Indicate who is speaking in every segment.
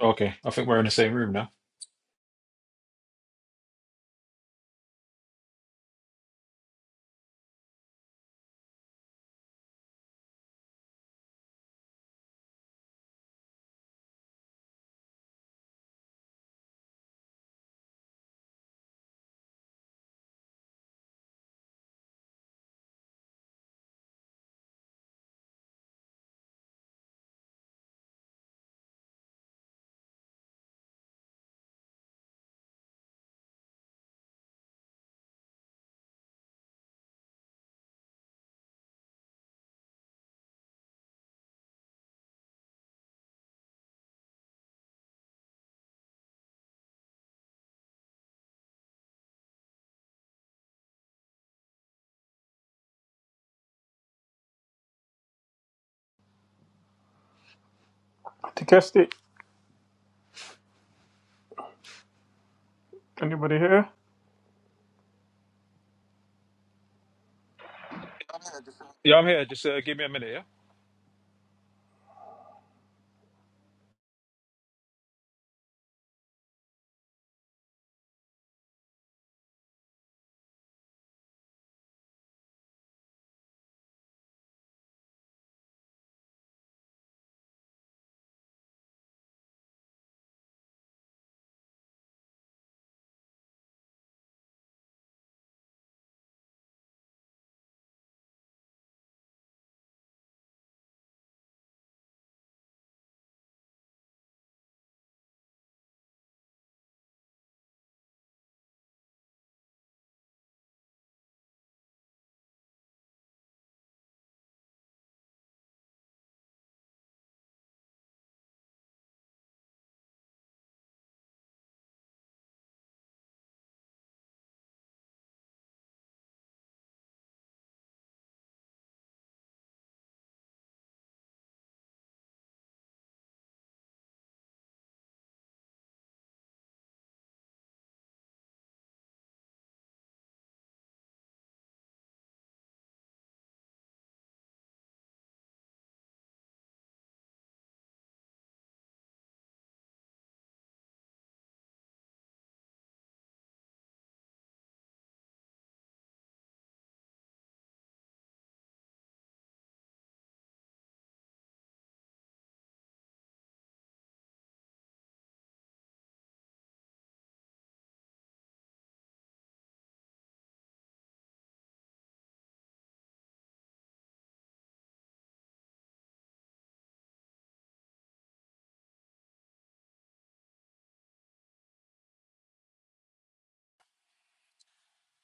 Speaker 1: Okay, I think we're in the same room now.
Speaker 2: To cast it, anybody here?
Speaker 1: Yeah, I'm here. Just uh, give me a minute,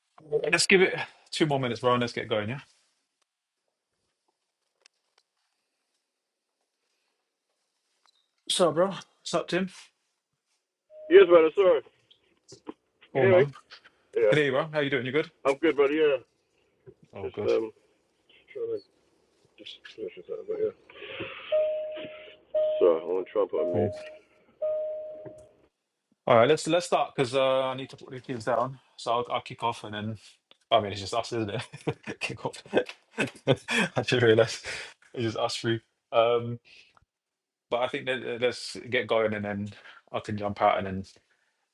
Speaker 1: yeah? Let's give it two more minutes, bro, and let's get going, yeah? So, bro, what's up, Tim?
Speaker 3: Yes, brother. Sorry. You
Speaker 1: Cool,
Speaker 3: hear me?
Speaker 1: man.
Speaker 3: Yeah.
Speaker 1: Good day, bro. How you doing? You good?
Speaker 3: I'm good, brother. Yeah.
Speaker 1: Oh,
Speaker 3: Just
Speaker 1: good.
Speaker 3: um trying to just finish this up, but yeah. Sorry, I want to try and put a mute.
Speaker 1: Cool. All right, let's let's start because uh, I need to put the kids down. So I'll, I'll kick off and then. I mean, it's just us, isn't it? kick off. I just realised it's just us three. Um, but I think that, uh, let's get going and then I can jump out and then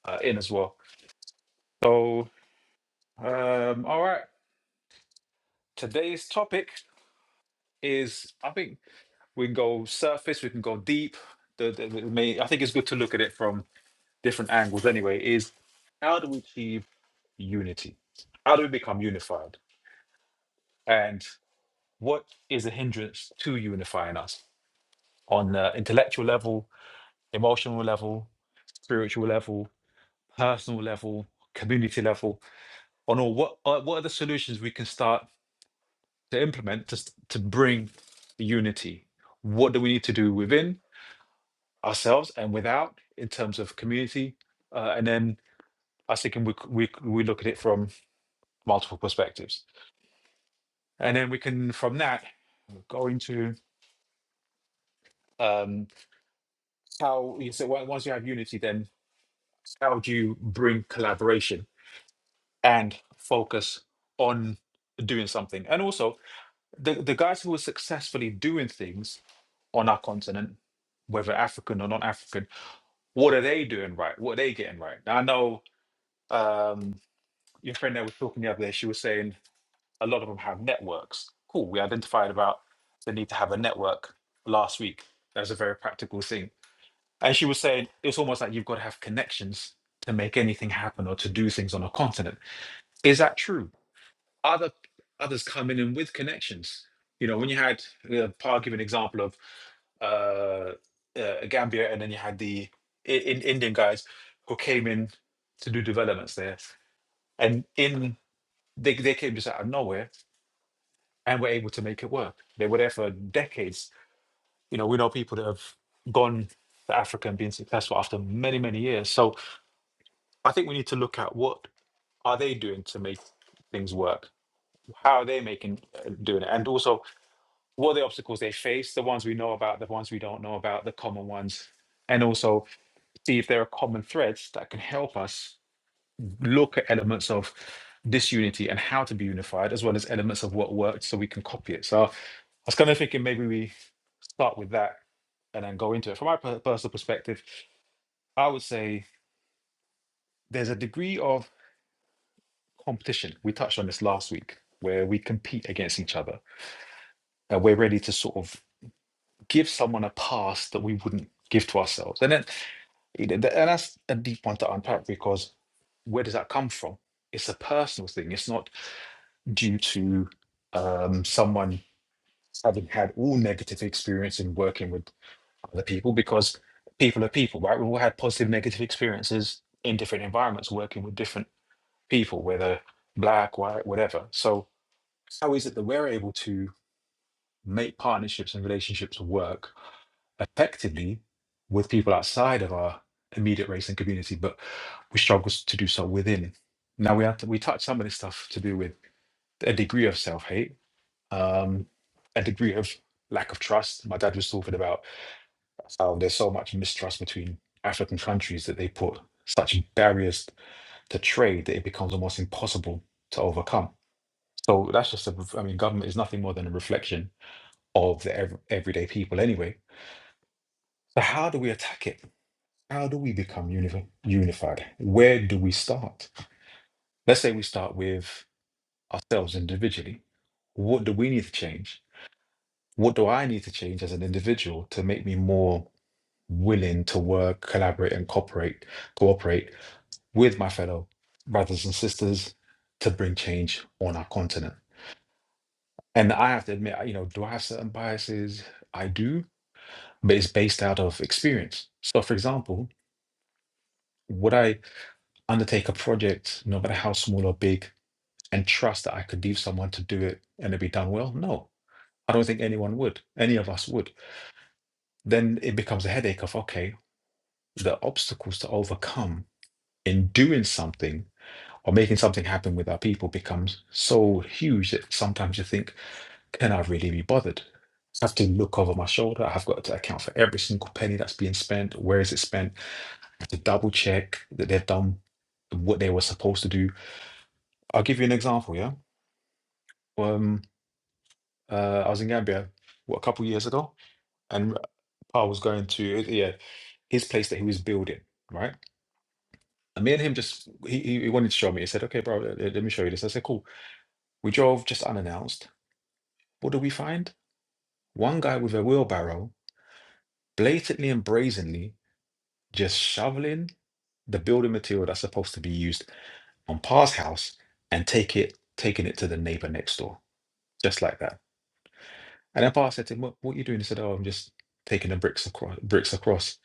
Speaker 1: uh, in as well. So, um, all right. Today's topic. is I think we can go surface, we can go deep. The, the, the main, I think it's good to look at it from different angles anyway, is how do we achieve unity? How do we become unified? And what is a hindrance to unifying us on uh, intellectual level, emotional level, spiritual level, personal level, community level, on all what are, what are the solutions we can start to implement to, s- to bring unity? What do we need to do within? ourselves and without in terms of community. Uh, and then I was thinking we, c- we, c- we look at it from multiple perspectives. And then we can, from that, go into um, how you say, well, once you have unity, then how do you bring collaboration and focus on doing something? And also, the, the guys who are successfully doing things on our continent, whether African or non African, what are they doing right? What are they getting right? Now, I know. Um, your friend that was talking the other day, she was saying a lot of them have networks. Cool. We identified about the need to have a network last week. That's a very practical thing. And she was saying it's almost like you've got to have connections to make anything happen or to do things on a continent. Is that true? Other others come in and with connections. You know, when you had uh, Par give an example of uh, uh, Gambia, and then you had the I- in Indian guys who came in to do developments there. And in they, they came just out of nowhere and were able to make it work. They were there for decades. You know, we know people that have gone to Africa and been successful after many, many years. So I think we need to look at what are they doing to make things work? How are they making uh, doing it? And also, what are the obstacles they face? The ones we know about, the ones we don't know about, the common ones, and also see if there are common threads that can help us look at elements of disunity and how to be unified, as well as elements of what worked so we can copy it. So I was kind of thinking maybe we start with that and then go into it. From my per- personal perspective, I would say there's a degree of competition. We touched on this last week where we compete against each other and we're ready to sort of give someone a pass that we wouldn't give to ourselves. And then you know, th- and that's a deep one to unpack because where does that come from? It's a personal thing. It's not due to um, someone having had all negative experience in working with other people because people are people, right? We've all had positive, negative experiences in different environments, working with different people, whether black, white, whatever. So, how is it that we're able to make partnerships and relationships work effectively with people outside of our immediate race and community, but we struggle to do so within? Now, we have to, we touched some of this stuff to do with a degree of self hate um, a degree of lack of trust. My dad was talking about how there's so much mistrust between African countries that they put such barriers to trade that it becomes almost impossible to overcome. So that's just a, I mean, government is nothing more than a reflection of the ev- everyday people anyway. So how do we attack it? How do we become unifi- unified? Where do we start? Let's say we start with ourselves individually. What do we need to change? What do I need to change as an individual to make me more willing to work, collaborate, and cooperate, cooperate with my fellow brothers and sisters to bring change on our continent. And I have to admit, you know, do I have certain biases? I do, but it's based out of experience. So, for example, would I undertake a project, no matter how small or big, and trust that I could leave someone to do it and it'd be done well? No, I don't think anyone would, any of us would. Then it becomes a headache of, okay, the obstacles to overcome in doing something or making something happen with our people becomes so huge that sometimes you think, can I really be bothered? I have to look over my shoulder. I've got to account for every single penny that's being spent. Where is it spent? I have to double check that they've done what they were supposed to do. I'll give you an example. Yeah. Um, uh, I was in Gambia, what, a couple years ago, and I was going to, yeah, his place that he was building, right? And me and him just, he, he he wanted to show me. He said, okay, bro, let let me show you this. I said, cool. We drove just unannounced. What do we find? One guy with a wheelbarrow, blatantly and brazenly, just shoveling the building material that's supposed to be used on Pa's house and take it, taking it to the neighbor next door, just like that. And then Pa said to him, "What, what are you doing?" He said, "Oh, I'm just taking the bricks across." Bricks across.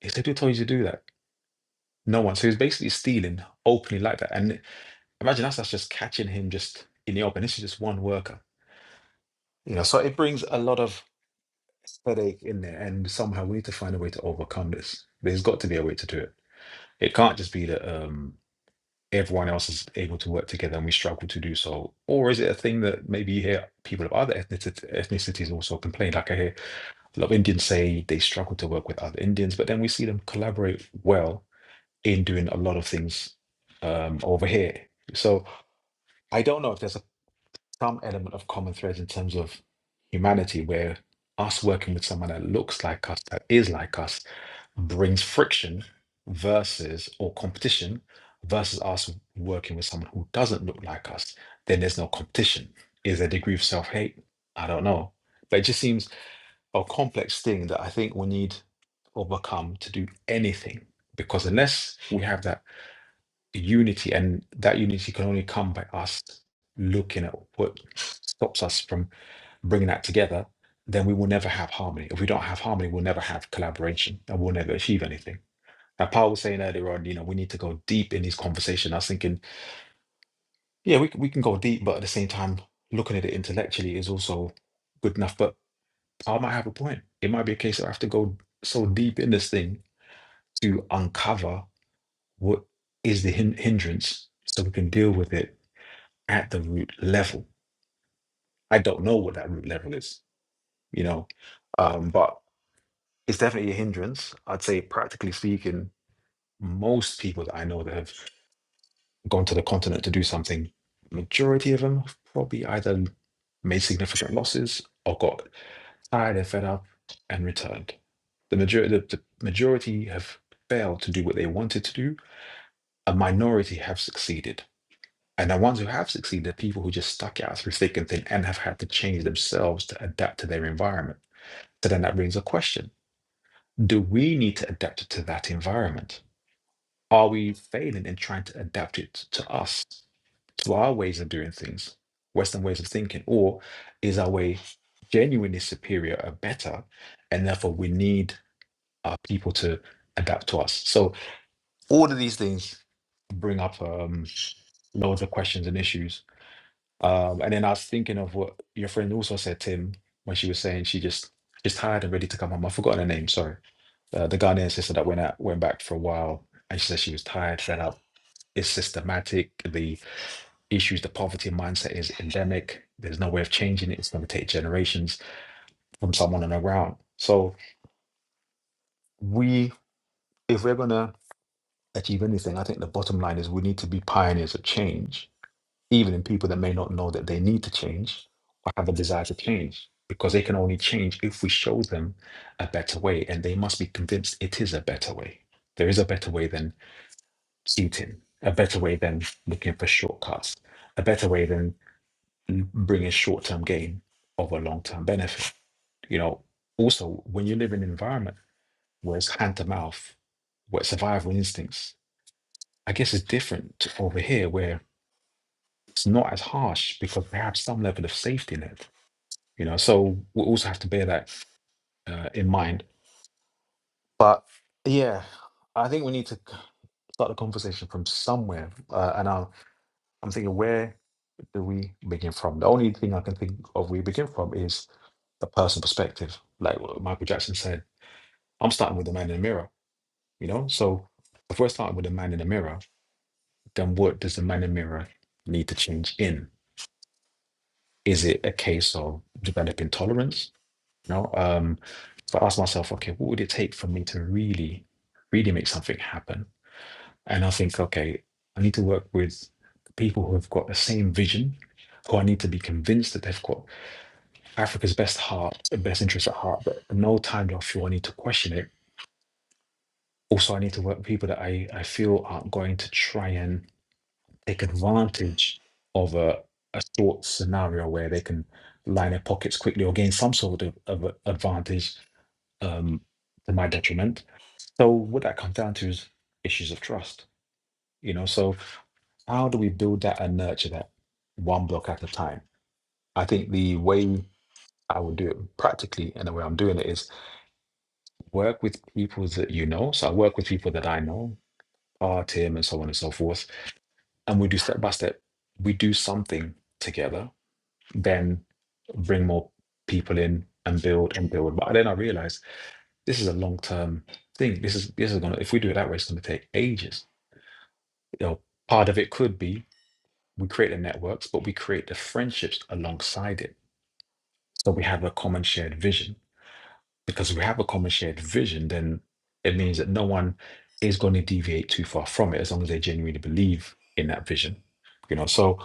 Speaker 1: He said, "Who told you to do that?" No one. So he's basically stealing openly like that. And imagine us, us just catching him just in the open. This is just one worker, you know. So it brings a lot of headache in there, and somehow we need to find a way to overcome this. There's got to be a way to do it. It can't just be that um, everyone else is able to work together and we struggle to do so. Or is it a thing that maybe you hear people of other ethnici- ethnicities also complain? Like I hear a lot of Indians say they struggle to work with other Indians, but then we see them collaborate well in doing a lot of things um, over here. So I don't know if there's some element of common thread in terms of humanity where us working with someone that looks like us, that is like us, brings friction versus or competition versus us working with someone who doesn't look like us, then there's no competition. Is there a degree of self hate? I don't know. But it just seems a complex thing that I think we need to overcome to do anything. Because unless we have that unity, and that unity can only come by us looking at what stops us from bringing that together. Then we will never have harmony. If we don't have harmony, we'll never have collaboration, and we'll never achieve anything. Now, Paul was saying earlier on, you know, we need to go deep in these conversations. I was thinking, yeah, we can- we can go deep, but at the same time, looking at it intellectually is also good enough. But Paul might have a point. It might be a case that I have to go so deep in this thing to uncover what is the hin- hindrance, so we can deal with it at the root level. I don't know what that root level is, you know, um, but it's definitely a hindrance. I'd say, practically speaking, most people that I know that have gone to the continent to do something, majority of them have probably either made significant losses or got tired and fed up and returned. The majority, the, the majority have failed to do what they wanted to do. A minority have succeeded And the ones who have succeeded are people who just stuck out through thick and thin and have had to change themselves to adapt to their environment. So then that brings a question Do we need to adapt to that environment? Are we failing in trying to adapt it to us, to our ways of doing things, Western ways of thinking? Or is our way genuinely superior or better? And therefore, we need our people to adapt to us. So, all of these things bring up um, loads of questions and issues Um, and then I was thinking of what your friend also said, Tim, when she was saying she just just tired and ready to come home. I've forgotten her name, sorry. Uh, the Ghanaian sister that went out went back for a while and she said she was tired, fed up. It's systematic. The issues, the poverty mindset is endemic. There's no way of changing it. It's going to take generations from someone on the ground. So we, if we're going to achieve anything, I think the bottom line is we need to be pioneers of change even in people that may not know that they need to change or have a desire to change, because they can only change if we show them a better way, and they must be convinced it is a better way. There is a better way than cheating, a better way than looking for shortcuts, a better way than bringing short-term gain over long-term benefit. You know, also when you live in an environment where it's hand to mouth, where survival instincts, I guess it's different to over here where it's not as harsh because they have some level of safety net you know. So we also have to bear that uh, in mind. But yeah, I think we need to start the conversation from somewhere. Uh, and I'm, I'm thinking, where do we begin from? The only thing I can think of we begin from is the personal perspective. Like what Michael Jackson said, I'm starting with the man in the mirror, you know. So if we're starting with the man in the mirror, then what does the man in the mirror need to change in? Is it a case of developing tolerance? You know, um, so I asked myself, okay, what would it take for me to really, really make something happen? And I think, okay, I need to work with people who have got the same vision, who I need to be convinced that they've got Africa's best heart, best interest at heart, but at no time do I feel I need to question it. Also, I need to work with people that I, I feel aren't going to try and take advantage of a, a short scenario where they can line their pockets quickly or gain some sort of, of advantage um, to my detriment So what that comes down to is issues of trust, you know. So how do we build that and nurture that one block at a time? I think the way I would do it practically and the way I'm doing it is work with people that you know. So I work with people that I know, our team and so on and so forth. And we do step by step. We do something together, then bring more people in and build and build. But then I realize this is a long term thing. This is this is gonna if we do it that way, it's gonna take ages you know, part of it could be we create the networks, but we create the friendships alongside it. So we have a common shared vision. Because we have a common shared vision, then it means that no one is going to deviate too far from it as long as they genuinely believe in that vision. You know, so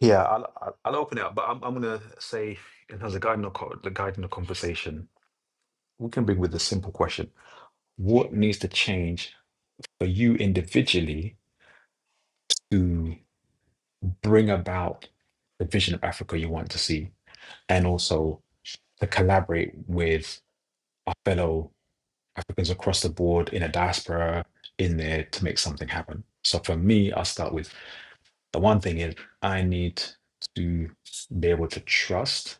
Speaker 1: yeah, I'll, I'll I'll open it up, but I'm, I'm going to say, in terms of guiding the, co- the guiding the conversation, we can bring with a simple question: What needs to change for you individually to? bring about the vision of Africa you want to see, and also to collaborate with our fellow Africans across the board in a diaspora in there to make something happen. So for me, I'll start with the one thing is I need to be able to trust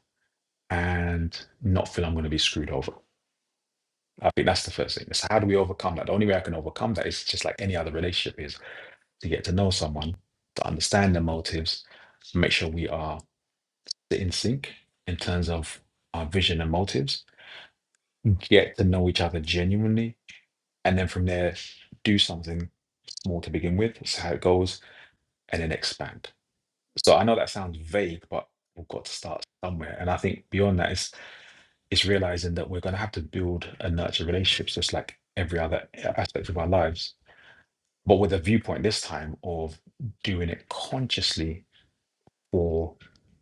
Speaker 1: and not feel I'm going to be screwed over. I think that's the first thing. So how do we overcome that? The only way I can overcome that is just like any other relationship is to get to know someone, to understand their motives, make sure we are sit in sync in terms of our vision and motives, Mm. get to know each other genuinely, and then from there, do something small to begin with, see how it goes, and then expand. So I know that sounds vague, but we've got to start somewhere. And I think beyond that is is realizing that we're going to have to build and nurture relationships, just like every other aspect of our lives, but with a viewpoint this time of doing it consciously for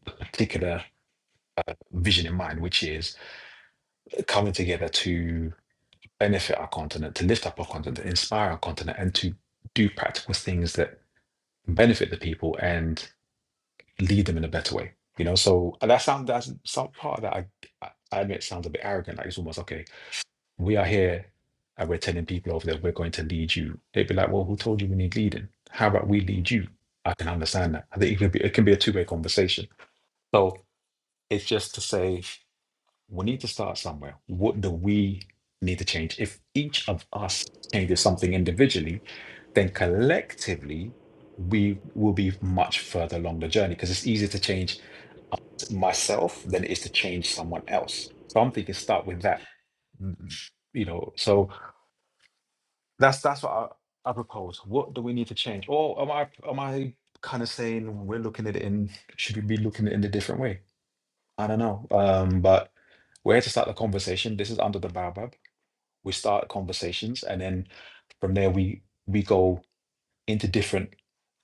Speaker 1: a particular vision in mind, which is coming together to benefit our continent, to lift up our continent, to inspire our continent, and to do practical things that benefit the people and lead them in a better way. You know, so and that sound that's some part of that I, I I admit sounds a bit arrogant. Like it's almost okay. We are here and we're telling people over there we're going to lead you. They'd be like, well, who told you we need leading? How about we lead you? I can understand that. I think it can be it can be a two way conversation. So it's just to say we need to start somewhere. What do we need to change? If each of us changes something individually, then collectively we will be much further along the journey because it's easier to change myself than it is to change someone else. So I'm thinking start with that. Mm, You know, so that's that's what I, I propose. What do we need to change? Or am I am I kind of saying we're looking at it in should we be looking at it in a different way? I don't know. Um, but where to start the conversation? This is under the Baobab we start conversations and then from there we we go into different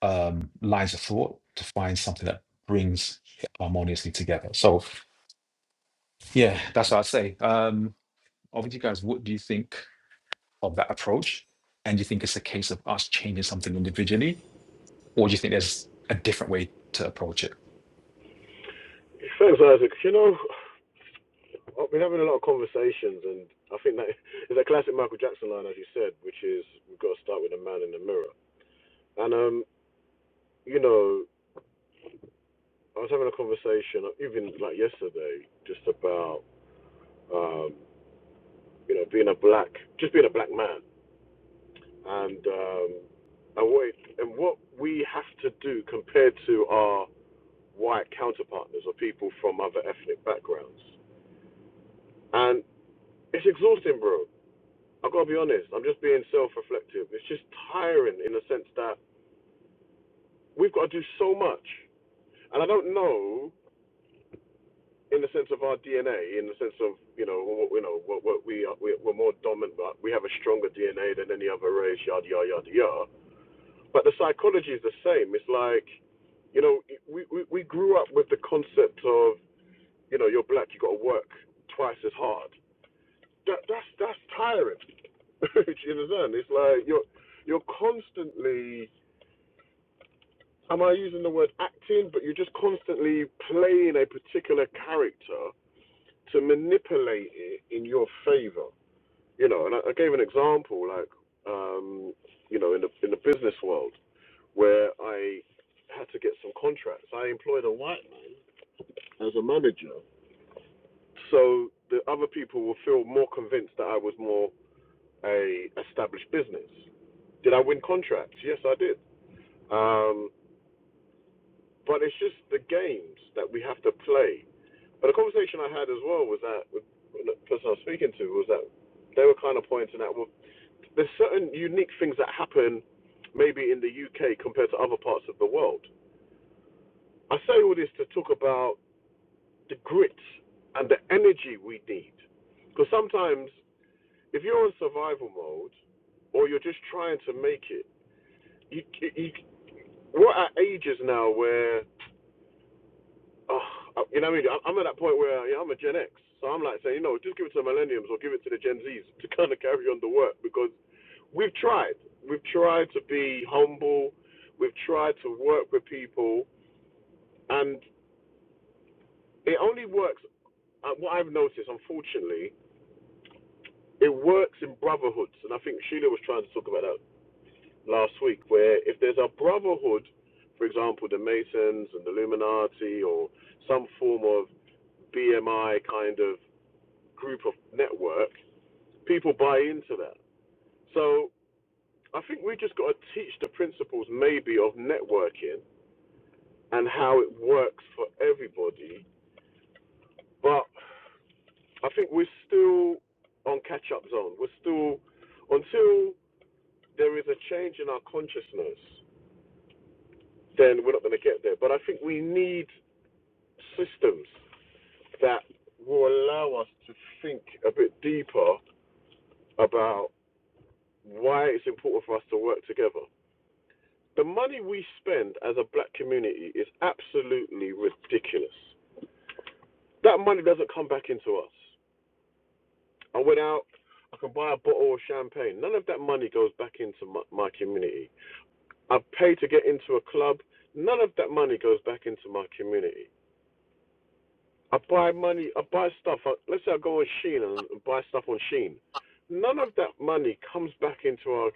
Speaker 1: um, lines of thought to find something that brings it harmoniously together. So yeah, that's what I'd say. Um, over to you guys, what do you think of that approach? And do you think it's a case of us changing something individually, or do you think there's a different way to approach it?
Speaker 3: Thanks, Isaac. You know, I've been having a lot of conversations, and I think that is a classic Michael Jackson line, as you said, which is we've got to start with the man in the mirror. And um, you know, I was having a conversation even like yesterday, just about um, you know, being a black, just being a black man. and um, and what and what we have to do compared to our white counterpartners or people from other ethnic backgrounds. And it's exhausting, bro. I've got to be honest. I'm just being self-reflective. It's just tiring in the sense that we've got to do so much, and I don't know in the sense of our DNA, in the sense of you know what you know what, what we are, we- we're more dominant, but we have a stronger DNA than any other race. Yada yada yada yada. but the psychology is the same. It's like, you know, we, we, we grew up with the concept of, you know, you're black, you got to work twice as hard. That that's that's tiring. Do you understand? It's like you're you're constantly. Am I using the word acting? But you're just constantly playing a particular character to manipulate it in your favor. you know, and I, I gave an example, like, um, you know, in the in the business world, where I had to get some contracts. I employed a white man as a manager, so the other people will feel more convinced that I was more a established business. Did I win contracts? Yes, I did. Um, but it's just the games that we have to play. But the conversation I had as well was that with the person I was speaking to was that they were kind of pointing out, well, there's certain unique things that happen maybe in the UK compared to other parts of the world. I say all this to talk about the grit and the energy we need. Because sometimes if you're on survival mode or you're just trying to make it, you, you, we're at ages now where oh, you know what I mean? I'm at that point where yeah, I'm a Gen X, so I'm like saying, you know, just give it to the millennials or give it to the Gen Zs to kind of carry on the work because we've tried. We've tried to be humble. We've tried to work with people, and it only works. Uh, what I've noticed, unfortunately, it works in brotherhoods, and I think Sheila was trying to talk about that last week. Where if there's a brotherhood, for example, the Masons and the Illuminati, or some form of BMI kind of group of network, people buy into that. So I think we just got to teach the principles maybe of networking and how it works for everybody. But I think we're still on catch up zone. We're still, until there is a change in our consciousness, then we're not going to get there. But I think we need systems that will allow us to think a bit deeper about why it's important for us to work together The money we spend as a black community is absolutely ridiculous. That money doesn't come back into us. I went out, I can buy a bottle of champagne. None of that money goes back into my, my community. I pay to get into a club. None of that money goes back into my community. I buy money, I buy stuff. I, let's say I go on Shein and buy stuff on Shein. None of that money comes back into our,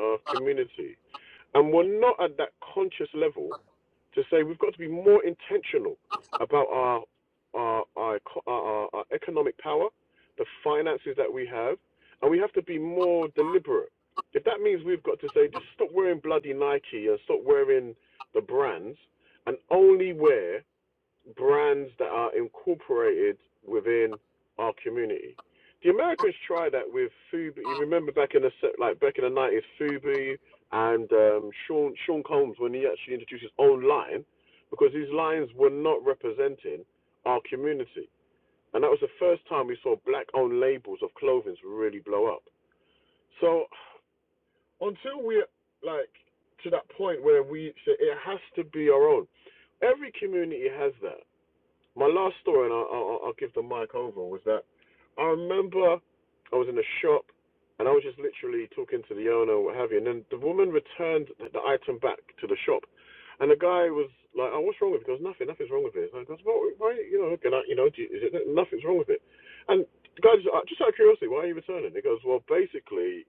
Speaker 3: our community. And we're not at that conscious level to say we've got to be more intentional about our our our, our, our economic power, the finances that we have, and we have to be more deliberate. If that means we've got to say just stop wearing bloody Nike and stop wearing the brands, and only wear brands that are incorporated within our community. The Americans tried that with Fubu. You remember back in the like back in the nineties, Fubu and um, Sean Sean Combs when he actually introduced his own line, because his lines were not representing our community, and that was the first time we saw black-owned labels of clothing really blow up. So until we're like to that point where we say it has to be our own, every community has that my last story, and I'll, I'll, I'll give the mic over, was that I remember I was in a shop and I was just literally talking to the owner or what have you, and then the woman returned the item back to the shop, and the guy was like, "Oh, what's wrong with it?" He goes, "Nothing, nothing's wrong with it." And I goes, "Well, why, you know, can I, you know, do you, is it nothing's wrong with it?" And the guy just, uh, just out of curiosity, why are you returning? He goes, "Well, basically."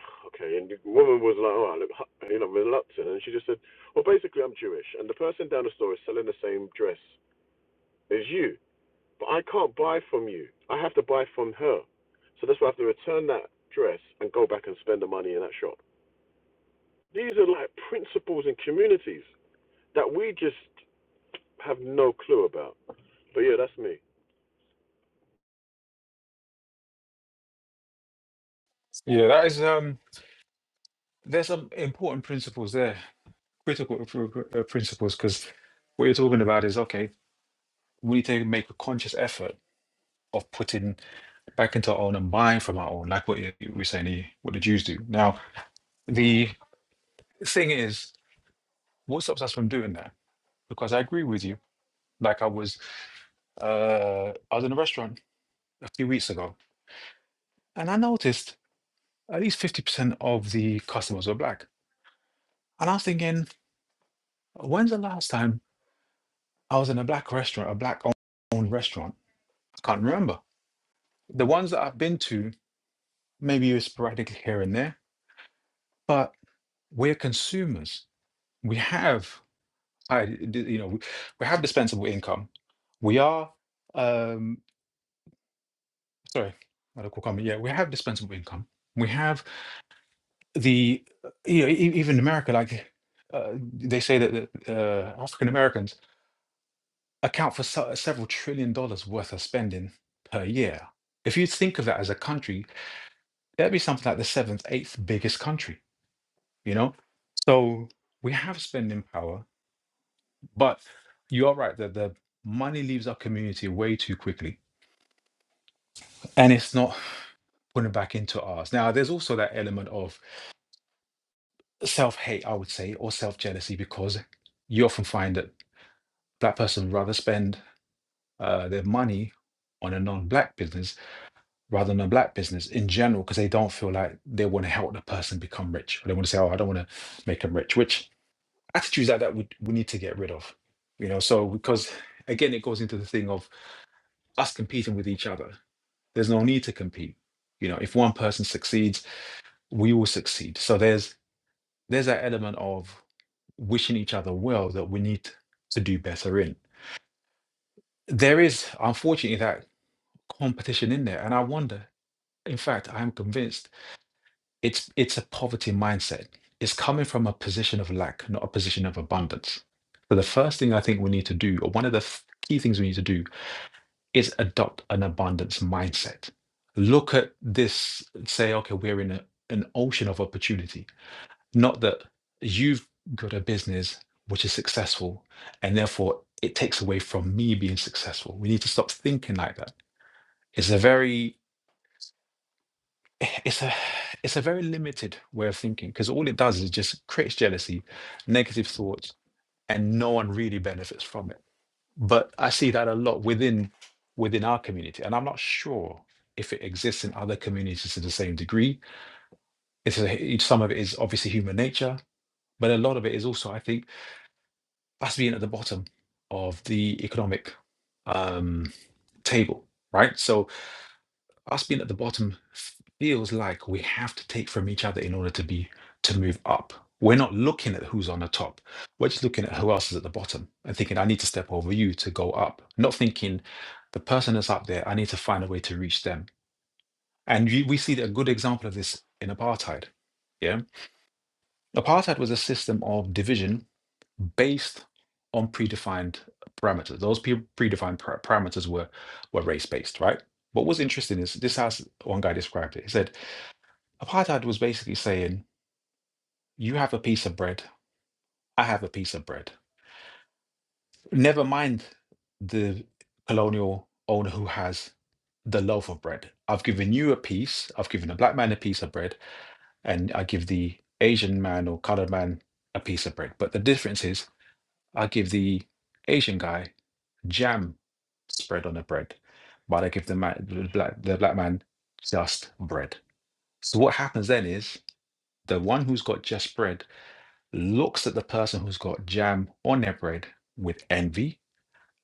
Speaker 3: Okay, and the woman was like, "Oh, look, hu- you know, reluctant," and she just said, "Well, basically, I'm Jewish, and the person down the store is selling the same dress as you." But I can't buy from you. I have to buy from her. So that's why I have to return that dress and go back and spend the money in that shop. These are like principles and communities that we just have no clue about. But yeah, that's me.
Speaker 1: Yeah, that is um there's some important principles there, critical pr- pr- uh, principles, because what you're talking about is okay, we need to make a conscious effort of putting back into our own and buying from our own, like what you you were saying, the- what the Jews do. Now, the thing is, what stops us from doing that? Because I agree with you. Like I was, uh, I was in a restaurant a few weeks ago, and I noticed at least fifty percent of the customers were black. And I was thinking, when's the last time I was in a black restaurant, a black owned restaurant? I can't remember. The ones that I've been to, maybe it's sporadically here and there, but we're consumers. We have I, d- you know, we we have dispensable income. We are, um, sorry, not a comment. Yeah, we have dispensable income. We have the, uh, you know, e- even in America, like uh, they say that that, uh, African Americans account for se- several trillion dollars worth of spending per year. If you think of that as a country, that'd be something like the seventh, eighth biggest country, you know? So we have spending power, but you are right that the money leaves our community way too quickly and it's not putting back into ours. Now, there's also that element of self hate, I would say, or self jealousy, because you often find that black person would rather spend uh, their money on a non-black business rather than a black business in general because they don't feel like they want to help the person become rich or they want to say oh i don't want to make them rich which attitudes like that we, we need to get rid of you know so because again it goes into the thing of us competing with each other there's no need to compete you know if one person succeeds we will succeed so there's there's that element of wishing each other well that we need to do better in. There is, unfortunately, that competition in there. And I wonder, in fact, I'm convinced it's it's a poverty mindset. It's coming from a position of lack, not a position of abundance. So the first thing I think we need to do, or one of the f- key things we need to do, is adopt an abundance mindset. Look at this, say, okay, we're in a, an ocean of opportunity Not that you've got a business which is successful and therefore it takes away from me being successful. We need to stop thinking like that. It's a very it's a it's a very limited way of thinking because all it does is just creates jealousy, negative thoughts, and no one really benefits from it. But I see that a lot within within our community, and I'm not sure if it exists in other communities to the same degree. It's a, some of it is obviously human nature, but a lot of it is also, I think, that's being at the bottom of the economic um, table, right? So us being at the bottom feels like we have to take from each other in order to be to move up. We're not looking at who's on the top. We're just looking at who else is at the bottom and thinking, I need to step over you to go up. Not thinking the person that's up there, I need to find a way to reach them. And you, we see a good example of this in apartheid. Yeah. Apartheid was a system of division based on predefined parameters. Those pe- predefined par- parameters were were race based, right? What was interesting is this As one guy described it. He said apartheid was basically saying you have a piece of bread, I have a piece of bread. Never mind the colonial owner who has the loaf of bread. I've given you a piece. I've given a black man a piece of bread, and I give the Asian man or colored man a piece of bread. But the difference is, I give the Asian guy jam spread on the bread, but they give the man, the black, the black man just bread. So what happens then is the one who's got just bread looks at the person who's got jam on their bread with envy,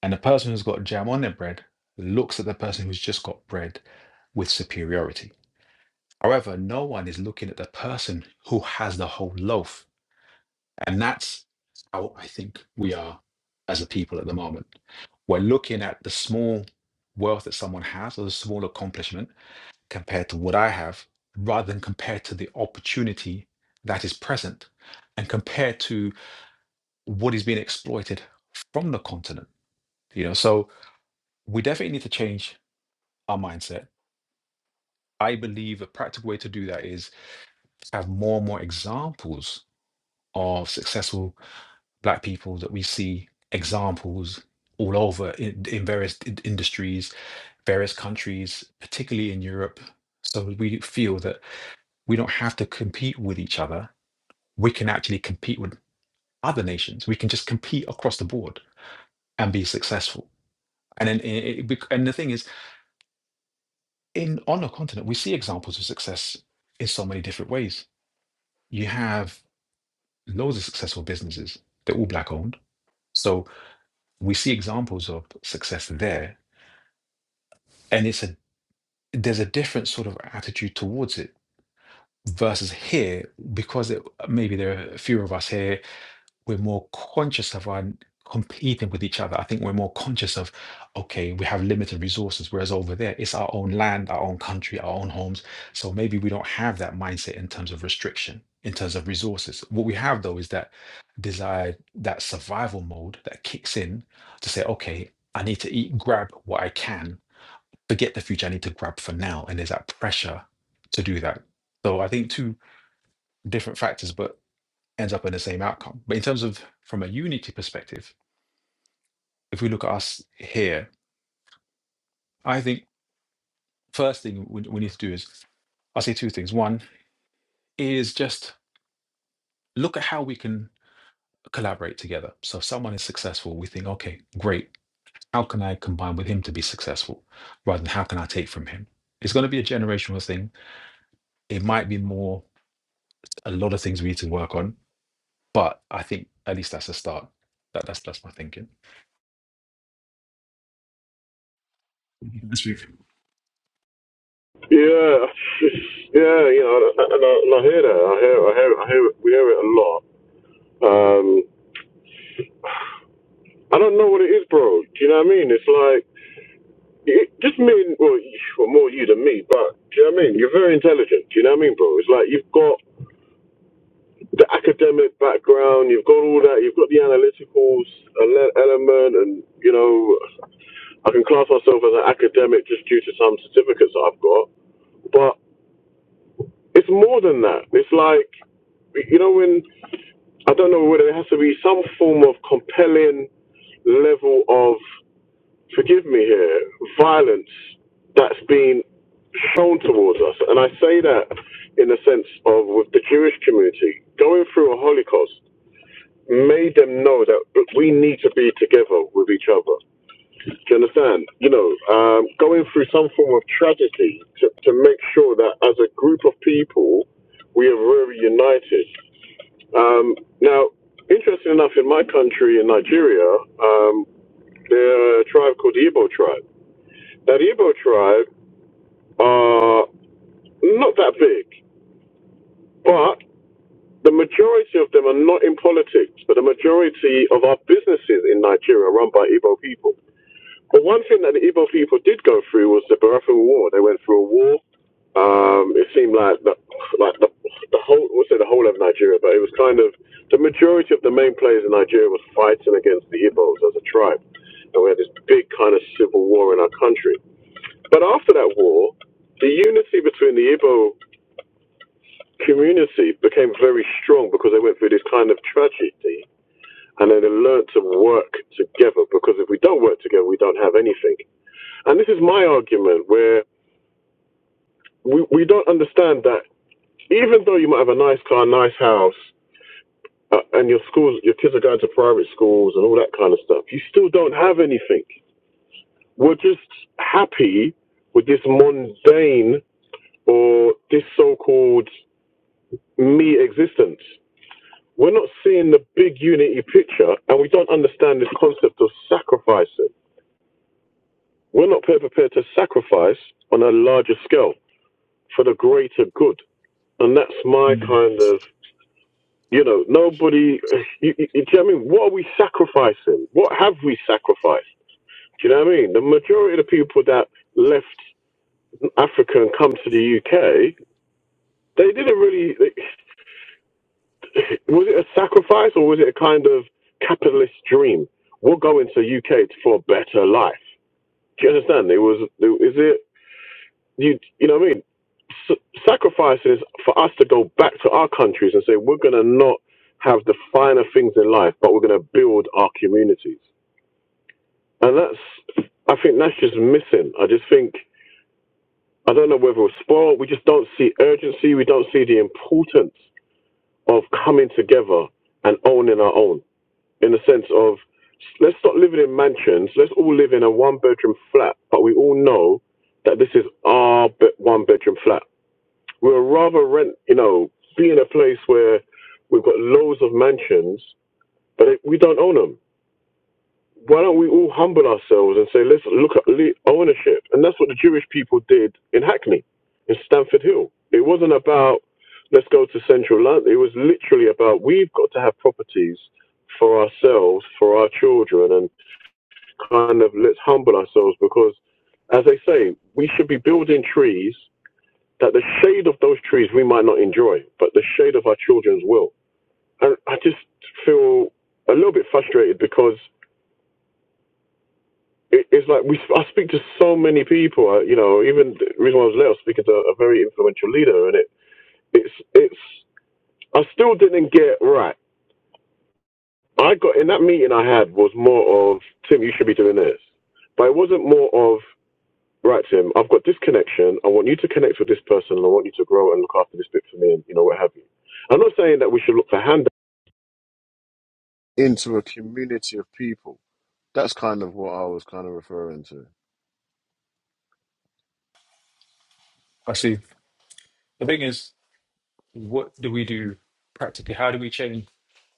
Speaker 1: and the person who's got jam on their bread looks at the person who's just got bread with superiority. However, no one is looking at the person who has the whole loaf And that's how I think we are as a people at the moment. We're looking at the small wealth that someone has or the small accomplishment compared to what I have, rather than compared to the opportunity that is present and compared to what is being exploited from the continent. You know, so we definitely need to change our mindset. I believe a practical way to do that is have more and more examples of successful black people that we see examples all over in, in various in- industries, various countries, particularly in Europe. So we feel that we don't have to compete with each other. We can actually compete with other nations. We can just compete across the board and be successful. And then, it, it, bec- and the thing is, in on a continent, we see examples of success in so many different ways. You have loads of successful businesses; they're all black owned. So we see examples of success there, and it's a there's a different sort of attitude towards it versus here because it, maybe there are fewer of us here we're more conscious of our competing with each other i think we're more conscious of okay we have limited resources whereas over there it's our own land our own country our own homes so maybe we don't have that mindset in terms of restriction in terms of resources what we have though is that desire that survival mode that kicks in to say okay i need to eat grab what i can forget the future. I need to grab for now. And there's that pressure to do that. So I think two different factors, but ends up in the same outcome. But in terms of from a unity perspective, if we look at us here, I think first thing we, we need to do is I'll say two things. One is just look at how we can collaborate together. So if someone is successful, we think, okay, great. How can I combine with him to be successful rather than how can I take from him? It's going to be a generational thing. It might be more, a lot of things we need to work on But I think at least that's a start. That, that's that's my thinking. Let's move.
Speaker 3: Yeah, yeah, you know, and I, and I and I hear that. I hear, I hear, I hear. It, we hear it a lot. Um, I don't know what it is, bro. Do you know what I mean? It's like it, just me. and- Well, you- well, more you than me, but do you know what I mean? You're very intelligent. Do you know what I mean, bro? It's like you've got the academic background, you've got all that, you've got the analytical ele- element, and you know, I can class myself as an academic just due to some certificates that I've got, but it's more than that. It's like, you know, when I don't know whether it has to be some form of compelling level of, forgive me here, violence that's been shown towards us. And I say that in the sense of with the Jewish community going through a Holocaust. made them know that we need to be together with each other. Do you understand? You know, um, going through some form of tragedy to, to make sure that as a group of people, we are very united. Um, now, interesting enough, in my country, in Nigeria, um, there are a tribe called the Igbo tribe. Now, the Igbo tribe are not that big, but the majority of them are not in politics, but the majority of our businesses in Nigeria are run by Igbo people. But one thing that the Igbo people did go through was the Barathun War. They went through a war. Um, it seemed like the, like the, the whole, we'll say the whole of Nigeria, but it was kind of the majority of the main players in Nigeria was fighting against the Igbos as a tribe. And we had this big kind of civil war in our country. But after that war, the unity between the Igbo community became very strong because they went through this kind of tragedy and then they learned to work together because if we don't work together, we don't have anything. And this is my argument where we, we don't understand that even though you might have a nice car, nice house, uh, and your schools, your kids are going to private schools and all that kind of stuff, you still don't have anything. We're just happy with this mundane or this so called me existence. We're not seeing the big unity picture and we don't understand this concept of sacrificing. We're not prepared to sacrifice on a larger scale for the greater good. And that's my
Speaker 1: Mm.
Speaker 3: kind of, you know, nobody, you, you, you know what I mean? What are we sacrificing? What have we sacrificed? Do you know what I mean? The majority of the people that left Africa and come to the UK, they didn't really, they, was it a sacrifice or was it a kind of capitalist dream? We'll go into UK for a better life. Do you understand? It was, is it, You you know what I mean? S- sacrifices for us to go back to our countries and say we're going to not have the finer things in life, but we're going to build our communities. And that's I think that's just missing. I just think I don't know whether we're spoiled. We just don't see urgency. We don't see the importance of coming together and owning our own in the sense of let's stop living in mansions. Let's all live in a one bedroom flat, but we all know that this is our be- one bedroom flat. we would rather rent, you know, be in a place where we've got loads of mansions, but it, we don't own them. Why don't we all humble ourselves and say, let's look at le- ownership? And that's what the Jewish people did in Hackney, in Stamford Hill. It wasn't about let's go to central London. It was literally about we've got to have properties for ourselves, for our children, and kind of let's humble ourselves because, as they say, we should be building trees that the shade of those trees we might not enjoy, but the shade of our children's will. And I just feel a little bit frustrated because it, it's like we I speak to so many people. uh, You know, even the reason why I was late, I was speaking to a very influential leader, and it it's it's I still didn't get right. I got in that meeting I had was more of Tim, you should be doing this, but it wasn't more of right, Tim. I've got this connection. I want you to connect with this person, and I want you to grow and look after this bit for me, and you know what have you. I'm not saying that we should look for handouts info. That's what I was kind of referring to.
Speaker 1: I see. The thing is, what do we do practically? How do we change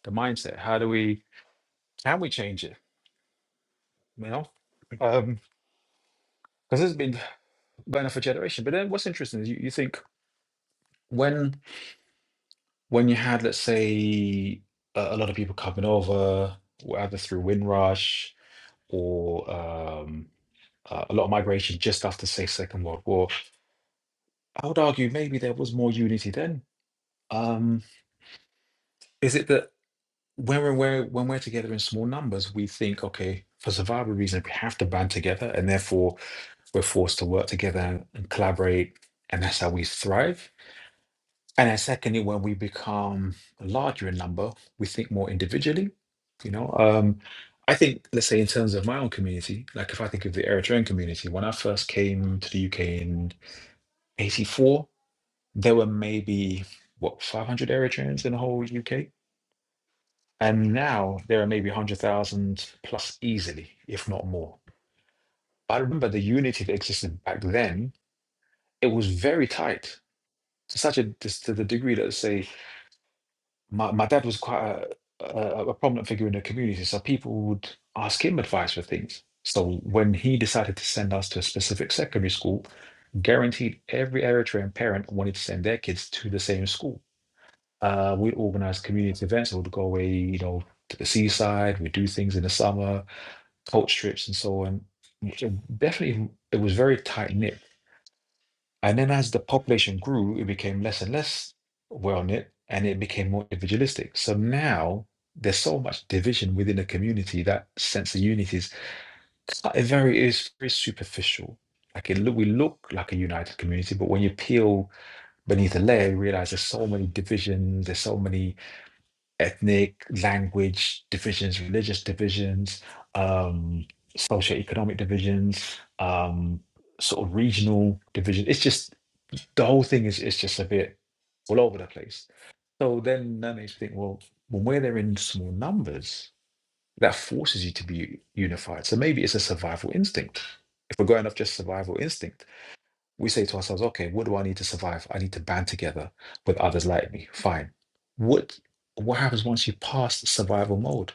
Speaker 1: the mindset? How do we, can we change it? You know, um, because it's been going on for generation. But then what's interesting is you, you think when, when you had, let's say, a, a lot of people coming over, either through Windrush or um, uh, a lot of migration just after, say, Second World War, I would argue maybe there was more unity then Um, is it that when we're, we're when we're together in small numbers, we think, okay, for survival reasons, we have to band together, and therefore we're forced to work together and collaborate, and that's how we thrive. And then secondly, when we become larger in number, we think more individually. You know, um, I think, let's say, in terms of my own community, like if I think of the Eritrean community, when I first came to the UK in '84, there were maybe what 500 Eritreans in the whole UK And now there are maybe 100,000 plus easily, if not more. I remember the unity that existed back then, it was very tight to such a to the degree that, say, my, my dad was quite a, a, a prominent figure in the community. So people would ask him advice for things. So when he decided to send us to a specific secondary school, guaranteed every Eritrean parent wanted to send their kids to the same school. Uh, we'd organize community events. We'd go away, you know, to the seaside. We'd do things in the summer coat strips and so on. So definitely, it was very tight knit. And then as the population grew, it became less and less well knit, and it became more individualistic. So now there's so much division within a community that sense of unity is cut- it very is very superficial. Like it look, we look like a united community, but when you peel beneath the layer, you realize there's so many divisions, there's so many ethnic, language divisions, religious divisions, um, socioeconomic divisions, um, sort of regional division. It's just the whole thing is is just a bit all over the place. So then that makes me think, well, when where they're in small numbers, that forces you to be unified. So maybe it's a survival instinct. If we're going off just survival instinct we say to ourselves, okay, what do I need to survive? I need to band together with others like me. Fine. What what happens once you pass survival mode?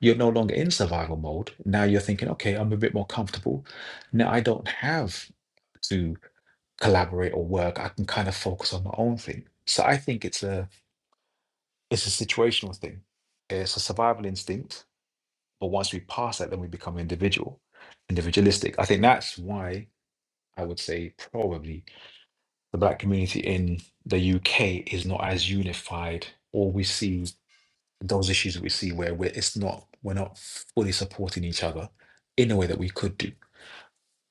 Speaker 1: You're no longer in survival mode. Now you're thinking, okay, I'm a bit more comfortable. Now I don't have to collaborate or work. I can kind of focus on my own thing. So I think it's a it's a situational thing. It's a survival instinct, but once we pass that, then we become individual, individualistic. I think that's why I would say probably the black community in the UK is not as unified, or we see those issues that we see where we're, it's not we're not fully supporting each other in a way that we could do.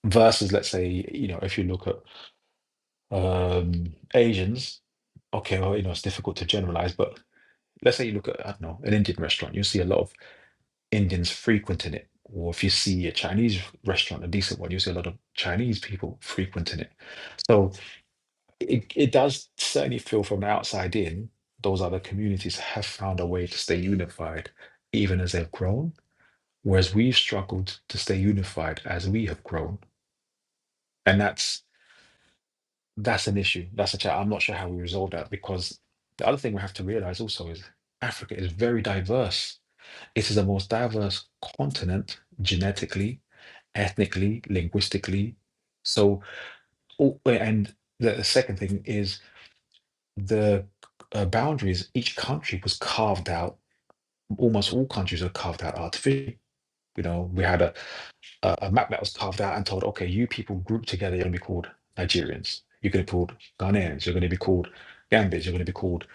Speaker 1: Versus, let's say, you know, if you look at um, Asians, okay, well, you know, it's difficult to generalize, but let's say you look at I don't know an Indian restaurant, you see a lot of Indians frequenting it. Or if you see a Chinese restaurant, a decent one, you see a lot of Chinese people frequenting it. So it, it does certainly feel from the outside in, those other communities have found a way to stay unified even as they've grown, whereas we've struggled to stay unified as we have grown. And that's that's an issue. That's a chat. I'm not sure how we resolve that because the other thing we have to realize also is Africa is very diverse. It is the most diverse continent genetically, ethnically, linguistically. So, oh, and the second thing is the uh, boundaries, each country was carved out. Almost all countries are carved out artificially. You know, we had a, a, a map that was carved out and told, okay, you people group together, you're going to be called Nigerians, you're going to be called Ghanaians, you're going to be called Gambians, you're going to be called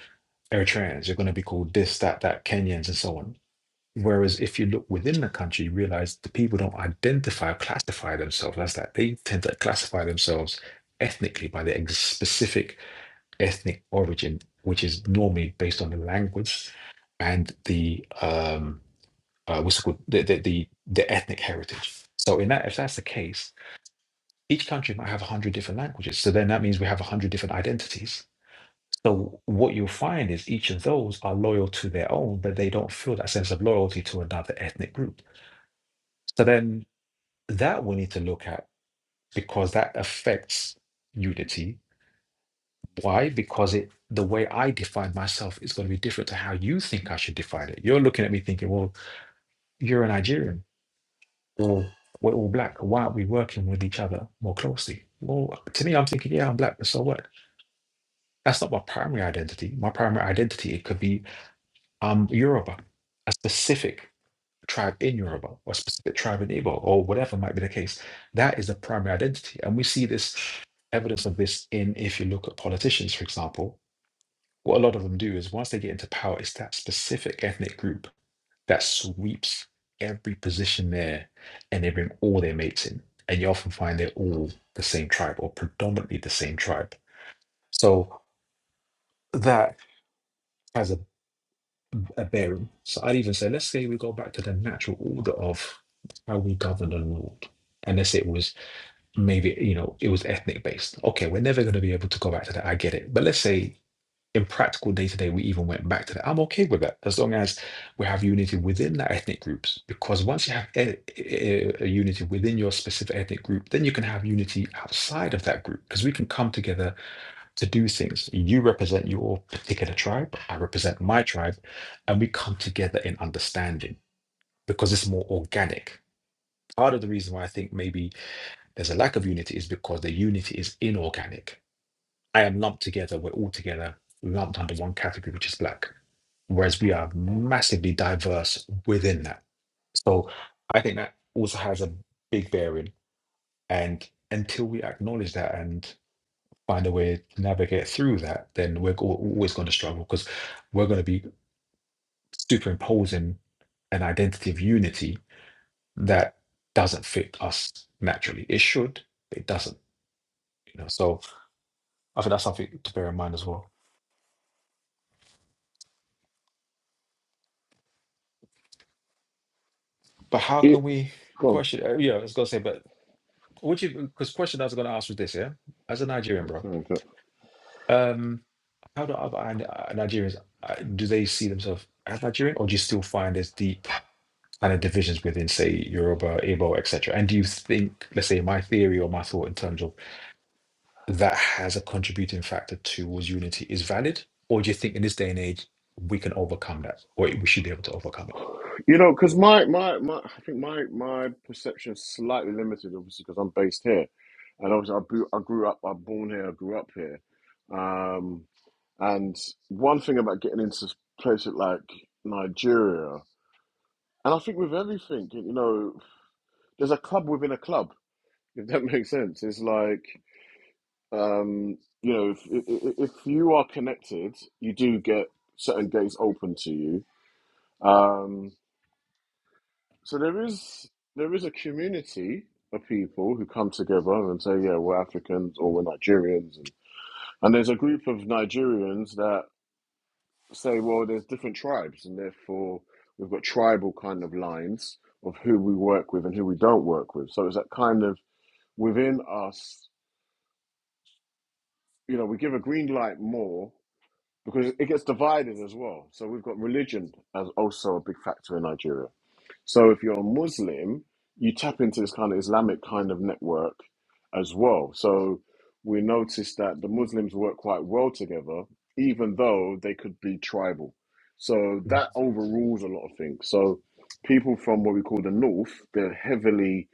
Speaker 1: Eritreans, you're going to be called this, that, that, Kenyans, and so on. Whereas if you look within the country, you realize the people don't identify or classify themselves as that. They tend to classify themselves ethnically by their specific ethnic origin, which is normally based on the language and the um, uh, what's it called? The, the the the ethnic heritage. So in that, if that's the case, each country might have a hundred different languages. So then that means we have a hundred different identities. So what you'll find is each of those are loyal to their own, but they don't feel that sense of loyalty to another ethnic group. So then that we need to look at because that affects unity Why? Because it the way I define myself is going to be different to how you think I should define it. You're looking at me thinking, well, you're a Nigerian or we're all black. Why aren't we working with each other more closely? Well, to me, I'm thinking, yeah, I'm black, but so what? That's not my primary identity. My primary identity, it could be I'm Yoruba, a specific tribe in Yoruba or a specific tribe in Igbo or whatever might be the case. That is the primary identity. And we see this evidence of this in if you look at politicians, for example, what a lot of them do is once they get into power, it's that specific ethnic group that sweeps every position there and they bring all their mates in. And you often find they're all the same tribe or predominantly the same tribe. So that has a, a bearing. So I'd even say, let's say we go back to the natural order of how we governed and ruled. And let's say it was maybe, you know, it was ethnic based. Okay, we're never going to be able to go back to that. I get it. But let's say in practical day to day, we even went back to that. I'm okay with that as long as we have unity within that ethnic groups. Because once you have e- e- a unity within your specific ethnic group, then you can have unity outside of that group because we can come together to do things. You represent your particular tribe, I represent my tribe, and we come together in understanding because it's more organic. Part of the reason why I think maybe there's a lack of unity is because the unity is inorganic I am lumped together. We're all together lumped under one category, which is black. Whereas we are massively diverse within that. So I think that also has a big bearing. And until we acknowledge that and find a way to navigate through that, then we're al- always going to struggle because we're going to be superimposing an identity of unity that doesn't fit us naturally. It should, but it doesn't. You know, so I think that's something to bear in mind as well. But how can
Speaker 3: It
Speaker 1: we
Speaker 3: go on.
Speaker 1: question? Uh, yeah, I was gonna say, but what you because question I was gonna ask was this, yeah, as a Nigerian,
Speaker 3: That's
Speaker 1: bro,
Speaker 3: fine, go-
Speaker 1: um, how do other Ni- uh, Nigerians uh, do they see themselves as Nigerian, or do you still find there's deep kind of divisions within, say, Yoruba, Igbo, etc.? And do you think, let's say, my theory or my thought in terms of that has a contributing factor towards unity is valid, or do you think in this day and age we can overcome that, or we should be able to overcome it?
Speaker 3: You know, because my, my, my, I think my, my perception is slightly limited, obviously, because I'm based here. And obviously, I grew, I grew up, I'm born here, I grew up here. Um, and one thing about getting into places like Nigeria, and I think with everything, you know, there's a club within a club, if that makes sense. It's like, Um, you know, if, if if you are connected, you do get certain gates open to you. Um, so there is there is a community of people who come together and say, yeah, we're Africans or we're Nigerians, and, and there's a group of Nigerians that say, well, there's different tribes, and therefore we've got tribal kind of lines of who we work with and who we don't work with. So it's that kind of within us, you know, we give a green light more because it gets divided as well. So we've got religion as also a big factor in Nigeria. So if you're a Muslim, you tap into this kind of Islamic kind of network as well. So we noticed that the Muslims work quite well together, even though they could be tribal. So
Speaker 1: Mm,
Speaker 3: that overrules a lot of things. So people from what we call the north, they're heavily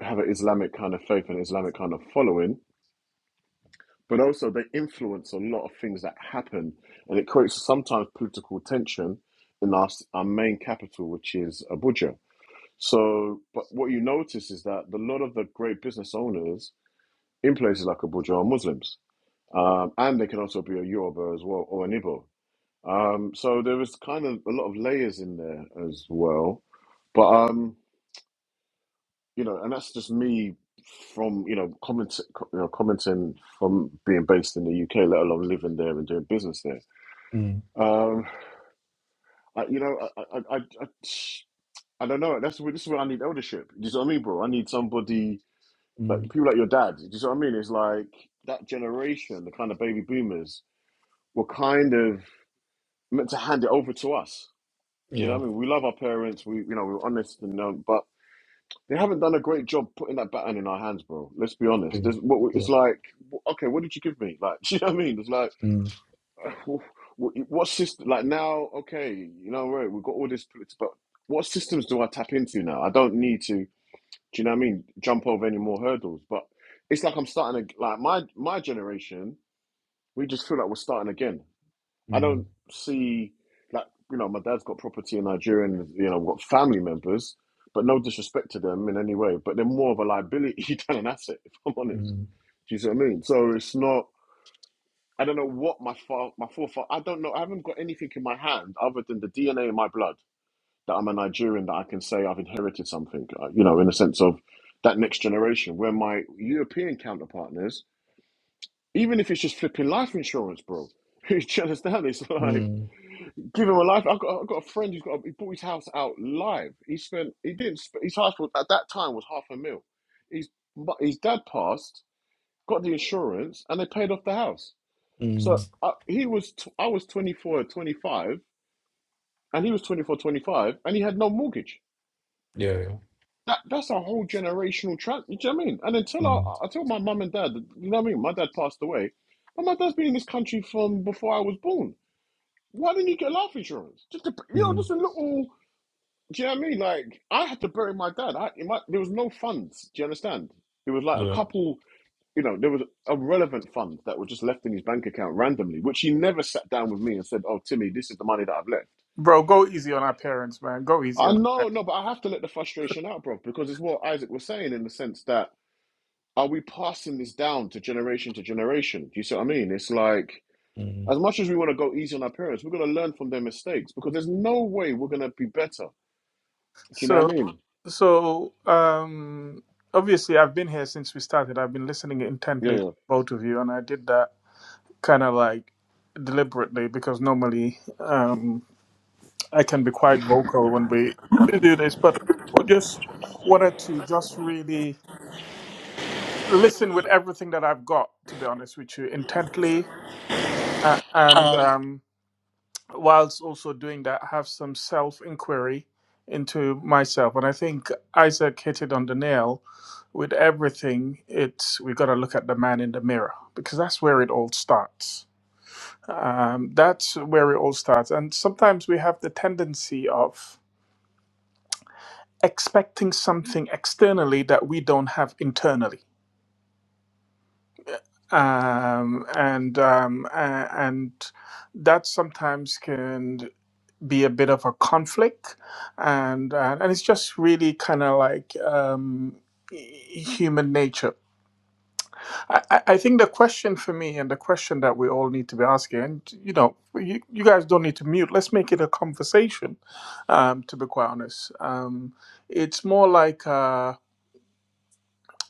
Speaker 3: have an Islamic kind of faith and Islamic kind of following but also they influence a lot of things that happen, and it creates sometimes political tension in our, our main capital, which is Abuja. So, but what you notice is that a lot of the great business owners in places like Abuja are Muslims, um, and they can also be a Yoruba as well or an Igbo. Um, so there is kind of a lot of layers in there as well, but. Um, you know, and that's just me from you know comment you know, commenting from being based in the UK, let alone living there and doing business there.
Speaker 1: mm,
Speaker 3: Um, I, you know, I I, I, I I don't know. That's where this is where I need eldership. Do you see what I mean, bro? I need somebody like
Speaker 1: mm.
Speaker 3: people like your dad. Do you see what I mean? It's like that generation, the kind of baby boomers, were kind of meant to hand it over to us. You know,
Speaker 1: Yeah.
Speaker 3: what I mean, we love our parents. We, you know, we're honest and um, but They haven't done a great job putting that baton in our hands, bro. Let's be honest.
Speaker 1: mm,
Speaker 3: There's, what-
Speaker 1: Yeah.
Speaker 3: it's like, okay, what did you give me? Like, do you know what I mean? It's like,
Speaker 1: Mm,
Speaker 3: what, what system? Like now, okay, you know what? We've got all this, politics, but what systems do I tap into now? I don't need to. Do you know what I mean? Jump over any more hurdles. But it's like I'm starting to like my my generation. We just feel like we're starting again. I
Speaker 1: mm.
Speaker 3: don't see like you know my dad's got property in Nigeria and you know got family members, but no disrespect to them in any way. But they're more of a liability than an asset, if I'm honest.
Speaker 1: Mm,
Speaker 3: Do you see what I mean? So it's not. I don't know what my fa- my forefather. I don't know. I haven't got anything in my hand other than the DNA in my blood that I'm a Nigerian that I can say I've inherited something. uh, You know, in the sense of that next generation, where my European counterpartners, even if it's just flipping life insurance, bro. Do you understand? It's like
Speaker 1: mm,
Speaker 3: Give him a life. I've got, I've got a friend who's got. A, he bought his house out live. He spent. He didn't. sp- His house was, at that time was half a mil. His mu- his dad passed, got the insurance, and they paid off the house. So
Speaker 1: mm,
Speaker 3: I, he was. T- I was 24, 25, and he was 24, 25, and he had no mortgage.
Speaker 1: Yeah, yeah.
Speaker 3: That that's a whole generational trap. You know what I mean? And until
Speaker 1: mm,
Speaker 3: I, I tell my mum and dad, you know what I mean. My dad passed away, but my dad's been in this country from before I was born. Why didn't you get life insurance? Just a, you know,
Speaker 1: mm,
Speaker 3: just a little. Do you know what I mean? Like, I had to bury my dad. I in my, there was no funds. Do you understand? It was like a
Speaker 1: yeah.
Speaker 3: couple, you know, there was a relevant fund that was just left in his bank account randomly, which he never sat down with me and said, "Oh, Timmy, this is the money that I've left."
Speaker 2: Bro, go easy on our parents, man. Go easy
Speaker 3: I
Speaker 2: on.
Speaker 3: know, no, but I have to let the frustration out, bro, because it's what Isaac was saying in the sense that are we passing this down to generation to generation? Do you see what I mean? It's like
Speaker 1: mm.
Speaker 3: as much as we want to go easy on our parents, we're going to learn from their mistakes because there's no way we're going to be better. Do you know what
Speaker 2: So,
Speaker 3: I mean?
Speaker 2: so um, obviously, I've been here since we started. I've been listening intently to
Speaker 3: Yeah.
Speaker 2: both of you, and I did that kind of like deliberately because normally um, I can be quite vocal when we do this, but I just wanted to just really listen with everything that I've got, to be honest with you, intently, uh, and
Speaker 4: Um,
Speaker 2: um, whilst also doing that, have some self inquiry into myself. And I think Isaac hit it on the nail with everything. It's we got to look at the man in the mirror because that's where it all starts. Um, that's where it all starts. And sometimes we have the tendency of expecting something externally that we don't have internally. Um, and um, a- and that sometimes can be a bit of a conflict, and and, and it's just really kind of like um, human nature. I, I I think the question for me, and the question that we all need to be asking, and you know, you, you guys don't need to mute. Let's make it a conversation. Um, to be quite honest, um, it's more like. Uh,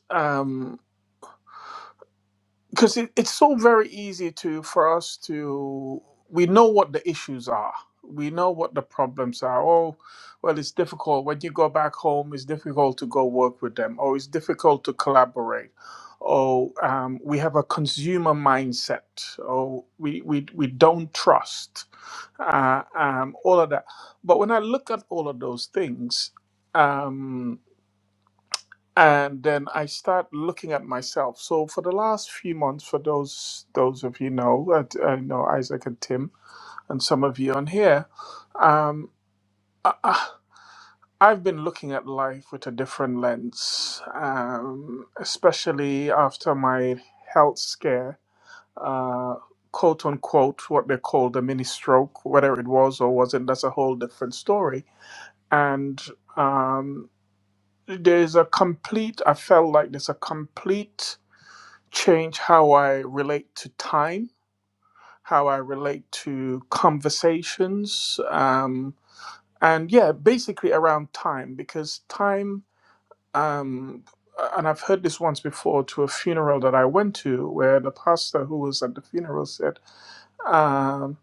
Speaker 2: um, because it, it's so very easy to for us to we know what the issues are we know what the problems are oh well it's difficult when you go back home it's difficult to go work with them or it's difficult to collaborate oh um, we have a consumer mindset oh we, we, we don't trust uh, um, all of that but when i look at all of those things um, and then I start looking at myself. So for the last few months, for those those of you know, I, I know Isaac and Tim, and some of you on here, um, I, I- I've been looking at life with a different lens, um, especially after my health scare, uh, quote unquote, what they call the mini stroke, whether it was or wasn't, that's a whole different story. And um, there's a complete, I felt like there's a complete change how I relate to time, how I relate to conversations, um, and yeah, basically around time because time. Um, and I've heard this once before to a funeral that I went to, where the pastor who was at the funeral said, um,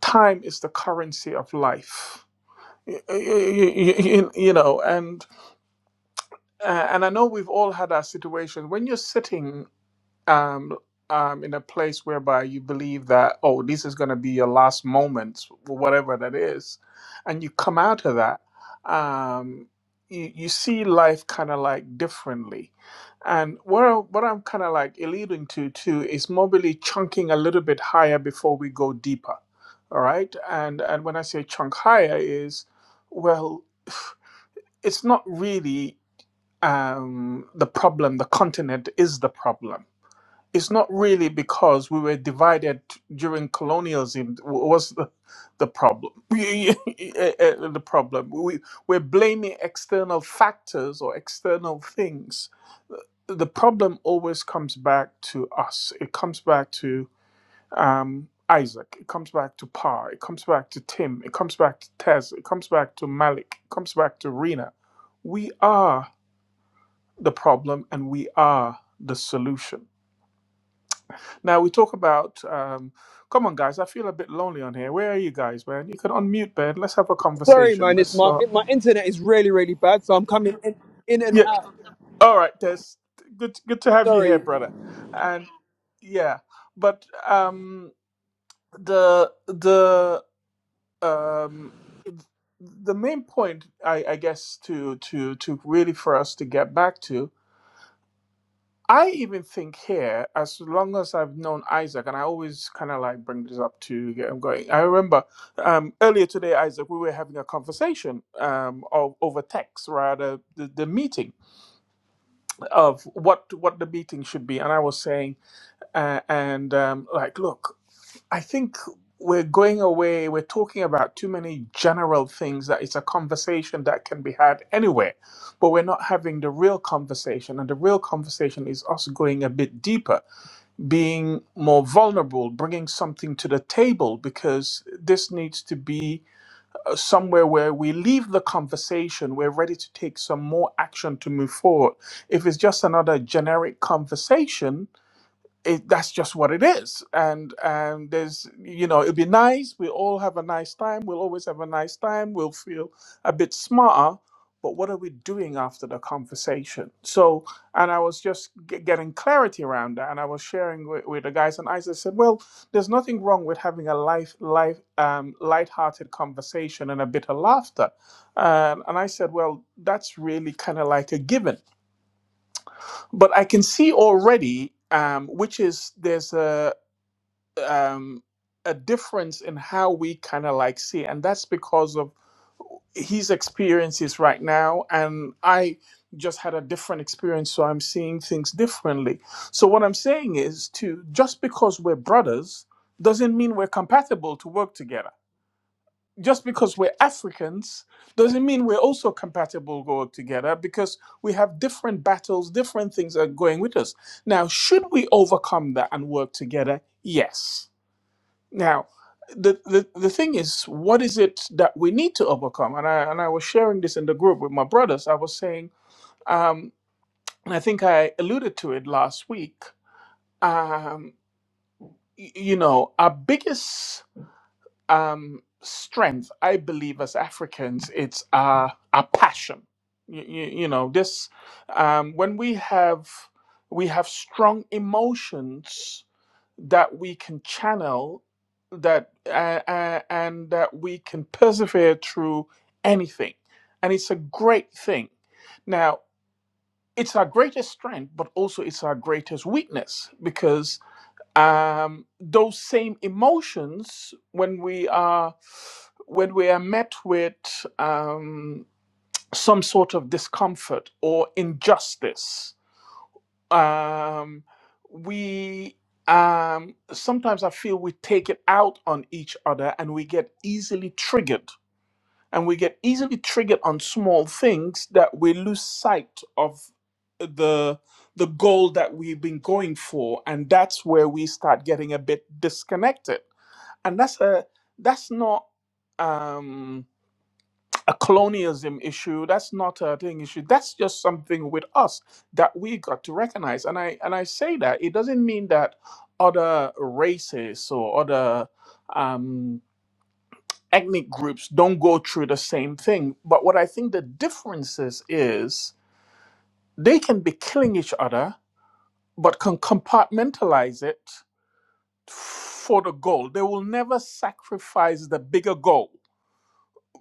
Speaker 2: "Time is the currency of life." Y- y- y- You, know, and uh, and I know we've all had our situations when you're sitting. um, um, in a place whereby you believe that, oh, this is going to be your last moments, whatever that is, and you come out of that, um, you, you see life kind of like differently. And what, I- what I'm kind of like alluding to too is mobily chunking a little bit higher before we go deeper. All right. And, and when I say chunk higher, is well, it's not really um, the problem, the continent is the problem it's not really because we were divided during colonialism was the, the problem the problem we, we're blaming external factors or external things Uh, the problem always comes back to us it comes back to um, isaac it comes back to pa it comes back to tim it comes back to tez it comes back to malik it comes back to rena we are the problem and we are the solution now we talk about. Um, come on, guys. I feel a bit lonely on here. Where are you guys, man? You can unmute, man. Let's have a
Speaker 4: sorry,
Speaker 2: conversation.
Speaker 4: man. It's
Speaker 2: Let's
Speaker 4: my
Speaker 2: not.
Speaker 4: my internet is really really bad, so I'm coming in, in and
Speaker 2: Yeah.
Speaker 4: out.
Speaker 2: All right, Des. Good. Good to have you here,
Speaker 4: Sorry.
Speaker 2: brother. And yeah, but um, the the um, the main point, I, I guess, to to to really for us to get back to I even think here, as long as I've known Isaac, and I always kind of like bring this up to get him going. I remember um, earlier today, Isaac, we were having a conversation um, of, over text, rather the, the meeting of what what the meeting should be, and I was saying, uh, and um, like, look, I think we're going away. We're talking about too many general things that it's a conversation that can be had anywhere, but we're not having the real conversation, and the real conversation is us going a bit deeper being more vulnerable, bringing something to the table, because this needs to be uh, somewhere where we leave the conversation. We're ready to take some more action to move forward. If it's just another generic conversation, it, that's just what it is. And um, there's, you know, it'll be nice. We all have a nice time. We'll always have a nice time. We'll feel a bit smarter. But what are we doing after the conversation? So, and I was just g- getting clarity around that. And I was sharing with, with the guys, and I just said, well, there's nothing wrong with having a life, life, um, lighthearted conversation and a bit of laughter. Um, and I said, well, that's really kind of like a given but I can see already, um, which is there's a um, a difference in how we kind of like see, and that's because of his experiences right now, and I just had a different experience, so I'm seeing things differently. So what I'm saying is, to just because we're brothers doesn't mean we're compatible to work together. Just because we're Africans doesn't mean we're also compatible to work together because we have different battles, different things are going with us. Now, should we overcome that and work together? Yes now, the, the, the thing is, what is it that we need to overcome? And I, and I was sharing this in the group with my brothers. I was saying, um, and I think I alluded to it last week, um, y- you know, our biggest um, strength, I believe, as Africans, it's our, our passion. You, you, you know, this, um, when we have, we have strong emotions that we can channel that uh, uh, and that we can persevere through anything and it's a great thing now it's our greatest strength but also it's our greatest weakness because um, those same emotions when we are when we are met with um, some sort of discomfort or injustice um, we um, sometimes I feel we take it out on each other and we get easily triggered. And we get easily triggered on small things that we lose sight of the the goal that we've been going for and that's where we start getting a bit disconnected and that's a that's not um a colonialism issue. That's not a thing issue. That's just something with us that we got to recognize. And I and I say that it doesn't mean that other races or other um, ethnic groups don't go through the same thing. But what I think the difference is is they can be killing each other, but can compartmentalize it for the goal. They will never sacrifice the bigger goal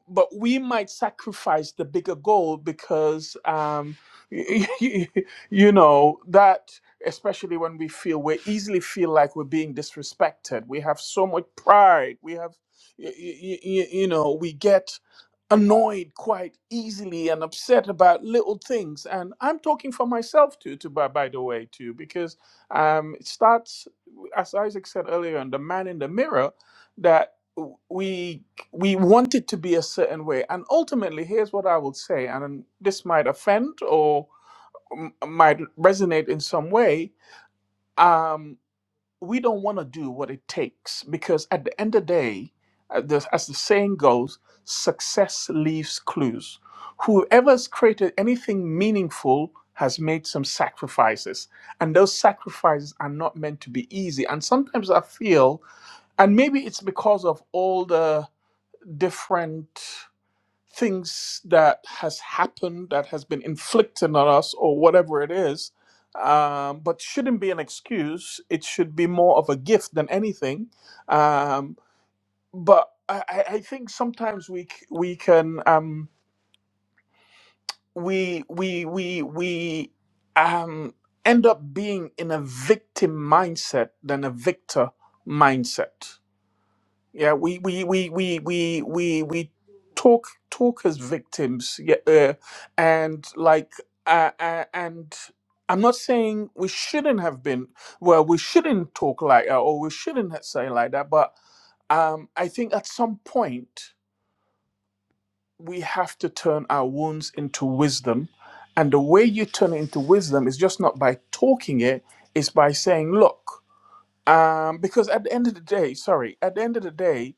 Speaker 2: but we might sacrifice the bigger goal because um, you know that especially when we feel we easily feel like we're being disrespected we have so much pride we have y- y- y- you know we get annoyed quite easily and upset about little things and i'm talking for myself too, to by, by the way too because um, it starts as isaac said earlier on the man in the mirror that w- we we want it to be a certain way. And ultimately, here's what I would say, and this might offend or m- might resonate in some way. Um, we don't want to do what it takes because at the end of the day, uh, the- as the saying goes, success leaves clues. Whoever's created anything meaningful has made some sacrifices, and those sacrifices are not meant to be easy. And sometimes I feel, and maybe it's because of all the different things that has happened that has been inflicted on us or whatever it is um, but shouldn't be an excuse it should be more of a gift than anything um, but I, I I think sometimes we c- we can um, we we we we um, end up being in a victim mindset than a victor mindset yeah, we we we we we we we talk talk as victims. Yeah, uh, and like uh, uh, and I'm not saying we shouldn't have been. Well, we shouldn't talk like that, or we shouldn't ha- say like that. But um, I think at some point we have to turn our wounds into wisdom, and the way you turn it into wisdom is just not by talking it. It's by saying, "Look," um, because at the end of the day, sorry, at the end of the day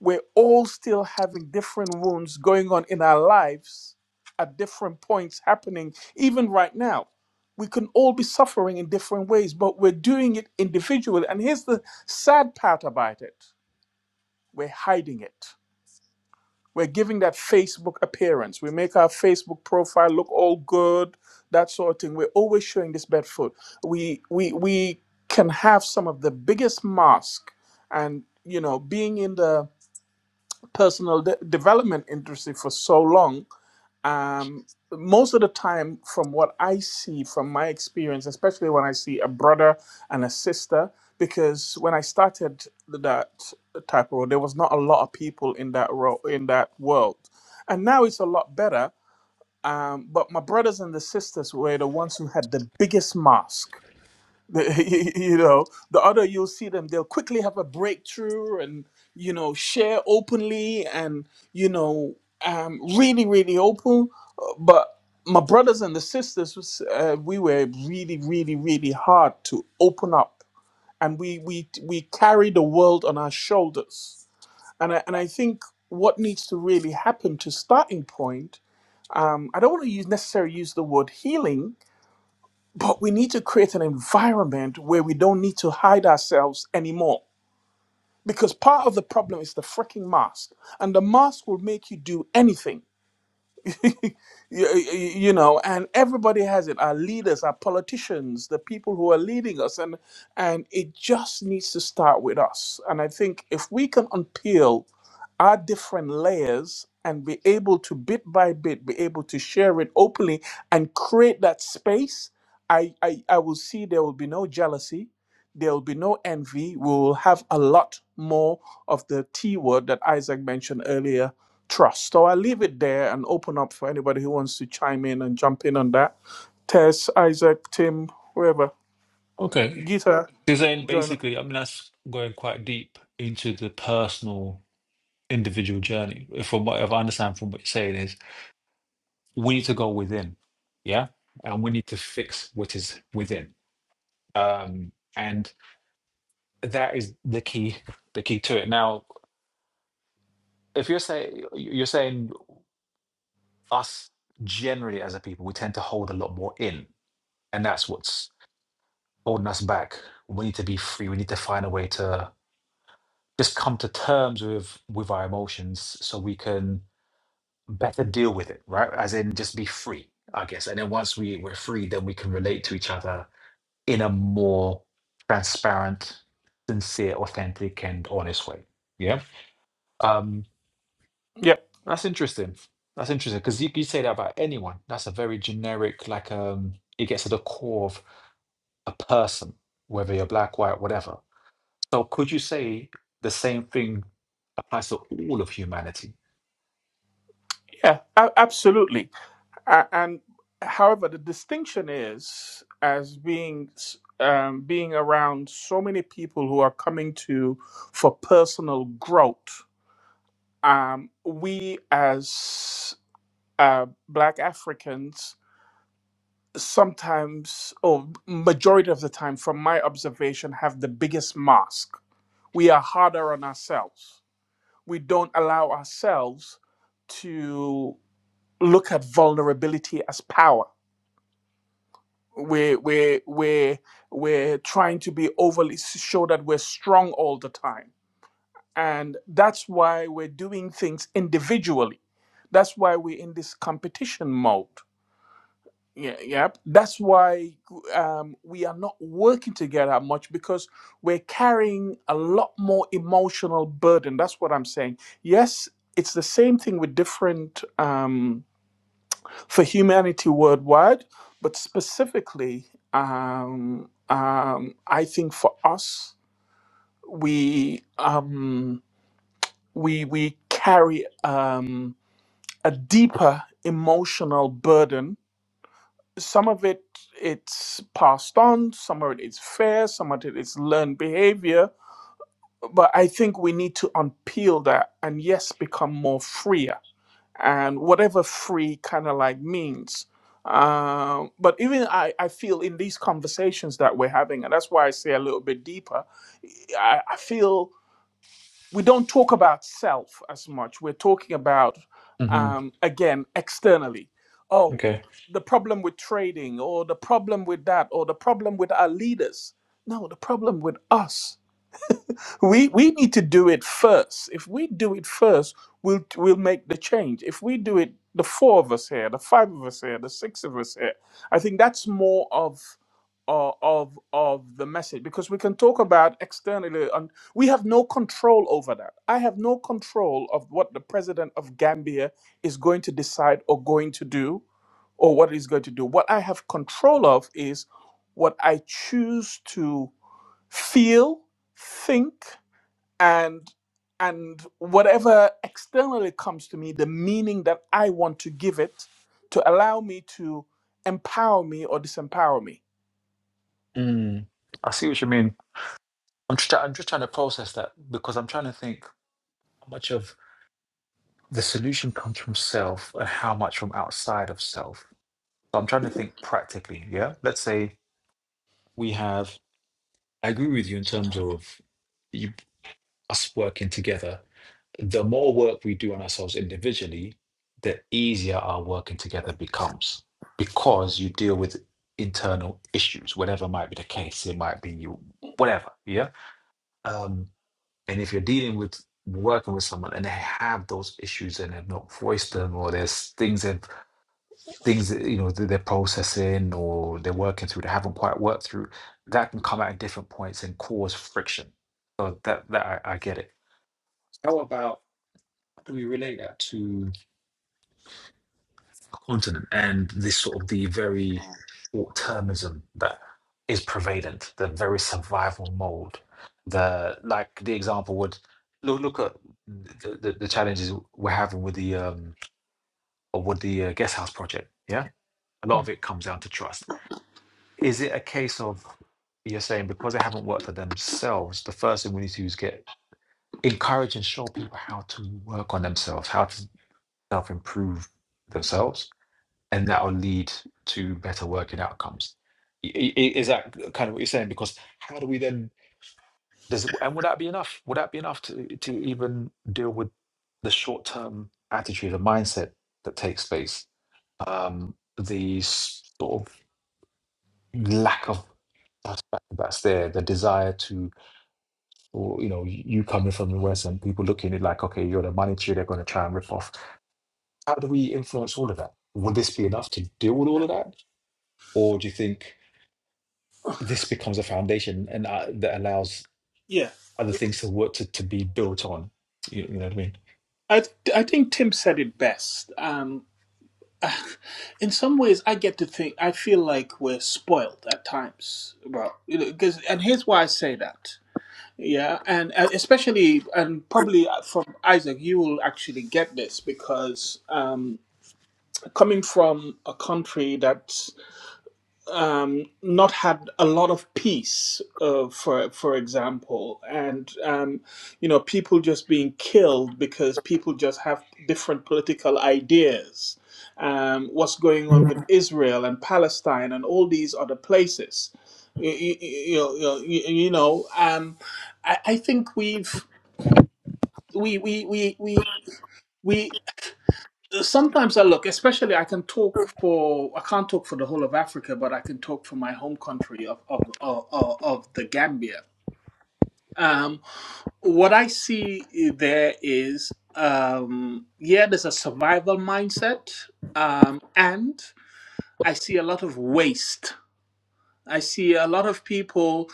Speaker 2: we're all still having different wounds going on in our lives at different points happening, even right now. We can all be suffering in different ways, but we're doing it individually. And here's the sad part about it we're hiding it. We're giving that Facebook appearance. We make our Facebook profile look all good, that sort of thing. We're always showing this bad foot. We, we, we can have some of the biggest mask and, you know, being in the personal de- development industry for so long um, most of the time from what i see from my experience especially when i see a brother and a sister because when i started that type of role there was not a lot of people in that role in that world and now it's a lot better um, but my brothers and the sisters were the ones who had the biggest mask the- you know the other you'll see them they'll quickly have a breakthrough and you know share openly and you know um really really open Uh, but my brothers and the sisters was, uh, we were really really really hard to open up and we we we carry the world on our shoulders and I, and I think what needs to really happen to starting point um, I don't want to use necessarily use the word healing but we need to create an environment where we don't need to hide ourselves anymore. Because part of the problem is the freaking mask. And the mask will make you do anything. you, you know, and everybody has it. Our leaders, our politicians, the people who are leading us, and and it just needs to start with us. And I think if we can unpeel our different layers and be able to bit by bit be able to share it openly and create that space, I I, I will see there will be no jealousy. There will be no envy. We will have a lot more of the T word that Isaac mentioned earlier trust. So i leave it there and open up for anybody who wants to chime in and jump in on that. Tess, Isaac, Tim, whoever,
Speaker 1: Okay.
Speaker 2: Gita,
Speaker 1: Because then
Speaker 2: join. us.
Speaker 1: basically, I mean, that's going quite deep into the personal individual journey. From what I understand from what you're saying is we need to go within. Yeah. And we need to fix what is within. Um, and that is the key, the key to it. Now, if you're saying you're saying us generally as a people, we tend to hold a lot more in. And that's what's holding us back. We need to be free. We need to find a way to just come to terms with with our emotions so we can better deal with it, right? As in just be free, I guess. And then once we, we're free, then we can relate to each other in a more transparent, sincere, authentic, and honest way. Yeah. Um
Speaker 2: Yeah,
Speaker 1: that's interesting. That's interesting. Because you, you say that about anyone. That's a very generic, like um it gets to the core of a person, whether you're black, white, whatever So could you say the same thing applies to all of humanity?
Speaker 2: yeah, a- absolutely. A- And however, the distinction is as being s- um, being around so many people who are coming to for personal growth. Um, we as uh, Black Africans sometimes or majority of the time from my observation have the biggest mask we are harder on ourselves we don't allow ourselves to look at vulnerability as power we're we're we're, we're trying to be overly show that we're strong all the time and that's why we're doing things individually that's why we're in this competition mode Yeah, yep. That's why um, we are not working together much because we're carrying a lot more emotional burden. That's what I'm saying. Yes, it's the same thing with different um, for humanity worldwide, but specifically, um, um, I think for us, we um, we we carry um, a deeper emotional burden some of it it's passed on some of it is fair some of it is learned behavior but i think we need to unpeel that and yes become more freer and whatever free kind of like means um, but even I, I feel in these conversations that we're having and that's why i say a little bit deeper i, I feel we don't talk about self as much. We're talking about,
Speaker 1: hmm
Speaker 2: um, again, externally. Oh,
Speaker 1: Okay.
Speaker 2: the problem with trading, or the problem with that, or the problem with our leaders. No, the problem with us. We we need to do it first. If we do it first, we'll we'll make the change. If we do it, the four of us here, the five of us here, the six of us here, I think that's more of uh, of of the message because we can talk about externally and we have no control over that. I have no control of what the president of Gambia is going to decide or going to do or what he's going to do. What I have control of is what I choose to feel, think and and whatever externally comes to me the meaning that i want to give it to allow me to empower me or disempower me
Speaker 1: Mm. I see what you mean. I'm just, I'm just trying to process that because I'm trying to think how much of the solution comes from self and how much from outside of self. So I'm trying to think practically. Yeah. Let's say we have, I agree with you in terms of you, us working together the more work we do on ourselves individually, the easier our working together becomes because you deal with internal issues, whatever might be the case. It might be you, whatever. Yeah. Um, and if you're dealing with working with someone and they have those issues and they've not voiced them, or there's things that things that you know that they're processing or they're working through, they haven't quite worked through, that can come out at different points and cause friction. So that that I, I get it. How about how do we relate that to? continent and this sort of the very short termism that is prevalent, the very survival mode. The like the example would look look at the, the, the challenges we're having with the um or with the uh, guest house project. Yeah, a lot of it comes down to trust. Is it a case of you're saying because they haven't worked on themselves, the first thing we need to do is get encourage and show people how to work on themselves, how to self improve themselves and that will lead to better working outcomes. I- i- i- Is that kind of what you're saying? Because how do we then does and would that be enough? Would that be enough to to even deal with the short term attitude and mindset that takes place? Um, the s- sort of lack of perspective that's there, the desire to, or you know, you coming from the West and people looking at it like, okay, you're the money tree, they're going to try and rip off. How do we influence all of that? Will this be enough to deal with all of that? Or do you think? this becomes a foundation and uh, that allows
Speaker 2: Yeah,
Speaker 1: other things to work to, to be built on. You, you know what I mean?
Speaker 2: I th- I think Tim said it best. Um, in some ways, I get to think I feel like we're spoiled at times. Well, you know, because and here's why I say that. Yeah, and uh, especially and probably uh, from Isaac, you will actually get this because um, coming from a country that um, not had a lot of peace, uh, for for example, and um, you know people just being killed because people just have different political ideas. Um, what's going on with Israel and Palestine and all these other places? You, you, you know, you, you know um, I, I think we've we we we we. We Sometimes I look, especially I can talk for, I can't talk for the whole of Africa, but I can talk for my home country of, of, of, of the Gambia. Um, what I see there is, um, yeah, there's a survival mindset, um, and I see a lot of waste. I see a lot of people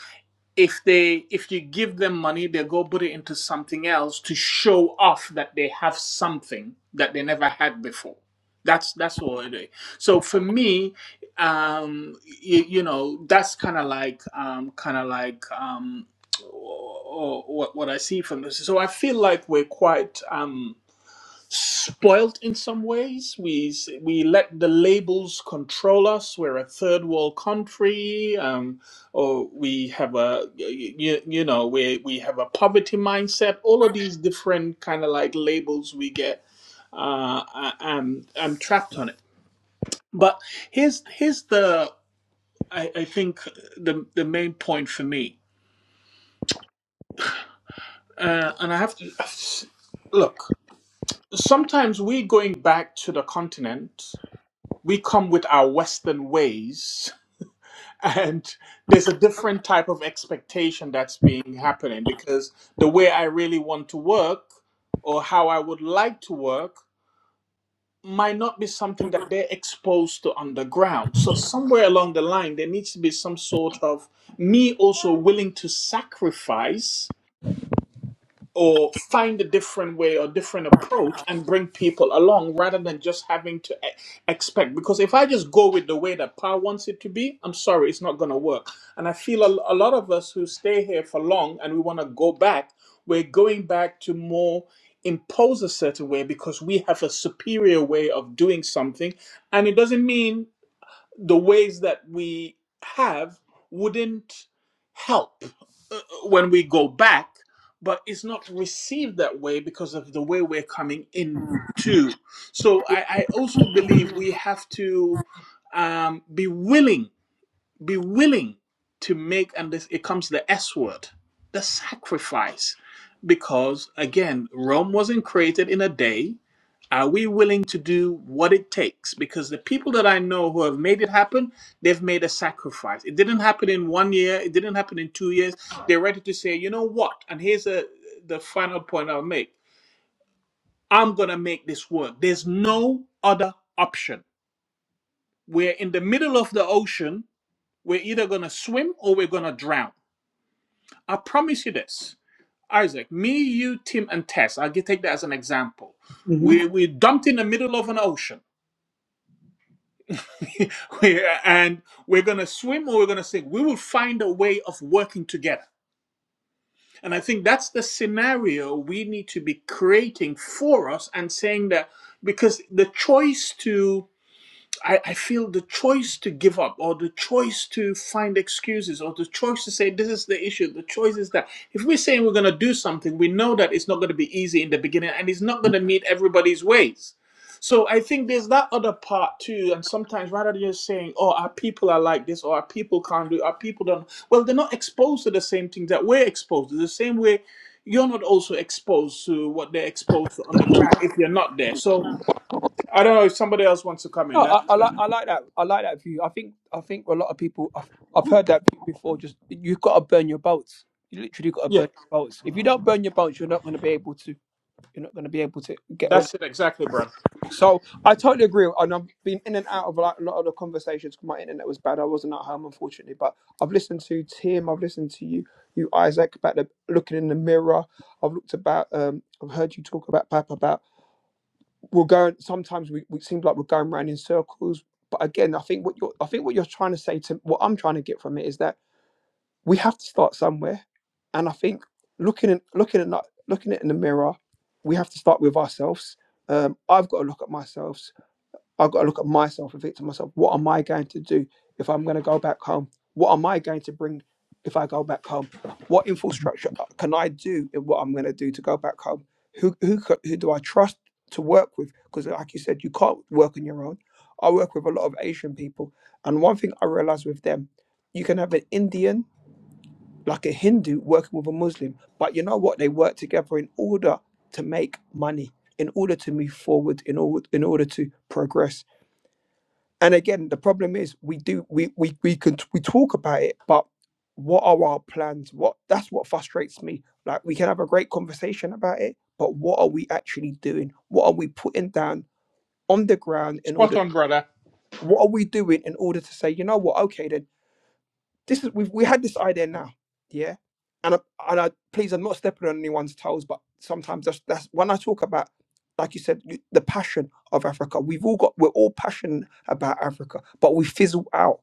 Speaker 2: if they if you give them money they go put it into something else to show off that they have something that they never had before that's that's all it is so for me um you, you know that's kind of like um kind of like um what, what i see from this so i feel like we're quite um spoiled in some ways. We s- we let the labels control us. We're a third world country, um, or we have a you, you know we we have a poverty mindset. All of these different kind of like labels we get. Uh, I, I'm I'm trapped on it. But here's here's the I, I think the the main point for me, uh, and I have to look. Sometimes we going back to the continent we come with our Western ways, and there's a different type of expectation that's being happening because the way I really want to work or how I would like to work might not be something that they're exposed to underground. So somewhere along the line, there needs to be some sort of me also willing to sacrifice or find a different way or different approach and bring people along rather than just having to e- expect because if i just go with the way that pa wants it to be i'm sorry it's not going to work and i feel a, a lot of us who stay here for long and we want to go back we're going back to more impose a certain way because we have a superior way of doing something and it doesn't mean the ways that we have wouldn't help when we go back, but it's not received that way because of the way we're coming in too. So I, I also believe we have to um, be willing, be willing to make, and this it comes to the S word, the sacrifice, because again, Rome wasn't created in a day. Are we willing to do what it takes? Because the people that I know who have made it happen, they've made a sacrifice. It didn't happen in one year, it didn't happen in two years. They're ready to say, you know what? And here's a, the final point I'll make I'm going to make this work. There's no other option. We're in the middle of the ocean. We're either going to swim or we're going to drown. I promise you this. Isaac, me, you, Tim, and Tess, I'll get- take that as an example.
Speaker 4: hmm
Speaker 2: We, we're dumped in the middle of an ocean We- and we're going to swim or we're going to sink. We will find a way of working together. And I think that's the scenario we need to be creating for us and saying that because the choice to I, I feel the choice to give up or the choice to find excuses or the choice to say this is the issue, the choice is that. If we're saying we're going to do something, we know that it's not going to be easy in the beginning and it's not going to meet everybody's ways. So I think there's that other part too. And sometimes rather than just saying, oh, our people are like this or our people can't do, our people don't, well, they're not exposed to the same things that we're exposed to, the same way you're not also exposed to what they're exposed to on the ground if you're not there. So I don't know if somebody else wants to come
Speaker 4: No,
Speaker 2: in. That's
Speaker 4: I, I
Speaker 2: just.
Speaker 4: like I like that. I like that view. I think I think a lot of people I've, I've heard that view before. Just you've got to burn your boats. You literally got to
Speaker 2: yeah.
Speaker 4: burn your boats. If you don't burn your boats, you're not going to be able to. You're not going to be able to get.
Speaker 2: That's it exactly, brother.
Speaker 4: So I totally agree, and I've been in and out of like a lot of the conversations. 'cause My internet was bad; I wasn't at home, unfortunately. But I've listened to Tim, I've listened to you, you Isaac, about the looking in the mirror. I've looked about, um, I've heard you talk about Pap about we're going. Sometimes we we seem like we're going round in circles. But again, I think what you're, I think what you're trying to say to what I'm trying to get from it is that we have to start somewhere, and I think looking in, looking at like, looking at in the mirror, we have to start with ourselves. Um, I've got to look at myself I've got to look at myself and think to myself, what am I going to do if I'm going to go back home? What am I going to bring if I go back home? What infrastructure can I do in what I'm going to do to go back home? Who, who, co- who do I trust to work with? Because, like you said, you can't work on your own. I work with a lot of Asian people. And one thing I realized with them, you can have an Indian, like a Hindu, working with a Muslim. But you know what? They work together in order to make money, in order to move forward, in order, in order to progress and again the problem is we do we we, we can we talk about it but what are our plans what that's what frustrates me like we can have a great conversation about it but what are we actually doing what are we putting down on the ground in
Speaker 2: Spot
Speaker 4: order
Speaker 2: on, brother.
Speaker 4: what are we doing in order to say you know what okay then this is we've we had this idea now yeah and I, and I please I'm not stepping on anyone's toes but sometimes that's that's when I talk about like you said you- the passion of Africa we've all got we're all passionate about Africa but we fizzle out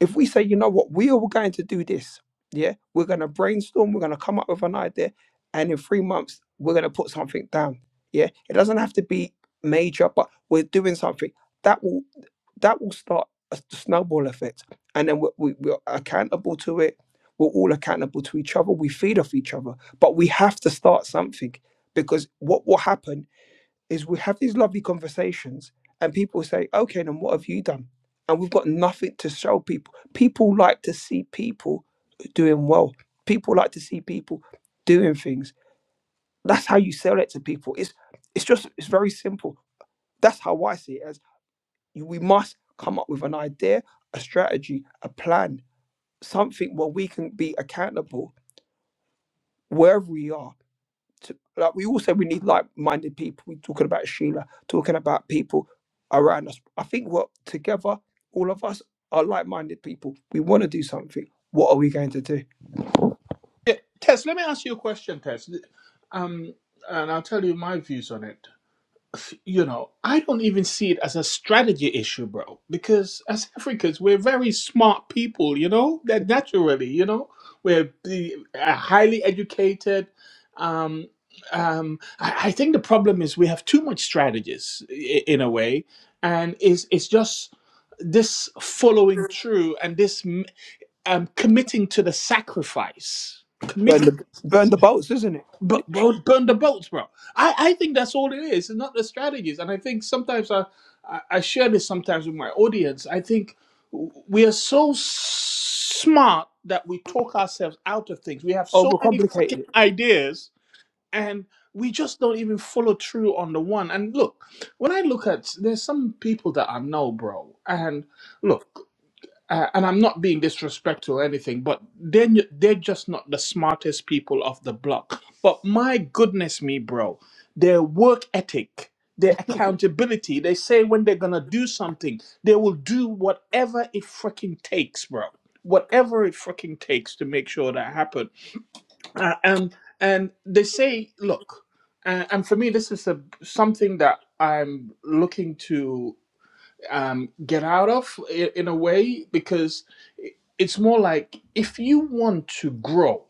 Speaker 4: if we say, you know what, we are going to do this, yeah, we're going to brainstorm, we're going to come up with an idea, and in three months, we're going to put something down, yeah, it doesn't have to be major, but we're doing something that will that will start a s- snowball effect, and then we, we, we're accountable to it. We're all accountable to each other. We feed off each other, but we have to start something because what will happen is we have these lovely conversations and people say, okay, then what have you done? And we've got nothing to show people. People like to see people doing well. People like to see people doing things. That's how you sell it to people. It's it's just it's very simple. That's how I see it as you- we must come up with an idea, a strategy, a plan, something where we can be accountable wherever we are to, like we all say we need like-minded people. We're talking about Sheila, talking about people around us. I think what together, all of us are like-minded people. We want to do something. What are we going to do?
Speaker 2: Yeah, Tess, let me ask you a question, Tess. Um, and I'll tell you my views on it. You know, I don't even see it as a strategy issue, bro. Because as Africans, we're very smart people. You know, that naturally, you know, we're the- uh, highly educated. Um, um, I, I think the problem is we have too much strategies i- in a way, and it's it's just this following through and this. um, committing to the sacrifice,
Speaker 4: Burn
Speaker 2: committing,
Speaker 4: the
Speaker 2: to,
Speaker 4: burn the boats, isn't it?
Speaker 2: but bro, burn the boats, bro. I, I think that's all it is, and not the strategies. And I think sometimes I, I I share this sometimes with my audience. I think we are so smart that we talk ourselves out of things. We have so many
Speaker 4: Overcomplicated.
Speaker 2: freaking ideas, and we just don't even follow through on the one. And look, when I look at, there's some people that I know, bro, and look uh, and I'm not being disrespectful or anything, but they're, n- they're just not the smartest people of the block. But my goodness me, bro, their work ethic, their accountability, they say when they're going to do something, they will do whatever it freaking takes, bro. Whatever it freaking takes to make sure that happen. Uh, and, and they say, look, uh, and for me, this is a, something that I'm looking to um, get out of i- in a way because i- it's more like if you want to grow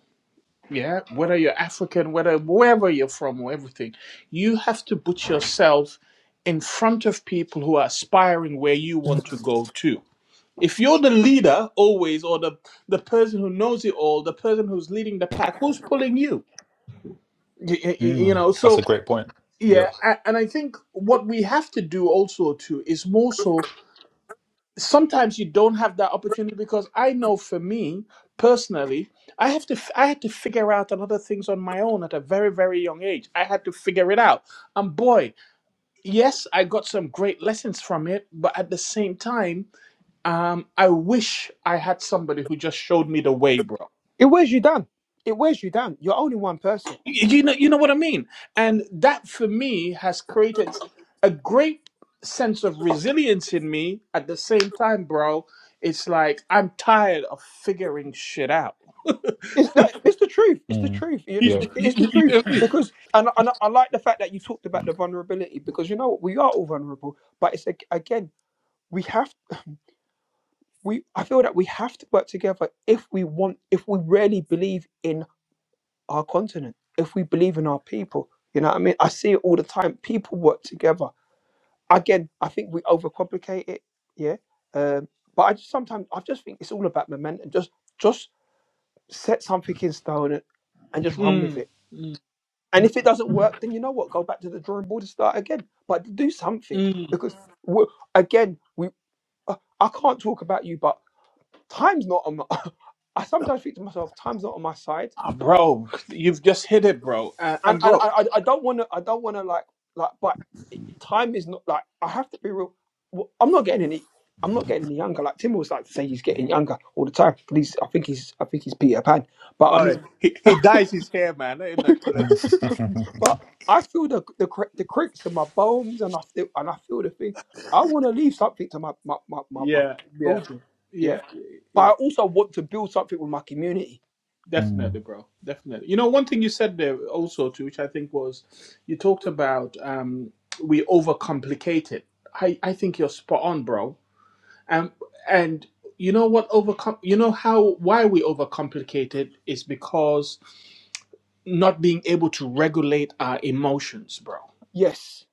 Speaker 2: yeah whether you're african whether wherever you're from or everything you have to put yourself in front of people who are aspiring where you want to go to if you're the leader always or the the person who knows it all the person who's leading the pack who's pulling you Y- y- y- you
Speaker 1: Mm.
Speaker 2: know
Speaker 1: That's
Speaker 2: so
Speaker 1: a great point. Yeah.
Speaker 2: yeah a- and i think what we have to do also too is more so sometimes you don't have that opportunity because I know for me personally, I have to f- I had to figure out a lot of things on my own at a very very young age. I had to figure it out, and boy, yes, I got some great lessons from it. But at the same time, um, I wish I had somebody who just showed me the way, bro.
Speaker 4: It wears you down. It wears you down. You're only one person.
Speaker 2: you know you know what i mean and that for me has created a great sense of resilience in me at the same time bro it's like i'm tired of figuring shit out
Speaker 4: It's that. It's the truth. It's the
Speaker 1: Mm.
Speaker 4: truth. You
Speaker 2: you,
Speaker 4: just-
Speaker 1: Yep.
Speaker 4: It's the
Speaker 2: you,
Speaker 4: it's the
Speaker 2: you- you
Speaker 4: truth
Speaker 2: know what i mean
Speaker 4: because and and I like the fact that you talked about the vulnerability because you know what we are all vulnerable. But it's ag- again we have we I feel that we have to work together if we want if we really believe in our continent, if we believe in our people. You know what I mean? I see it all the time. People work together. Again, I think we overcomplicate it. Yeah. Um, but I just sometimes I just think it's all about momentum. Just just set something in stone and, and just run with
Speaker 2: mm,
Speaker 4: it.
Speaker 2: mm,
Speaker 4: And if it doesn't work, then you know what? Go back to the drawing board and start again. But do something
Speaker 2: mm.
Speaker 4: because we again, we uh, I can't talk about you, but time's not on. My, I sometimes think to myself, time's not on my side
Speaker 2: Ah, bro you've just hit it bro uh,
Speaker 4: and
Speaker 2: and
Speaker 4: and
Speaker 2: bro
Speaker 4: I I don't want to I don't want to like like but time is not like I have to be real. Well, I'm not getting any. I'm not getting any younger. Like Tim was like to say, he's getting younger all the time. But he's I think he's I think he's Peter Pan. But I
Speaker 2: oh
Speaker 4: mean,
Speaker 2: he, he dyes his hair man let him not kill us
Speaker 1: Mm.
Speaker 4: but I feel the the cr- the cracks in my bones, and I feel and I feel the thing. I want to leave something to my my my my, my
Speaker 2: yeah yeah
Speaker 4: children. Yeah.
Speaker 2: yeah
Speaker 4: But
Speaker 2: yeah
Speaker 4: I also want to build something with my community.
Speaker 1: mm.
Speaker 2: Definitely, bro. Definitely. You know, one thing you said there also too, which I think was, you talked about um, we overcomplicate it. I I think you're spot on, bro. Um, and you know what overcome? You know how why we overcomplicate it is because not being able to regulate our emotions, bro.
Speaker 4: Yes,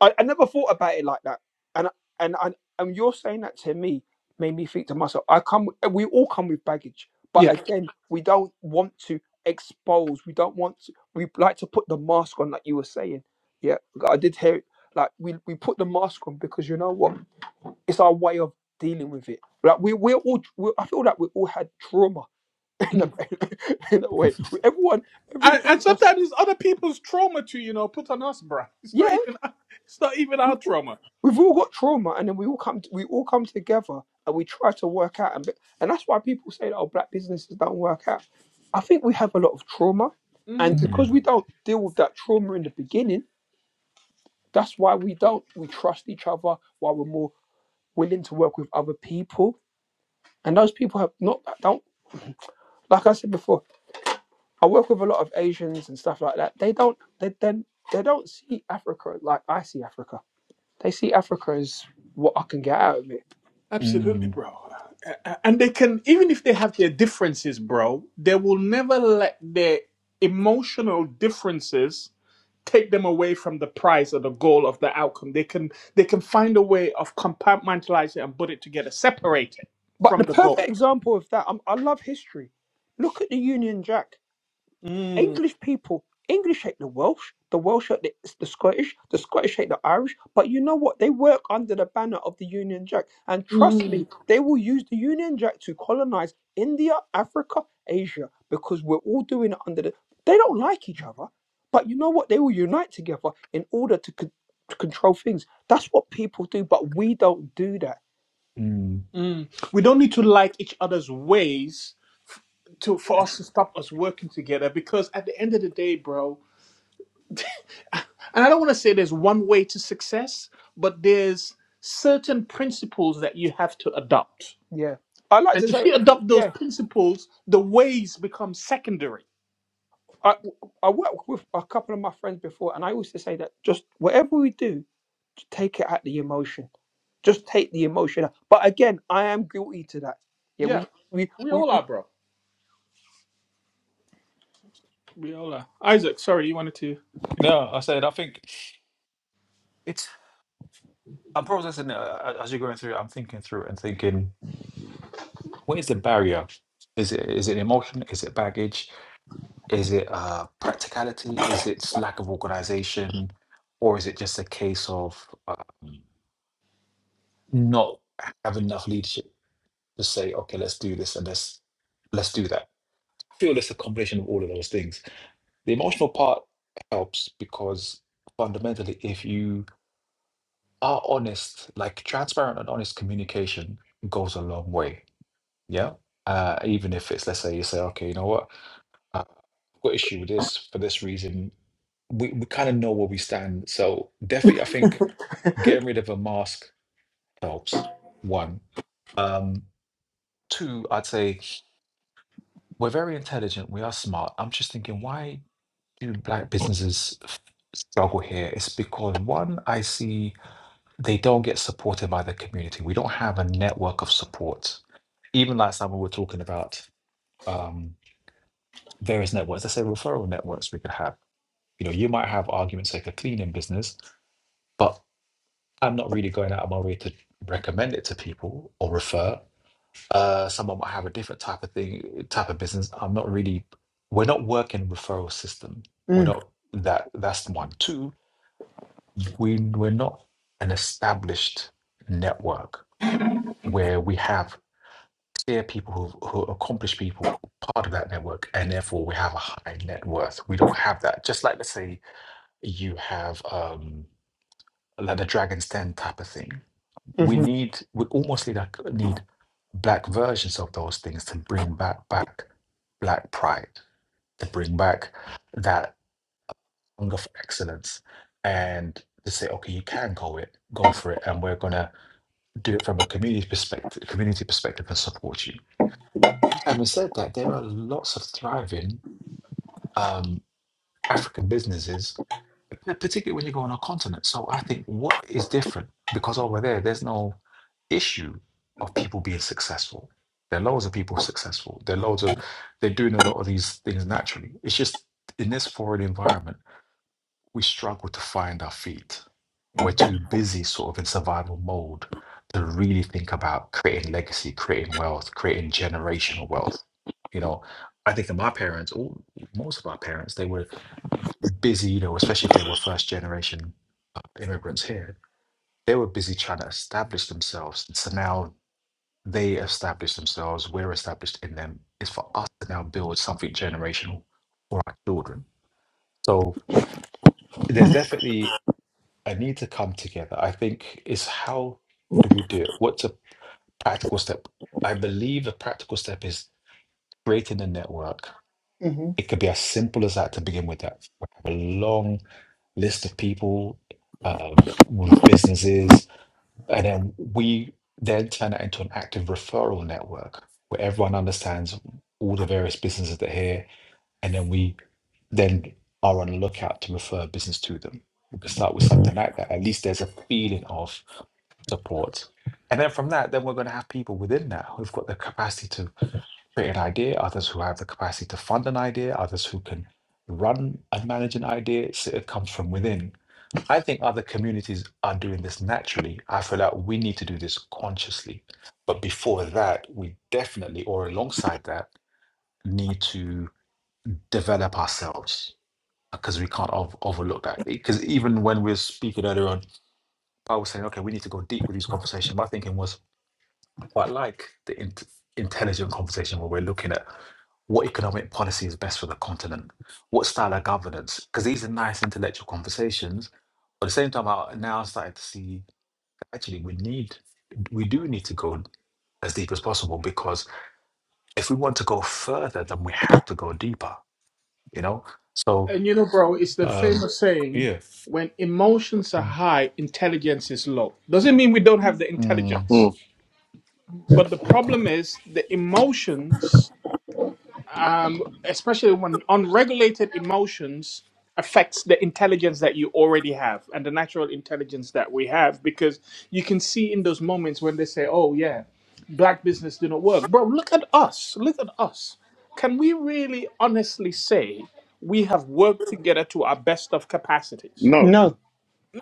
Speaker 4: I, I never thought about it like that, and and and and you're saying that to me made me think to myself. I come, we all come with baggage, but
Speaker 2: Yeah.
Speaker 4: again, we don't want to expose. We don't want to. We like to put the mask on, like you were saying. Yeah, I did hear it. Like we we put the mask on because you know what? It's our way of dealing with it. Like we we're all. we I feel like we all had trauma in a in a way. Everyone, every
Speaker 2: And,
Speaker 4: black
Speaker 2: and
Speaker 4: person.
Speaker 2: sometimes it's other people's trauma to you know put on us, bro. It's not
Speaker 4: Yeah,
Speaker 2: even it's not even our trauma.
Speaker 4: We've all got trauma, and then we all come we all come together and we try to work out. And be- and that's why people say that oh, black businesses don't work out. I think we have a lot of trauma,
Speaker 2: Mm-hmm.
Speaker 4: and
Speaker 1: Mm.
Speaker 4: because we don't deal with that trauma in the beginning, that's why we don't we trust each other. Why we're more willing to work with other people, and those people have not don't like I said before. I work with a lot of Asians and stuff like that. They don't they then they don't see Africa like I see Africa. They see Africa as what I can get out of it
Speaker 2: Absolutely,
Speaker 1: Mm.
Speaker 2: bro. A- And they can, even if they have their differences, bro, they will never let their emotional differences take them away from the prize or the goal of the outcome. They can they can find a way of compartmentalizing and put it together, separate it
Speaker 4: But
Speaker 2: from
Speaker 4: the
Speaker 2: the
Speaker 4: perfect
Speaker 2: goal.
Speaker 4: example of that, i I love history. Look at the Union Jack.
Speaker 2: Mm,
Speaker 4: English people, English hate the Welsh, the Welsh hate the, the Scottish, the Scottish hate the Irish. But you know what? They work under the banner of the Union Jack. And trust me,
Speaker 2: mm,
Speaker 4: they will use the Union Jack to colonize India, Africa, Asia, because we're all doing it under the. They don't like each other. But you know what? They will unite together in order to, con- to control things. That's what people do, but we don't do that.
Speaker 1: Mm.
Speaker 2: mm. We don't need to like each other's ways f- to for us to stop us working together because at the end of the day, bro, and I don't want to say there's one way to success, but there's certain principles that you have to adopt.
Speaker 4: Yeah. I like
Speaker 2: And
Speaker 4: to
Speaker 2: if
Speaker 4: say,
Speaker 2: you adopt those
Speaker 4: yeah.
Speaker 2: principles, the ways become secondary.
Speaker 4: I I worked with a couple of my friends before, and I used to say that just whatever we do, just take it at the emotion. Just take the emotion. out. But again, I am guilty to that. Yeah,
Speaker 2: Yeah,
Speaker 4: we we
Speaker 2: we
Speaker 4: we.
Speaker 2: all
Speaker 4: we
Speaker 2: are, bro. We all are. Isaac, sorry, you wanted to.
Speaker 1: No, I said I think it's. I'm processing it uh, as you're going through. I'm thinking through it and thinking, what is the barrier? Is it is it emotion? Is it baggage? Is it uh, practicality? Is it lack of organization, or is it just a case of? um, not have enough leadership to say, okay, let's do this and let's let's do that. I feel it's a combination of all of those things. The emotional part helps because fundamentally, if you are honest, like transparent and honest communication goes a long way. Yeah. Uh, even if it's, let's say, you say, okay, you know what, uh, I've got issue with this for this reason. We, we kind of know where we stand. So definitely, I think getting rid of a mask helps. One. Um, two, I'd say We're very intelligent. We are smart. I'm just thinking, why do black businesses f- struggle here? It's because one, I see they don't get supported by the community. We don't have a network of support. Even last time we were talking about um, various networks, let's say referral networks we could have. You know, you might have arguments like a cleaning business, but I'm not really going out of my way to recommend it to people or refer. Uh, someone might have a different type of thing, type of business. I'm not really. We're not working referral system. We're
Speaker 4: mm,
Speaker 1: not that. That's one. Two. We we're not an established network where we have clear people who who accomplish people part of that network, and therefore we have a high net worth. We don't have that. Just like let's say you have um like the Dragon's Den type of thing. we
Speaker 4: hmm
Speaker 1: need we almost need like need black versions of those things to bring back back black pride to bring back that hunger for excellence and to say okay you can go it go for it and we're gonna do it from a community perspective community perspective and support you having said that there are lots of thriving um, African businesses, p- particularly when you go on a continent. So I think what is different because over there, there's no issue of people being successful. There are loads of people successful. There are loads of they're doing a lot of these things naturally. It's just in this foreign environment, we struggle to find our feet. We're too busy, sort of in survival mode, to really think about creating legacy, creating wealth, creating generational wealth. You know, I think of my parents, all most of our parents, they were busy, you know, especially if they were first generation uh, immigrants here, they were busy trying to establish themselves. So now they established themselves, we're established in them. It's for us to now build something generational for our children. So there's definitely a need to come together. I think is how do we do it? What's a practical step? I believe the practical step is creating a network
Speaker 4: hmm
Speaker 1: It could be as simple as that to begin with. That we have a long list of people um, with businesses, and then we then turn that into an active referral network where everyone understands all the various businesses that are here, and then we then are on the lookout to refer business to them. We could start with something like that. At least there's a feeling of support. And then from that, then we're going to have people within that who've got the capacity create an idea, others who have the capacity to fund an idea, others who can run and manage an idea. So it comes from within. I think other communities are doing this naturally. I feel like we need to do this consciously. But before that, we definitely, or alongside that, need to develop ourselves because we can't ov- overlook that. Because even when we are speaking earlier on, I was saying, okay, we need to go deep with these conversations. My thinking was, quite like the int intelligent conversation where we're looking at what economic policy is best for the continent, what style of governance, because these are nice intellectual conversations. But at the same time, I now started to see actually we need, we do need to go as deep as possible because if we want to go further, then we have to go deeper, you know? So,
Speaker 2: And you know, bro, it's the
Speaker 1: um,
Speaker 2: famous saying
Speaker 1: yeah.
Speaker 2: when emotions are
Speaker 1: Mm.
Speaker 2: high, intelligence is low. Doesn't mean we don't have the
Speaker 3: yeah.
Speaker 1: Mm.
Speaker 2: intelligence.
Speaker 3: Mm.
Speaker 2: But the problem is the emotions um, especially when unregulated emotions affects the intelligence that you already have and the natural intelligence that we have because you can see in those moments when they say oh yeah black business didn't work bro look at us look at us can we really honestly say we have worked together to our best of capacities
Speaker 3: No.
Speaker 4: No,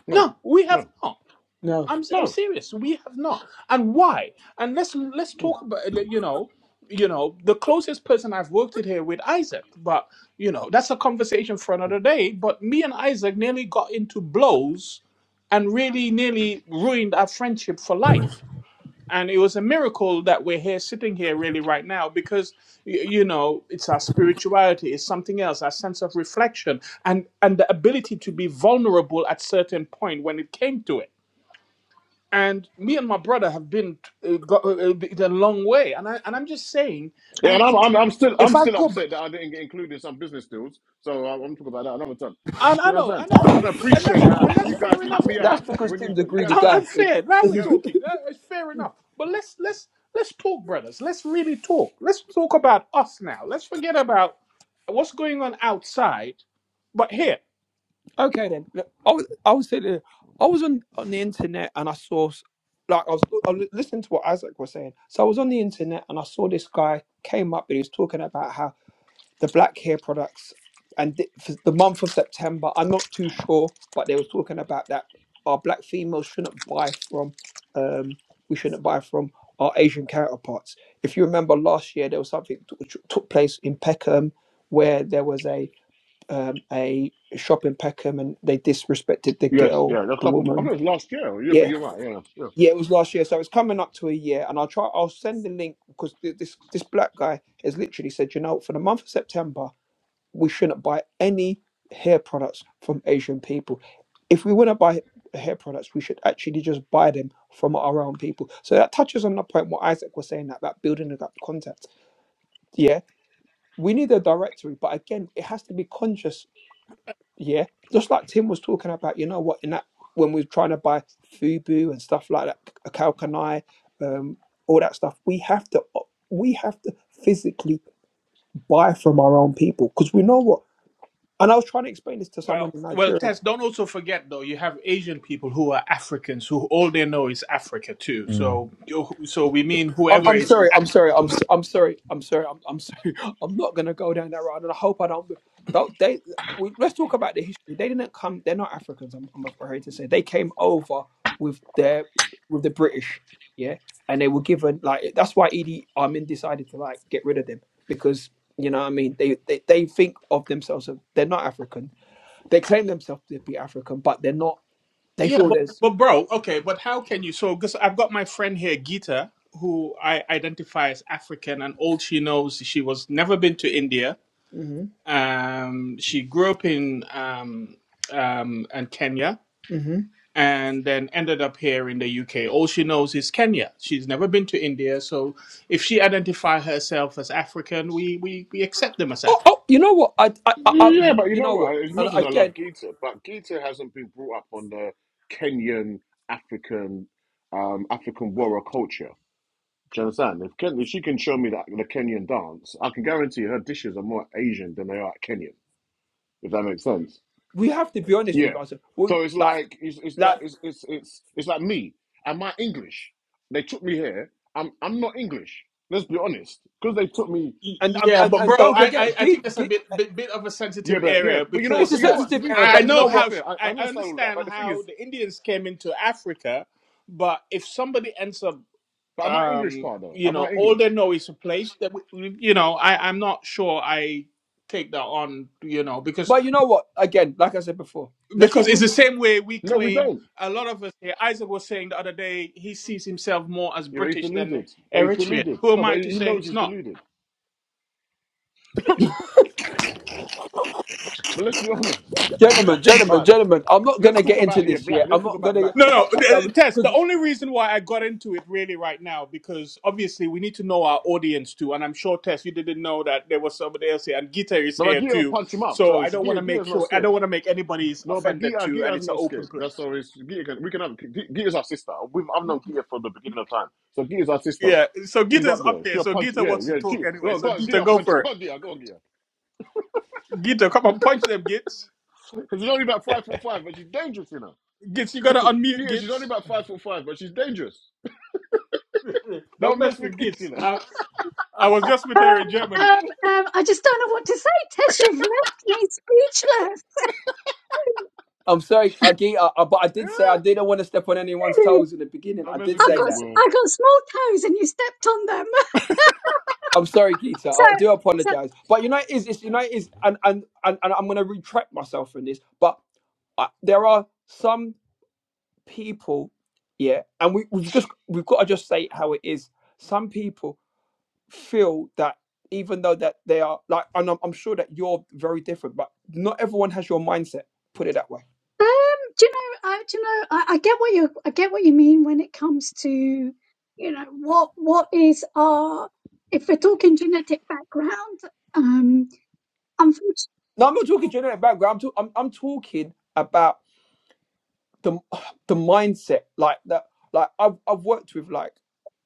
Speaker 3: No,
Speaker 2: no we
Speaker 3: no,
Speaker 2: have not
Speaker 4: no.
Speaker 2: I'm I'm
Speaker 3: no.
Speaker 2: serious. We have not, and why? And let's let's talk about like, you know, you know, the closest person I've worked it here with Isaac, but you know, that's a conversation for another day. But me and Isaac nearly got into blows, and really nearly ruined our friendship for
Speaker 3: Mm.
Speaker 2: life. And it was a miracle that we're here, sitting here, really right now, because y- you know, it's our spirituality, it's something else, our sense of reflection, and and the ability to be vulnerable at certain point when it came to it and me and my brother have been uh, got, uh, uh, a long way and i and i'm just saying
Speaker 3: Yeah, and
Speaker 2: and
Speaker 3: I'm,
Speaker 2: it
Speaker 3: I'm, I'm still,
Speaker 2: if
Speaker 3: I'm
Speaker 2: i
Speaker 3: still
Speaker 2: could
Speaker 3: upset that I didn't get included in some business deals. So I'm, I'm talking about that another time.
Speaker 2: and
Speaker 3: Do
Speaker 2: i
Speaker 3: you
Speaker 2: know i
Speaker 3: understand?
Speaker 2: know
Speaker 3: Because I don't
Speaker 2: yes, and that's
Speaker 3: appreciate how
Speaker 2: and that's
Speaker 3: you guys
Speaker 2: fair
Speaker 3: cut
Speaker 2: enough
Speaker 3: me
Speaker 2: tim
Speaker 4: That's
Speaker 3: out
Speaker 2: i'm,
Speaker 4: because
Speaker 3: when you,
Speaker 4: Tim's a
Speaker 3: you
Speaker 4: greedy
Speaker 2: I-
Speaker 3: understand?
Speaker 2: I'm
Speaker 4: guy. It,
Speaker 2: fair now
Speaker 3: You
Speaker 2: we're
Speaker 3: hear me?
Speaker 2: talking That is fair enough but let's let's let's talk brothers let's really talk let's talk about us now let's forget about what's going on outside but here
Speaker 4: okay then. Look, I was I was sitting there- I was on on the internet and I saw s- like I was, I was listening to what Isaac was saying. So I was on the internet and I saw this guy came up and he was talking about how the black hair products and th- for the month of september i'm not too sure but they were talking about that our black females shouldn't buy from um we shouldn't buy from our asian counterparts if you remember last year there was something t- which took place in peckham where there was a um a shop in peckham and they disrespected the
Speaker 3: Yes, yeah.
Speaker 4: girl
Speaker 3: There's a
Speaker 4: the
Speaker 3: couple. I think
Speaker 4: woman
Speaker 3: it was last year. Yeah, but
Speaker 4: yeah
Speaker 3: you're right. Yeah, yeah.
Speaker 4: yeah it was last year so it's coming up to a year and i'll try i'll send the link because th- this this black guy has literally said you know for the month of september we shouldn't buy any hair products from Asian people. If we want to buy hair products, we should actually just buy them from our own people. So that touches on the point what Isaac was saying about building up contact. Yeah, we need a directory, but again, it has to be conscious. Yeah, just like Tim was talking about, you know what, in that when we're trying to buy Fubu and stuff like that, a Kalkanai, um, all that stuff, we have to we have to physically buy from our own people because we know what and I was trying to explain this to someone
Speaker 2: well
Speaker 4: in
Speaker 2: well
Speaker 4: Nigeria.
Speaker 2: tess don't also forget though you have asian people who are africans who all they know is africa too
Speaker 1: Mm.
Speaker 2: so you- so we mean
Speaker 4: I'm,
Speaker 2: whoever
Speaker 4: I'm
Speaker 2: is
Speaker 4: sorry. I'm sorry. I'm s- I'm sorry. I'm sorry. I'm, I'm sorry. I'm not gonna go down that road, and I hope I don't. Don't they? We, let's talk about the history. They didn't come. They're not Africans. I'm, I'm afraid to say they came over with their with the British. Yeah, and they were given like that's why Edie Armin decided to like get rid of them because you know what I mean they they, they think of themselves as they're not African. They claim themselves to be African, but they're not. They
Speaker 2: Yeah,
Speaker 4: feel
Speaker 2: but
Speaker 4: there's.
Speaker 2: but bro, okay, but how can you? So, because I've got my friend here, Geeta, who I identify as African, and all she knows, she was never been to India.
Speaker 4: Mhm,
Speaker 2: Um, she grew up in um, um, in Kenya,
Speaker 4: mhm.
Speaker 2: and then ended up here in the UK. All she knows is Kenya. She's never been to India, so if she identify herself as African, we we we accept them as
Speaker 4: Oh, oh, you know what? I, I, I, I,
Speaker 3: Yeah, but you
Speaker 4: you
Speaker 3: know
Speaker 4: know what?
Speaker 3: what? As
Speaker 4: And
Speaker 3: much as I love
Speaker 4: again,
Speaker 3: Gita, but Gita hasn't been brought up on the Kenyan African, um, African warrior culture. Do you understand? If, Ken, if she can show me that the Kenyan dance, I can guarantee her dishes are more Asian than they are Kenyan. If that makes sense.
Speaker 4: we have to be honest
Speaker 3: Yeah.
Speaker 4: with ourselves. We,
Speaker 3: So it's
Speaker 4: like,
Speaker 3: like it's it's that
Speaker 4: like,
Speaker 3: it's it's it's, it's like me and my English. They took me here. I'm I'm not English. Let's be honest. Because they took me.
Speaker 4: and, and
Speaker 2: Yeah,
Speaker 4: and
Speaker 2: but
Speaker 4: and
Speaker 2: bro,
Speaker 4: don't
Speaker 2: I,
Speaker 4: forget,
Speaker 2: I, I
Speaker 4: G,
Speaker 2: think that's a
Speaker 4: G,
Speaker 2: bit, bit bit of a
Speaker 3: Yeah,
Speaker 2: sensitive
Speaker 3: but yeah,
Speaker 2: area
Speaker 3: but you know what?
Speaker 4: it's a
Speaker 2: because
Speaker 3: But you know
Speaker 2: uh,
Speaker 3: what? To
Speaker 4: sensitive
Speaker 3: be
Speaker 4: area.
Speaker 2: I I
Speaker 4: But
Speaker 3: fair,
Speaker 4: you
Speaker 3: to
Speaker 2: know
Speaker 4: know
Speaker 3: be
Speaker 4: what?
Speaker 2: how sh
Speaker 3: fair, I, I
Speaker 2: I I
Speaker 3: understand all of that.
Speaker 2: understand
Speaker 3: But the thing
Speaker 2: how
Speaker 3: is,
Speaker 2: the Indians came into Africa, but if somebody ends up,
Speaker 3: but am I English,
Speaker 2: um,
Speaker 3: part though?
Speaker 2: you
Speaker 3: Am I
Speaker 2: know, all
Speaker 3: English?
Speaker 2: they know is a place that we, we- you know, I I'm not sure I take that on, you know, because
Speaker 4: But you know what? Again, like I said before, let's just
Speaker 2: because it's the
Speaker 4: remove,
Speaker 2: same way we
Speaker 3: No, we
Speaker 2: claim
Speaker 3: don't.
Speaker 2: a lot of us here. Isaac was saying the other day he sees himself more as
Speaker 3: You know, he's
Speaker 2: British than
Speaker 3: deluded. But he's
Speaker 2: Eritrean.
Speaker 3: deluded.
Speaker 2: Who
Speaker 3: No,
Speaker 2: am
Speaker 3: but
Speaker 2: I
Speaker 3: he
Speaker 2: to say
Speaker 3: knows
Speaker 2: he's
Speaker 3: he's
Speaker 2: not?
Speaker 3: deluded. But let's be honest.
Speaker 4: gentlemen,
Speaker 3: All
Speaker 4: gentlemen,
Speaker 3: right.
Speaker 4: gentlemen. I'm not
Speaker 3: Let's
Speaker 4: gonna
Speaker 3: talk
Speaker 4: get into
Speaker 3: about yeah,
Speaker 4: this
Speaker 3: black.
Speaker 4: yet.
Speaker 3: Let's
Speaker 4: I'm
Speaker 3: talk
Speaker 4: not
Speaker 3: about
Speaker 4: gonna,
Speaker 3: black
Speaker 2: No,
Speaker 3: mom.
Speaker 2: no, uh, Tess.
Speaker 4: because
Speaker 2: The only reason why I got into it really right now because obviously we need to know our audience too, and I'm sure Tess, you didn't know that there was somebody else here, and Gita is
Speaker 3: No, but
Speaker 2: here
Speaker 3: Gia will
Speaker 2: too.
Speaker 3: punch him up.
Speaker 2: So
Speaker 3: So
Speaker 2: I
Speaker 3: she-
Speaker 2: don't want
Speaker 3: Gia,
Speaker 2: to make
Speaker 3: Gia's not
Speaker 2: sure I
Speaker 3: scared.
Speaker 2: don't want to make anybody's
Speaker 3: No, but
Speaker 2: offended
Speaker 3: Gia,
Speaker 2: too, and
Speaker 3: Gia's
Speaker 2: it's an
Speaker 3: not
Speaker 2: open
Speaker 3: scared.
Speaker 2: play.
Speaker 3: That's so it's Gia can, we can have Gia- Gia's our sister. We've, I've known Gia from the beginning of time. So Gia's our sister.
Speaker 2: Yeah. So
Speaker 3: She's
Speaker 2: Gita's
Speaker 3: up there.
Speaker 2: up here,
Speaker 3: She'll
Speaker 2: so
Speaker 3: punch.
Speaker 2: Gita
Speaker 3: Yeah,
Speaker 2: wants to
Speaker 3: yeah.
Speaker 2: talk
Speaker 3: She,
Speaker 2: anyway.
Speaker 3: no,
Speaker 2: So
Speaker 3: go on,
Speaker 2: Gita,
Speaker 3: Gia,
Speaker 2: go
Speaker 3: punch him.
Speaker 2: for
Speaker 3: up. Go
Speaker 2: it.
Speaker 3: on, Gia, go on, Gia.
Speaker 2: Gita, come on, punch them, Gits.
Speaker 3: Because she's only about five foot five, but she's dangerous, you know.
Speaker 2: Gits, you gotta unmute,
Speaker 3: Gia, she's only
Speaker 2: Gits.
Speaker 3: about five foot five, but she's dangerous.
Speaker 2: don't
Speaker 3: Don't mess
Speaker 2: mess
Speaker 3: with
Speaker 2: with
Speaker 3: geese, you
Speaker 2: Gits.
Speaker 3: know.
Speaker 2: I, I was just with her
Speaker 5: Um,
Speaker 2: in Germany.
Speaker 5: um, um, I just don't know what to say, Tess. You've left me speechless.
Speaker 4: I'm sorry, uh, Geeta, uh, but I did say I
Speaker 3: Yeah,
Speaker 4: didn't want to step on anyone's toes
Speaker 5: I
Speaker 4: in the beginning.
Speaker 3: don't
Speaker 4: I
Speaker 3: mess
Speaker 4: did
Speaker 3: with
Speaker 4: say
Speaker 3: geese,
Speaker 5: got,
Speaker 4: that.
Speaker 3: boy.
Speaker 5: I got small toes, and you stepped on them.
Speaker 4: I'm sorry,
Speaker 5: So,
Speaker 4: Geeta. I do
Speaker 5: so,
Speaker 4: apologize. But you know it is, it's, you know it is, and and and, and I'm going to retract myself from this. But uh, there are some. people, yeah, and we, we've just we've got to just say it how it is. Some people feel that even though that they are like, and I'm, I'm sure that you're very different, but not everyone has your mindset. Put it that way.
Speaker 5: um, do you know? I, do you know? I, I get what you, I get what you mean when it comes to, you know, what, what is our, if we're talking genetic background, um, unfortunately,
Speaker 4: No, I'm not talking generic background. I'm, talk- I'm, I'm talking about the the mindset like that like I've I've worked with like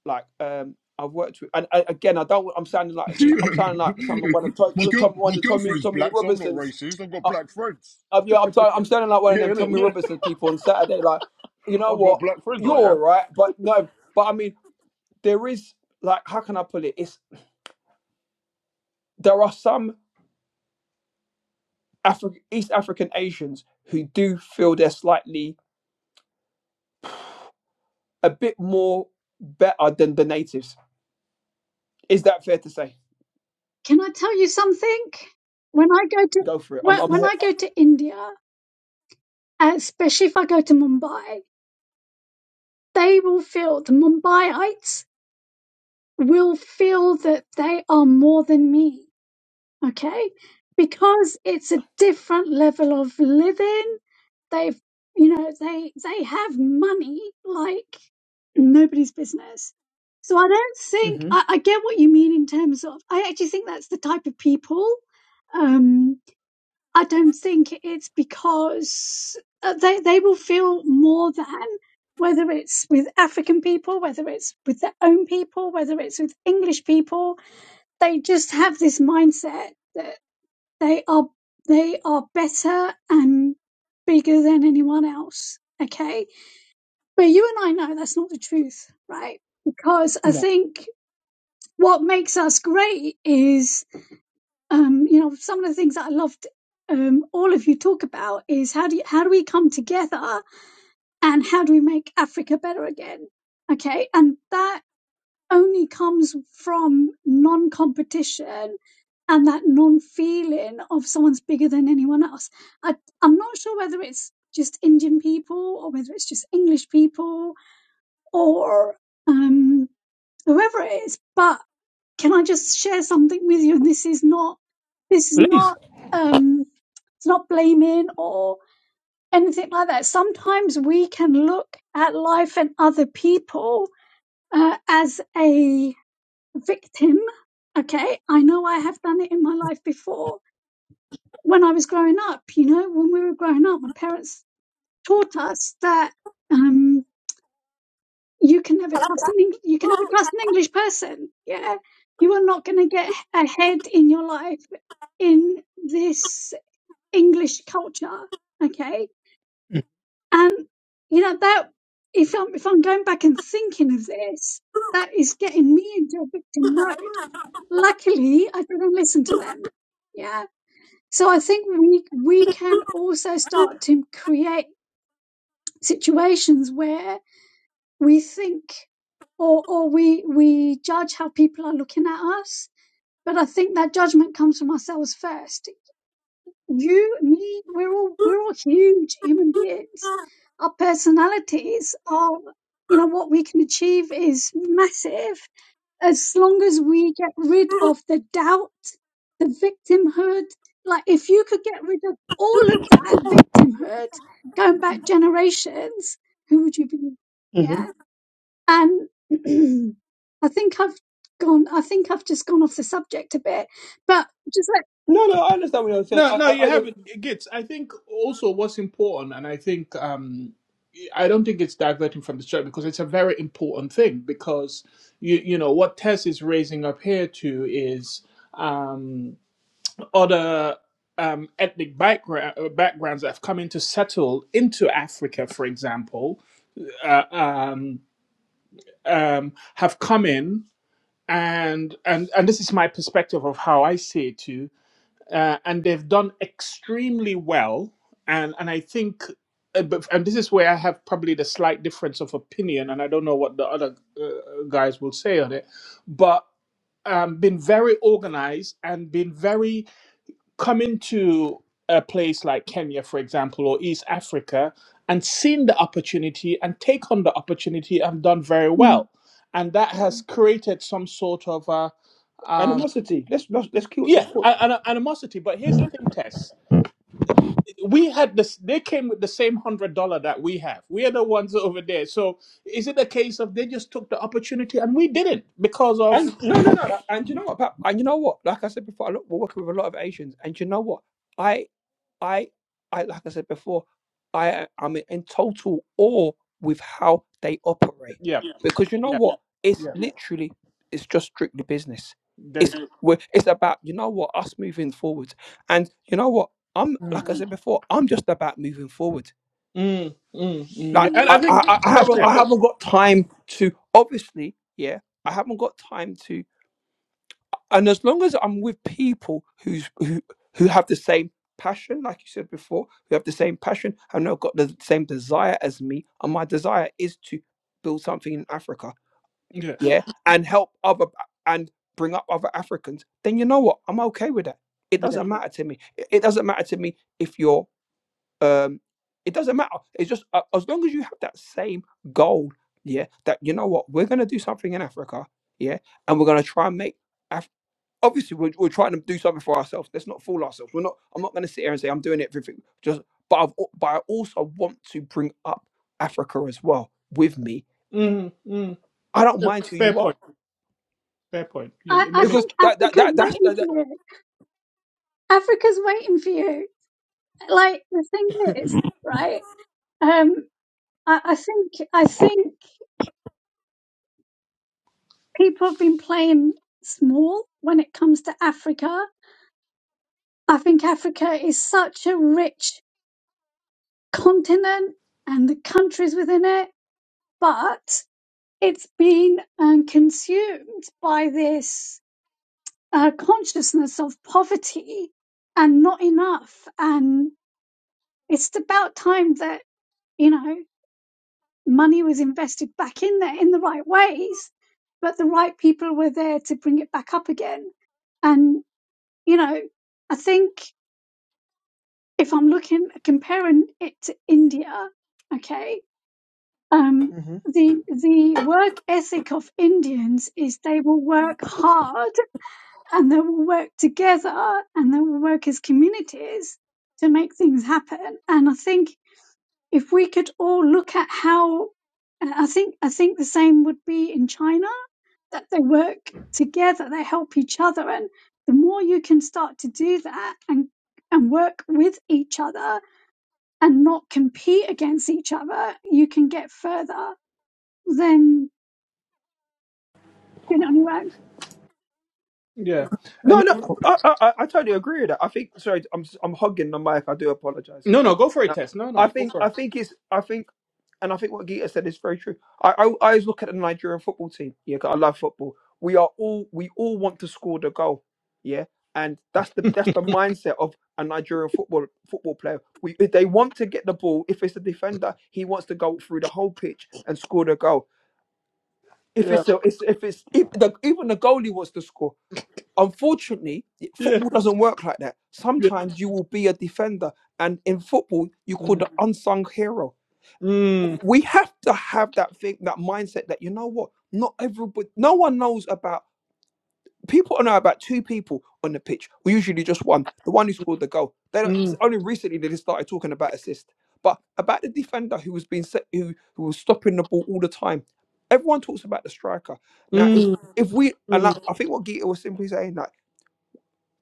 Speaker 4: like um I've worked with and, and again I don't I'm sounding like
Speaker 3: Do
Speaker 4: I'm sounding like someone one of
Speaker 3: you-
Speaker 4: Tom
Speaker 3: my girl,
Speaker 4: Tom-
Speaker 3: my
Speaker 4: one of Tommy
Speaker 3: girlfriend's
Speaker 4: Tommy
Speaker 3: black, so I'm not
Speaker 4: Robinson's
Speaker 3: racist. I've got
Speaker 4: uh,
Speaker 3: black friends.
Speaker 4: uh, yeah I'm sorry I'm sounding like one of
Speaker 3: Yeah,
Speaker 4: them
Speaker 3: innit?
Speaker 4: Tommy
Speaker 3: Yeah,
Speaker 4: Robinson people on Saturday like you know
Speaker 3: I've got
Speaker 4: what
Speaker 3: black friends,
Speaker 4: you're
Speaker 3: I
Speaker 4: all
Speaker 3: have.
Speaker 4: right but no but I mean there is like how can I put it it's there are some Afri- East African Asians who do feel they're slightly a bit more better than the natives is that fair to say
Speaker 5: can I tell you something? When I go to,
Speaker 4: Go for it. I'm.
Speaker 5: when,
Speaker 4: I'm here.
Speaker 5: when I go to India, especially if I go to Mumbai, they will feel the Mumbaiites will feel that they are more than me, okay? Because it's a different level of living. They've, you know, they they have money like nobody's business. So I don't think
Speaker 4: hmm
Speaker 5: I, I get what you mean in terms of. I actually think that's the type of people. Um, I don't think it's because uh, they they will feel more than whether it's with African people, whether it's with their own people, whether it's with English people they just have this mindset that they are they are better and bigger than anyone else. Okay. But you and I know that's not the truth, right? Because I
Speaker 4: No,
Speaker 5: think what makes us great is um, you know, some of the things that I loved um, all of you talk about is how do you, how do we come together and how do we make Africa better again? Okay, and that only comes from non competition and that non feeling of someone's bigger than anyone else. I, I'm not sure whether it's just Indian people or whether it's just English people or um, whoever it is, but can I just share something with you? And this is not, this is
Speaker 4: please.
Speaker 5: not, um, it's not blaming or anything like that. Sometimes we can look at life and other people uh, as a victim. Okay. I know I have done it in my life before when I was growing up. You know, when we were growing up, my parents taught us that, um, you can never trust an Eng- you can never trust an English person. Yeah. You are not going to get ahead in your life in this English culture. Okay. And, you know, that if I'm, if I'm going back and thinking of this, that is getting me into a victim mode luckily I didn't listen to them. Yeah. So I think we we can also start to create situations where we think or or we we judge how people are looking at us. But I think that judgment comes from ourselves first. You, me, we're all we're all huge human beings. Our personalities are you know what we can achieve is massive as long as we get rid of the doubt, the victimhood, like if you could get rid of all of that victimhood going back generations, who would you be?
Speaker 4: hmm
Speaker 5: Yeah. And I think I've gone, I think I've just gone off the subject a bit, but just like,
Speaker 4: No, no. I understand what you're saying.
Speaker 2: No,
Speaker 4: I,
Speaker 2: no,
Speaker 4: I,
Speaker 2: you
Speaker 4: I
Speaker 2: haven't. Gits. I think also what's important, and I think um, I don't think it's diverting from the story because it's a very important thing. Because you you know what Tess is raising up here to is um, other um, ethnic background, uh, backgrounds that have come in to settle into Africa, for example, uh, um, um, have come in. And, and and this is my perspective of how I see it too uh, and they've done extremely well. And and I think, uh, but, and this is where I have probably the slight difference of opinion, and I don't know what the other uh, guys will say on it, but um, been very organized and been very coming to a place like Kenya, for example, or East Africa, and seen the opportunity and take on the opportunity and done very
Speaker 5: Mm.
Speaker 2: well, and that has created some sort of a. Um,
Speaker 4: animosity. Let's let's let's kill. Let's
Speaker 2: yeah,
Speaker 4: kill.
Speaker 2: a- an animosity. But here's the thing, Tess we had this they came with the same hundred dollar that we have we are the ones over there so is it a case of they just took the opportunity and we didn't because of
Speaker 4: And no, no, no. no. And you know what? Pat? And you know what? Like I said before, I look, we're working with a lot of Asians. And you know what? I, I like I said before, I am in total awe with how they operate
Speaker 2: yeah
Speaker 4: Yeah. because you know
Speaker 2: yeah
Speaker 4: what? It's
Speaker 2: yeah
Speaker 4: Yeah. literally it's just strictly business.
Speaker 2: the,
Speaker 4: It's Yeah. we're, it's about you know what us moving forward, and you know what I'm
Speaker 2: mm,
Speaker 4: like I said Mhm. before, I'm just about moving forward.
Speaker 2: mm, mm, mm,
Speaker 4: Like
Speaker 2: yeah
Speaker 4: Mhm.
Speaker 2: and
Speaker 4: I,
Speaker 2: i think
Speaker 4: I I
Speaker 2: that's
Speaker 4: haven't I
Speaker 2: it
Speaker 4: haven't got time to obviously yeah I haven't got time to and as long as I'm with people who's who who have the same passion, like you said before, who have the same passion and have not got the same desire as me, and my desire is to build something in Africa,
Speaker 2: yeah
Speaker 4: yeah, and help other and bring up other Africans, then you know what? I'm okay with that. It
Speaker 2: yeah
Speaker 4: doesn't matter to me. It it doesn't matter to me if you're um. It doesn't matter. It's just uh, as long as you have that same goal, yeah. That you know what we're gonna do something in Africa, yeah, and we're gonna try and make. Af- obviously we're, we're trying to do something for ourselves. Let's not fool ourselves. We're not. I'm not going to sit here and say I'm doing everything. Just, but I've, al- but I also want to bring up Africa as well with me.
Speaker 2: mm, mm,
Speaker 4: I don't
Speaker 2: Yeah,
Speaker 4: mind who
Speaker 2: fair
Speaker 4: you are
Speaker 2: point fair point yeah,
Speaker 5: I,
Speaker 2: ma-
Speaker 5: I
Speaker 2: ma- ma-
Speaker 4: because
Speaker 5: think
Speaker 4: that that
Speaker 5: Africa's
Speaker 4: that that's
Speaker 5: waiting
Speaker 4: that, that
Speaker 5: for you. Africa's waiting for you. Like the thing is, right? Um, I, I think, I think people have been playing small when it comes to Africa. I think Africa is such a rich continent and the countries within it, but it's been um, consumed by this uh, consciousness of poverty and not enough. And it's about time that, you know, money was invested back in there in the right ways, but the right people were there to bring it back up again. And, you know, I think if I'm looking comparing it to India, okay, um,
Speaker 4: hmm
Speaker 5: the the work ethic of Indians is they will work hard and they will work together and they will work as communities to make things happen. And I think if we could all look at how, and I think I think the same would be in China that they work together, they help each other, and the more you can start to do that and and work with each other and not compete against each other, you can get further than doing it on your own.
Speaker 2: yeah. and
Speaker 4: No,
Speaker 2: you,
Speaker 4: no, I, I, I I totally agree with that. I think sorry, I'm I'm hogging the mic. I do apologize.
Speaker 2: no no go for it
Speaker 4: No,
Speaker 2: test no
Speaker 4: I
Speaker 2: no go
Speaker 4: think I
Speaker 2: for it
Speaker 4: think it's I think. And I think what Gita said is very true. I, I, I always look at the Nigerian football team. Yeah, 'cause I love football. We are all we all want to score the goal. Yeah, and that's the that's the mindset of a Nigerian football football player. We if they want to get the ball. If it's a defender, he wants to go through the whole pitch and score the goal. If
Speaker 2: yeah
Speaker 4: it's a, it's, if it's if the, even the goalie wants to score. Unfortunately,
Speaker 2: yeah
Speaker 4: football doesn't work like that.
Speaker 2: yeah
Speaker 4: Sometimes you will be a defender, and in football, you call
Speaker 2: mm,
Speaker 4: the unsung hero
Speaker 2: mm,
Speaker 4: we have to have that thing, that mindset that you know what, not everybody, no one knows about. People know about two people on the pitch. We usually just one, the one who scored the goal. They don't, it's
Speaker 2: mm,
Speaker 4: only recently they just started talking about assist, but about the defender who was being set, who who was stopping the ball all the time. Everyone talks about the striker. Now, if
Speaker 2: mm,
Speaker 4: if we and I,
Speaker 2: mm.
Speaker 4: I think what Gita was simply saying like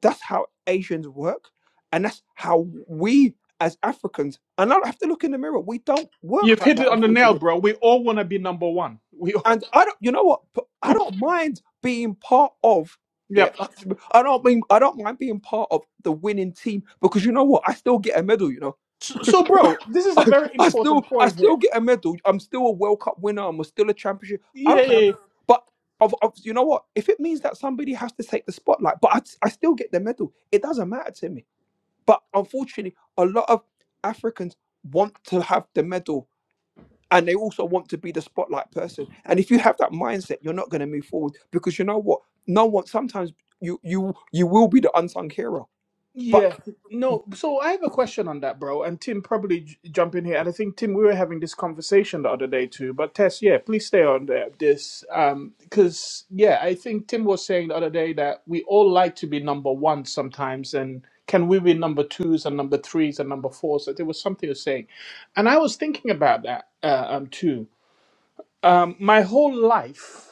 Speaker 4: that's how Asians work, and that's how we as Africans. And I have to look in the mirror. We don't work
Speaker 2: you've
Speaker 4: like
Speaker 2: hit
Speaker 4: that,
Speaker 2: it on the nail
Speaker 4: unfortunately.
Speaker 2: bro we all want to be number one we all,
Speaker 4: and I don't, you know what? P- I don't mind being part of. Yeah,
Speaker 2: Yep.
Speaker 4: like, I don't mean I don't mind being part of the winning team because you know what? I still get a medal. You know,
Speaker 2: So, so, bro, this is a
Speaker 4: I,
Speaker 2: very
Speaker 4: I still
Speaker 2: important
Speaker 4: I
Speaker 2: point here.
Speaker 4: still get a medal. I'm still a World Cup winner. I'm still a championship. I don't know,
Speaker 2: Yeah,
Speaker 4: but of, of you know what? If it means that somebody has to take the spotlight, but I, I still get the medal. It doesn't matter to me. But unfortunately, a lot of Africans want to have the medal and they also want to be the spotlight person. And if you have that mindset, you're not going to move forward because you know what? No one. Sometimes you you you will be the unsung hero, but
Speaker 2: yeah. No, so I have a question on that, bro. And Tim probably j- jump in here. And I think Tim, we were having this conversation the other day too. But Tess, yeah, please stay on there. This, um, because yeah, I think Tim was saying the other day that we all like to be number one sometimes, and can we be number twos and number threes and number fours? That there was something you're saying, and I was thinking about that uh, um too. Um, my whole life.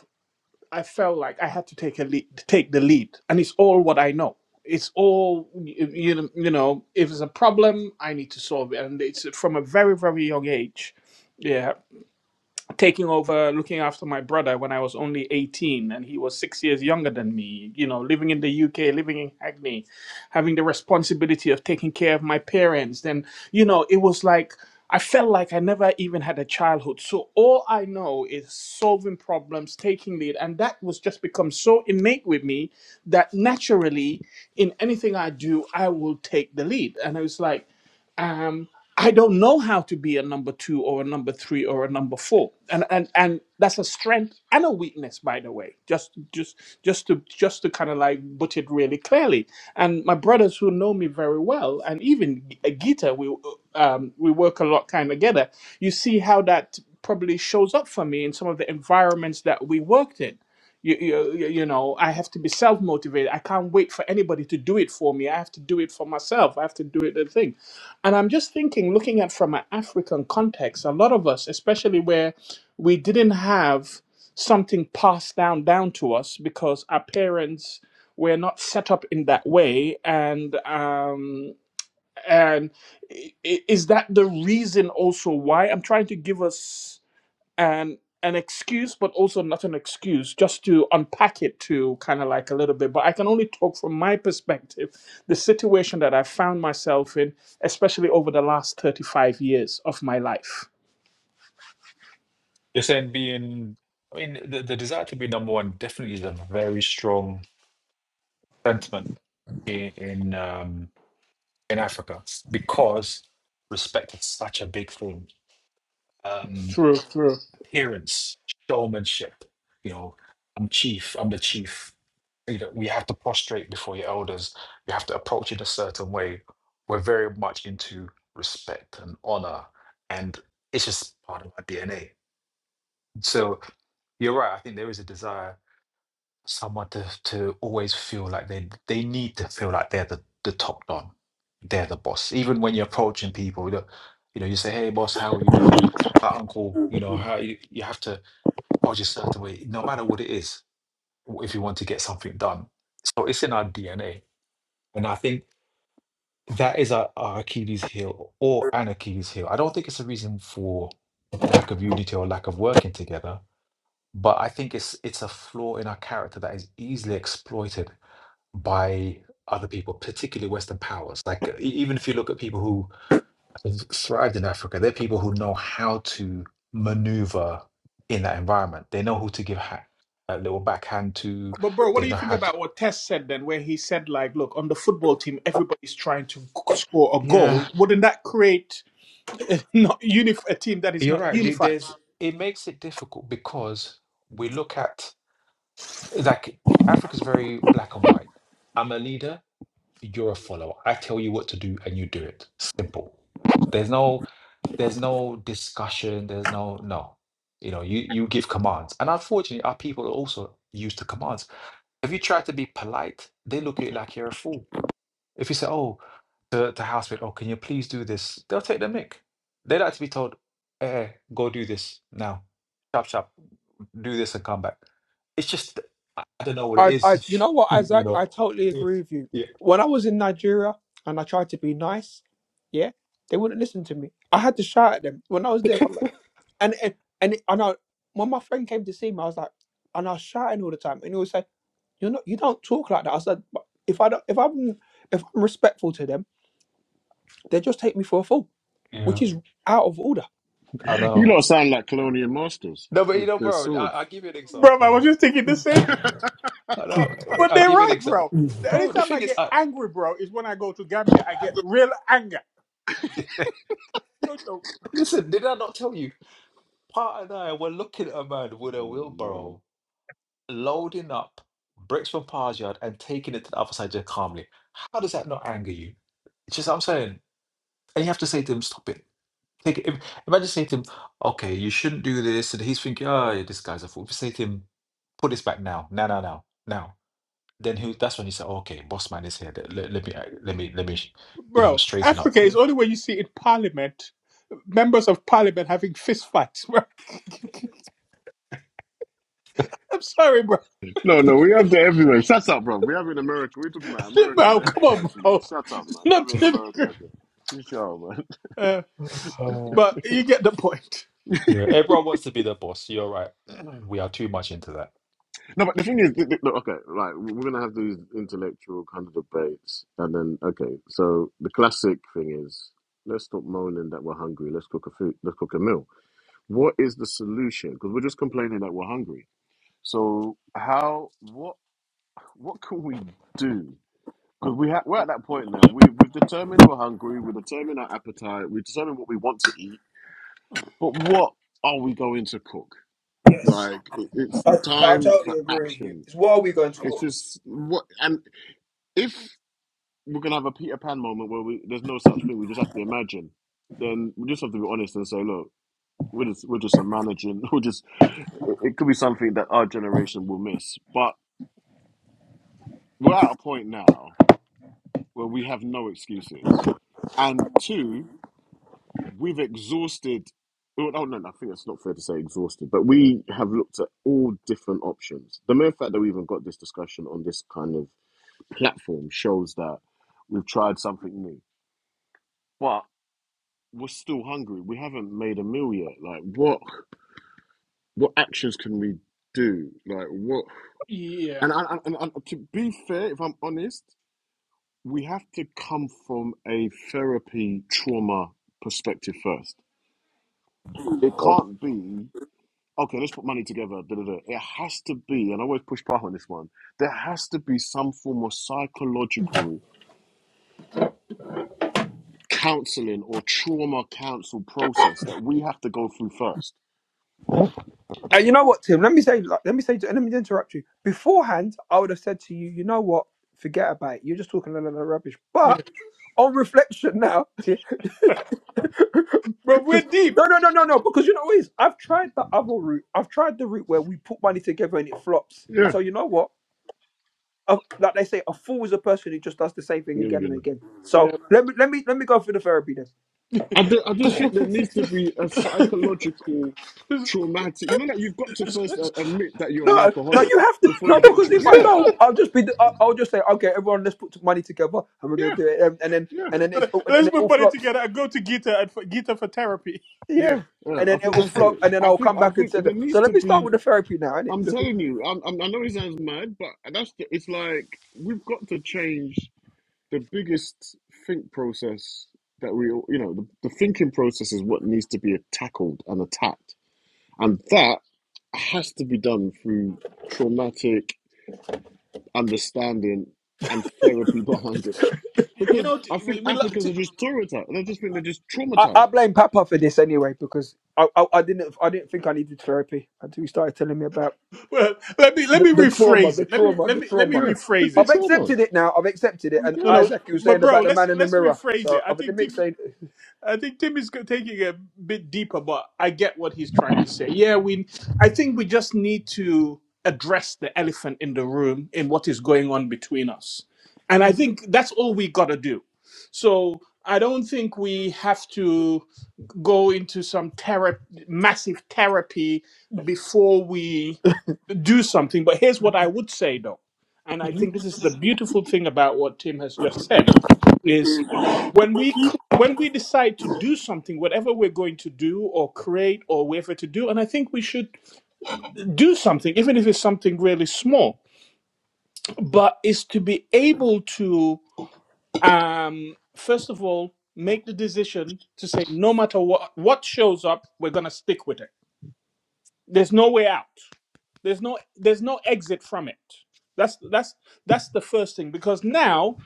Speaker 2: I felt like I had to take a lead, take the lead, and it's all what I know. It's all you, you know. you know. If it's a problem, I need to solve it, and it's from a very very young age. Yeah, taking over looking after my brother when I was only 18 and he was six years younger than me, you know, living in the UK, living in Hackney, having the responsibility of taking care of my parents. Then, you know, it was like I felt like I never even had a childhood. So all I know is solving problems, taking lead. And that was just become so innate with me that naturally in anything I do, I will take the lead. And I was like, um. I don't know how to be a number two or a number three or a number four, and and and that's a strength and a weakness, by the way. Just just just to just to kind of like put it really clearly. And my brothers who know me very well, and even G- uh, Gita, we uh, um, we work a lot kind of together. You see how that probably shows up for me in some of the environments that we worked in. You, you, you you know, I have to be self motivated. I can't wait for anybody to do it for me. I have to do it for myself. I have to do it the thing and I'm just thinking, looking at from an African context, a lot of us, especially where we didn't have something passed down down to us because our parents were not set up in that way, and um, and i- i- is that the reason also why I'm trying to give us and an excuse, but also not an excuse, just to unpack it to kind of like a little bit. But I can only talk from my perspective, the situation that I found myself in, especially over the last 35 years of my life.
Speaker 1: You're saying being, I mean, the, the desire to be number one definitely is a very strong sentiment in in, um, in Africa because respect is such a big thing. Um,
Speaker 2: True, true.
Speaker 1: appearance, showmanship. You know, I'm chief. I'm the chief. You know, we have to prostrate before your elders. You have to approach it a certain way. We're very much into respect and honor, and it's just part of our DNA. So you're right. I think there is a desire someone to, to always feel like they they need to feel like they're the, the top dog they're the boss even when you're approaching people you know, you know you say hey boss how you do how uncle you know how you, you have to approach a certain way no matter what it is w- if you want to get something done so it's in our dna and i think that is our, our achilles heel or an achilles heel i don't think it's a reason for lack of unity or lack of working together but i think it's it's a flaw in our character that is easily exploited by other people, particularly Western powers. Like e- even if you look at people who have thrived in Africa, they're people who know how to maneuver in that environment. They know who to give ha- a little backhand to.
Speaker 2: But, bro, what
Speaker 1: They
Speaker 2: do you
Speaker 1: know
Speaker 2: think
Speaker 1: how to.
Speaker 2: about what Tess said then, where he said, like, look, on the football team, everybody's trying to score a goal?
Speaker 1: Yeah,
Speaker 2: Wouldn't that create a, not unif- a team that is
Speaker 1: you're
Speaker 2: not
Speaker 1: right. There-
Speaker 2: unified?
Speaker 1: There's it makes it difficult because we look at like Africa's very black and white. I'm a leader. You're a follower. I tell you what to do and you do it. Simple. There's no there's no discussion there's no no you know you you give commands and unfortunately our people are also used to commands if you try to be polite they look at you like you're a fool if you say oh to, to housemate oh can you please do this they'll take the mic they like to be told eh eh, go do this now chop chop do this and come back it's just i I don't know what it
Speaker 4: I, I, you
Speaker 1: is
Speaker 4: know what,
Speaker 1: you
Speaker 4: Isaac?
Speaker 1: know
Speaker 4: I totally agree with you.
Speaker 1: yeah
Speaker 4: When I was in Nigeria and I tried to be nice, yeah, they wouldn't listen to me. I had to shout at them when I was there. For, like- and and and I know when my friend came to see me, I was like, and I was shouting all the time, and he was. You're not. You don't talk like that." I said, "But "If I don't, if I'm if I'm respectful to them, they just take me for a fool,
Speaker 1: yeah
Speaker 4: which is out of order."
Speaker 1: i
Speaker 3: You
Speaker 1: know
Speaker 3: lot sound like colonial masters
Speaker 1: no but you
Speaker 3: with
Speaker 1: know
Speaker 3: their
Speaker 1: bro I,
Speaker 3: swords.
Speaker 1: i'll give you an
Speaker 2: Bro,
Speaker 1: example
Speaker 2: I
Speaker 1: yeah.
Speaker 2: was just thinking the same
Speaker 1: I know. eh,
Speaker 2: But
Speaker 1: I'll
Speaker 2: they're
Speaker 1: give you an
Speaker 2: right,
Speaker 1: example.
Speaker 2: bro.
Speaker 4: Mm.
Speaker 2: The only
Speaker 1: Bro, the
Speaker 2: time I
Speaker 1: thing is,
Speaker 2: get
Speaker 1: I
Speaker 2: angry, bro, is when I go to Gambia. I get real anger. Also,
Speaker 1: listen, did I not tell you? Part and I were looking at a man with
Speaker 3: Oh,
Speaker 1: a
Speaker 3: no.
Speaker 1: wheelbarrow loading up bricks from Par's yard and taking it to the other side just calmly. How does that not anger you? It's just I'm saying, and you have to say to him, "Stop it." Take it. If, imagine saying to him, "Okay, you shouldn't do this," and he's thinking, "Oh, yeah, this guy's a fool." If you say to him, "Put this back now, now, now, now, now," then he, that's when you say, "Okay, boss man is here. Let, let, me, uh, let me, let me, you know,
Speaker 2: Bro,
Speaker 1: straighten up."
Speaker 2: Africa is
Speaker 1: Yeah.
Speaker 2: only when you see in parliament, members of parliament having fist fights, bro. I'm sorry, bro.
Speaker 3: no, no, we have that everywhere. Shut up, bro. We have it in America. We're talking about America. They
Speaker 2: Bro,
Speaker 3: have
Speaker 2: come on,
Speaker 3: fights, man.
Speaker 2: bro.
Speaker 3: Shut up, man. They have
Speaker 2: Not
Speaker 3: it
Speaker 2: to
Speaker 3: in
Speaker 2: the
Speaker 3: America
Speaker 2: degree.
Speaker 3: as well. You shut up, man.
Speaker 2: Uh,
Speaker 1: Oh.
Speaker 2: but you get the point.
Speaker 1: Yeah, everyone wants to be the boss. You're right. We are too much into that.
Speaker 3: No, but the thing is, th- th- look, okay, right. We're going to have these intellectual kind of debates. And then, okay, so the classic thing is let's stop moaning that we're hungry. Let's cook a food. Let's cook a meal. What is the solution? Because we're just complaining that we're hungry. So, how? What? what can we do? Because we ha- we're at that point now. We've we've determined we're hungry. We've determined our appetite. We've determined what we want to eat. But what are we going to cook? Like it, it's
Speaker 4: I, I
Speaker 3: time for
Speaker 4: totally agree with you.
Speaker 3: action.
Speaker 4: It's why are we going to
Speaker 3: It's
Speaker 4: court?
Speaker 3: just what and if we're gonna have a Peter Pan moment where we there's no such thing. We just have to imagine. Then we just have to be honest and say, look, we're just we're just managing. We're just it, it could be something that our generation will miss. But we're at a point now Well, we have no excuses. And two, we've exhausted. Oh, oh, no, no, I think that's not fair to say exhausted, but we have looked at all different options. The mere fact that we even got this discussion on this kind of platform shows that we've tried something new. But we're still hungry. We haven't made a meal yet. Like, what what actions can we do? Like, what?
Speaker 2: Yeah.
Speaker 3: And, I, I- and, and to be fair, if I'm honest, we have to come from a therapy trauma perspective first. It can't be, okay, let's put money together. Da, da, da. It has to be, and I always push back on this one, there has to be some form of psychological counseling or trauma counsel process that we have to go through first.
Speaker 4: And
Speaker 2: Okay.
Speaker 4: you know what, Tim? Let me say, like, let me say, let me interrupt you. Beforehand, I would have said to you, you know what? Forget about it. You're just talking a lot of rubbish.
Speaker 2: Yeah.
Speaker 4: But on reflection now,
Speaker 2: Bro, we're
Speaker 4: because
Speaker 2: deep.
Speaker 4: no, no, no, no, no. Because you know what it is? I've tried the other route. I've tried the route where we put money together and it flops.
Speaker 3: Yeah,
Speaker 4: So you know what? a, like they say, a fool is a person who just does the same thing
Speaker 3: you know,
Speaker 4: again
Speaker 3: you
Speaker 4: and
Speaker 3: know.
Speaker 4: again. So
Speaker 2: Yeah.
Speaker 4: let me let me let me go through the therapy then.
Speaker 3: I, do- I just think there needs to be a
Speaker 2: Let's
Speaker 3: psychological traumatic, you know, that like you've got to first uh, admit that you're an
Speaker 4: No, no,
Speaker 3: alcoholic
Speaker 4: you have to
Speaker 3: before you
Speaker 4: no
Speaker 3: get
Speaker 4: because
Speaker 3: to,
Speaker 4: if I
Speaker 3: yeah,
Speaker 4: don't, I'll just be I'll, I'll just say okay, everyone, let's put money together and we're gonna
Speaker 3: yeah,
Speaker 4: do it, and, and then
Speaker 3: yeah.
Speaker 4: and then it's all- and it all
Speaker 2: put it
Speaker 4: flops.
Speaker 2: together and go to Gita and for, Gita for therapy.
Speaker 3: Yeah,
Speaker 4: Yeah,
Speaker 3: yeah.
Speaker 4: and
Speaker 3: I
Speaker 4: then it
Speaker 3: think
Speaker 4: will
Speaker 3: that's
Speaker 4: flop,
Speaker 3: it.
Speaker 4: and then
Speaker 3: I
Speaker 4: I'll
Speaker 3: think
Speaker 4: come
Speaker 3: I
Speaker 4: back and
Speaker 3: think
Speaker 4: say
Speaker 3: there
Speaker 4: that.
Speaker 3: needs
Speaker 4: So
Speaker 3: to
Speaker 4: let me start
Speaker 3: be.
Speaker 4: with the therapy now, innit?
Speaker 3: I'm
Speaker 4: Because
Speaker 3: telling you. I'm, I'm, I know it sounds mad, but that's the, it's like we've got to change the biggest think process that we all- you know the, the thinking process is what needs to be tackled and attacked, and that has to be done through traumatic understanding and therapy behind it.
Speaker 2: You
Speaker 3: Because
Speaker 2: know,
Speaker 3: I
Speaker 2: t-
Speaker 3: think
Speaker 2: we, we like
Speaker 3: Africans are
Speaker 2: to.
Speaker 3: just traumatized. They just think they're just
Speaker 4: I, I
Speaker 3: traumatized.
Speaker 4: blame Papa for this anyway because I, I I didn't I didn't think I needed therapy until he started telling me about.
Speaker 2: Well, let me let
Speaker 4: the,
Speaker 2: me
Speaker 4: the trauma,
Speaker 2: rephrase
Speaker 4: the
Speaker 2: it. Let me
Speaker 4: trauma,
Speaker 2: let
Speaker 4: the
Speaker 2: me let me
Speaker 4: trauma.
Speaker 3: Yeah, it's
Speaker 2: rephrase
Speaker 3: the
Speaker 4: I've
Speaker 2: it.
Speaker 3: trauma.
Speaker 4: accepted it now. I've accepted it. And
Speaker 2: No,
Speaker 3: Yeah.
Speaker 2: no,
Speaker 4: Isaac, you were
Speaker 2: but
Speaker 4: saying
Speaker 2: bro,
Speaker 4: about the
Speaker 2: let's
Speaker 4: man in the
Speaker 2: let's
Speaker 4: mirror.
Speaker 2: rephrase it.
Speaker 4: So
Speaker 2: I
Speaker 4: I've let
Speaker 2: think
Speaker 4: me
Speaker 2: Tim,
Speaker 4: explain.
Speaker 2: I think Tim is go- taking it a bit deeper, but I get what he's trying to say. Yeah, we. I think we just need to address the elephant in the room in what is going on between us, and I think that's all we gotta do. So. I don't think we have to go into some therap- massive therapy before we do something. But here's what I would say though, and I think this is the beautiful thing about what Tim has just said is when we c- when we decide to do something, whatever we're going to do or create or whatever to do, and I think we should do something, even if it's something really small, but is to be able to um, first of all make the decision to say no matter what what shows up, we're gonna stick with it. There's no way out. There's no there's no exit from it. That's that's that's the first thing because now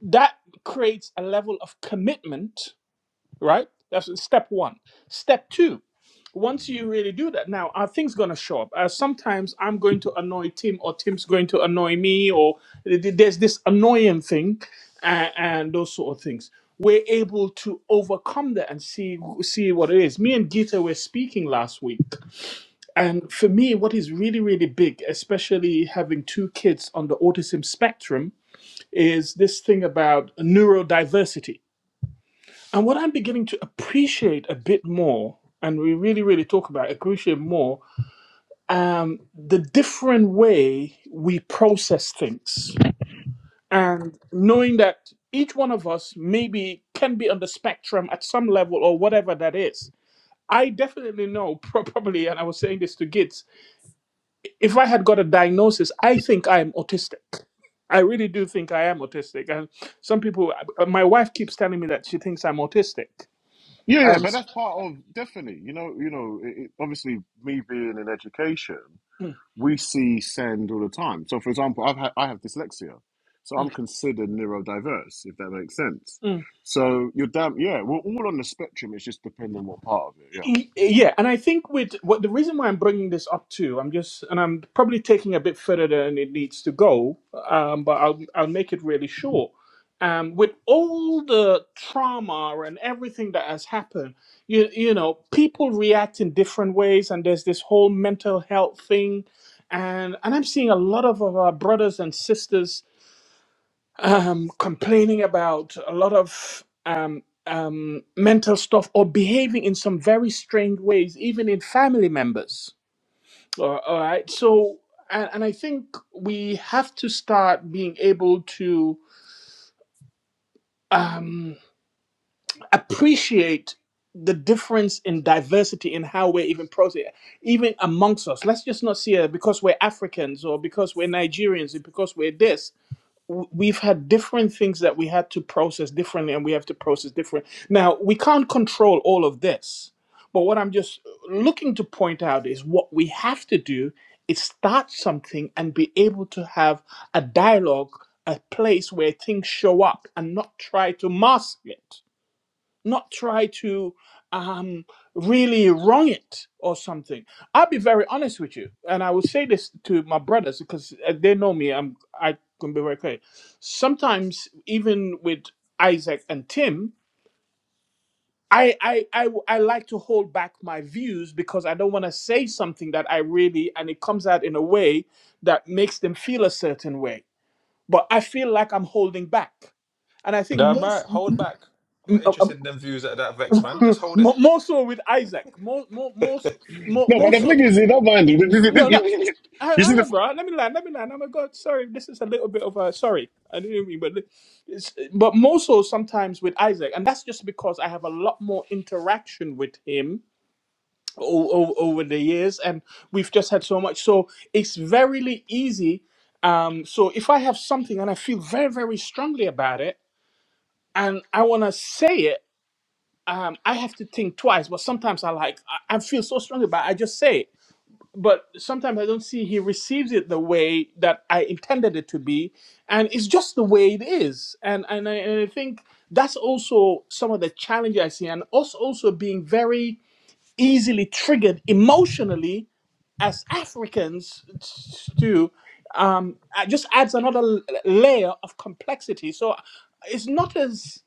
Speaker 2: that creates a level of commitment, right? That's step one. Step two, once you really do that, now are things gonna show up? Uh, sometimes I'm going to annoy Tim, or Tim's going to annoy me, or th- th- there's this annoying thing, uh, and those sort of things. We're able to overcome that and see see what it is. Me and Gita were speaking last week, and for me, what is really, really big, especially having two kids on the autism spectrum, is this thing about neurodiversity. And what I'm beginning to appreciate a bit more, and we really, really talk about appreciate more, um, the different way we process things. And knowing that each one of us maybe can be on the spectrum at some level or whatever that is. I definitely know, pro- probably, and I was saying this to Gitz, if I had got a diagnosis, I think I am autistic. I really do think I am autistic. And some people, uh, my wife keeps telling me that she thinks I'm autistic.
Speaker 3: Yeah, yeah, but that's part of definitely. You know, you know. It, it- obviously, me being in education,
Speaker 2: And
Speaker 3: we see send all the time. So, for example, I've had, I have dyslexia, so I'm considered neurodiverse, if that makes sense. So you're damn yeah. We're all on the spectrum. It's just depending on what part of it. Yeah.
Speaker 2: Y- Yeah, and I think with what the reason why I'm bringing this up too, I'm just and I'm probably taking a bit further than it needs to go, um, but I'll I'll make it really short. Um, with all the trauma and everything that has happened, you you know, people react in different ways, and there's this whole mental health thing, and and I'm seeing a lot of our brothers and sisters um, complaining about a lot of um, um, mental stuff or behaving in some very strange ways, even in family members. All all right. So, and, and I think we have to start being able to um, appreciate the difference in diversity in how we're even processing, even amongst us. Let's just not see it because we're Africans or because we're Nigerians or because we're this. w- we've had different things that we had to process differently and we have to process different now we can't control all of this but what i'm just uh, looking to point out is what we have to do is start something and be able to have a dialogue a place where things show up and not try to mask it not try to um, really wrong it or something. I'll be very honest with you, and I will say this to my brothers because uh, they know me. I'm I can be very clear. Sometimes even with Isaac and Tim. I, I, I, w- I like to hold back my views because I don't want to say something that I really, and it comes out in a way that makes them feel a certain way. But I feel like I'm holding back. And I think
Speaker 1: Damn right.
Speaker 2: most,
Speaker 1: Hold back. I'm not interested in them views at that vex, man. Just
Speaker 2: Mm,
Speaker 1: hold it.
Speaker 2: more so with Isaac. More, more, more, so- more,
Speaker 3: No, but
Speaker 2: more
Speaker 3: the
Speaker 2: so.
Speaker 3: thing is, you don't mind.
Speaker 2: No, no. I,
Speaker 3: You see
Speaker 2: I
Speaker 3: the
Speaker 2: know,
Speaker 3: f-
Speaker 2: bro. Let me land. Let me land. Oh my God. Sorry, this is a little bit of a sorry. I didn't mean, but it's, but more so sometimes with Isaac, and that's just because I have a lot more interaction with him o- o- over the years, and we've just had so much. So it's very easy. Um, so if I have something and I feel very, very strongly about it, and I want to say it um, I have to think twice. But sometimes I like I, I feel so strongly about. It, I just say it. But sometimes I don't see he receives it the way that I intended it to be, and it's just the way it is. And and I, and I think that's also some of the challenge I see, and us also being very easily triggered emotionally as Africans too. Um, uh, just adds another l- layer of complexity. So uh, it's not as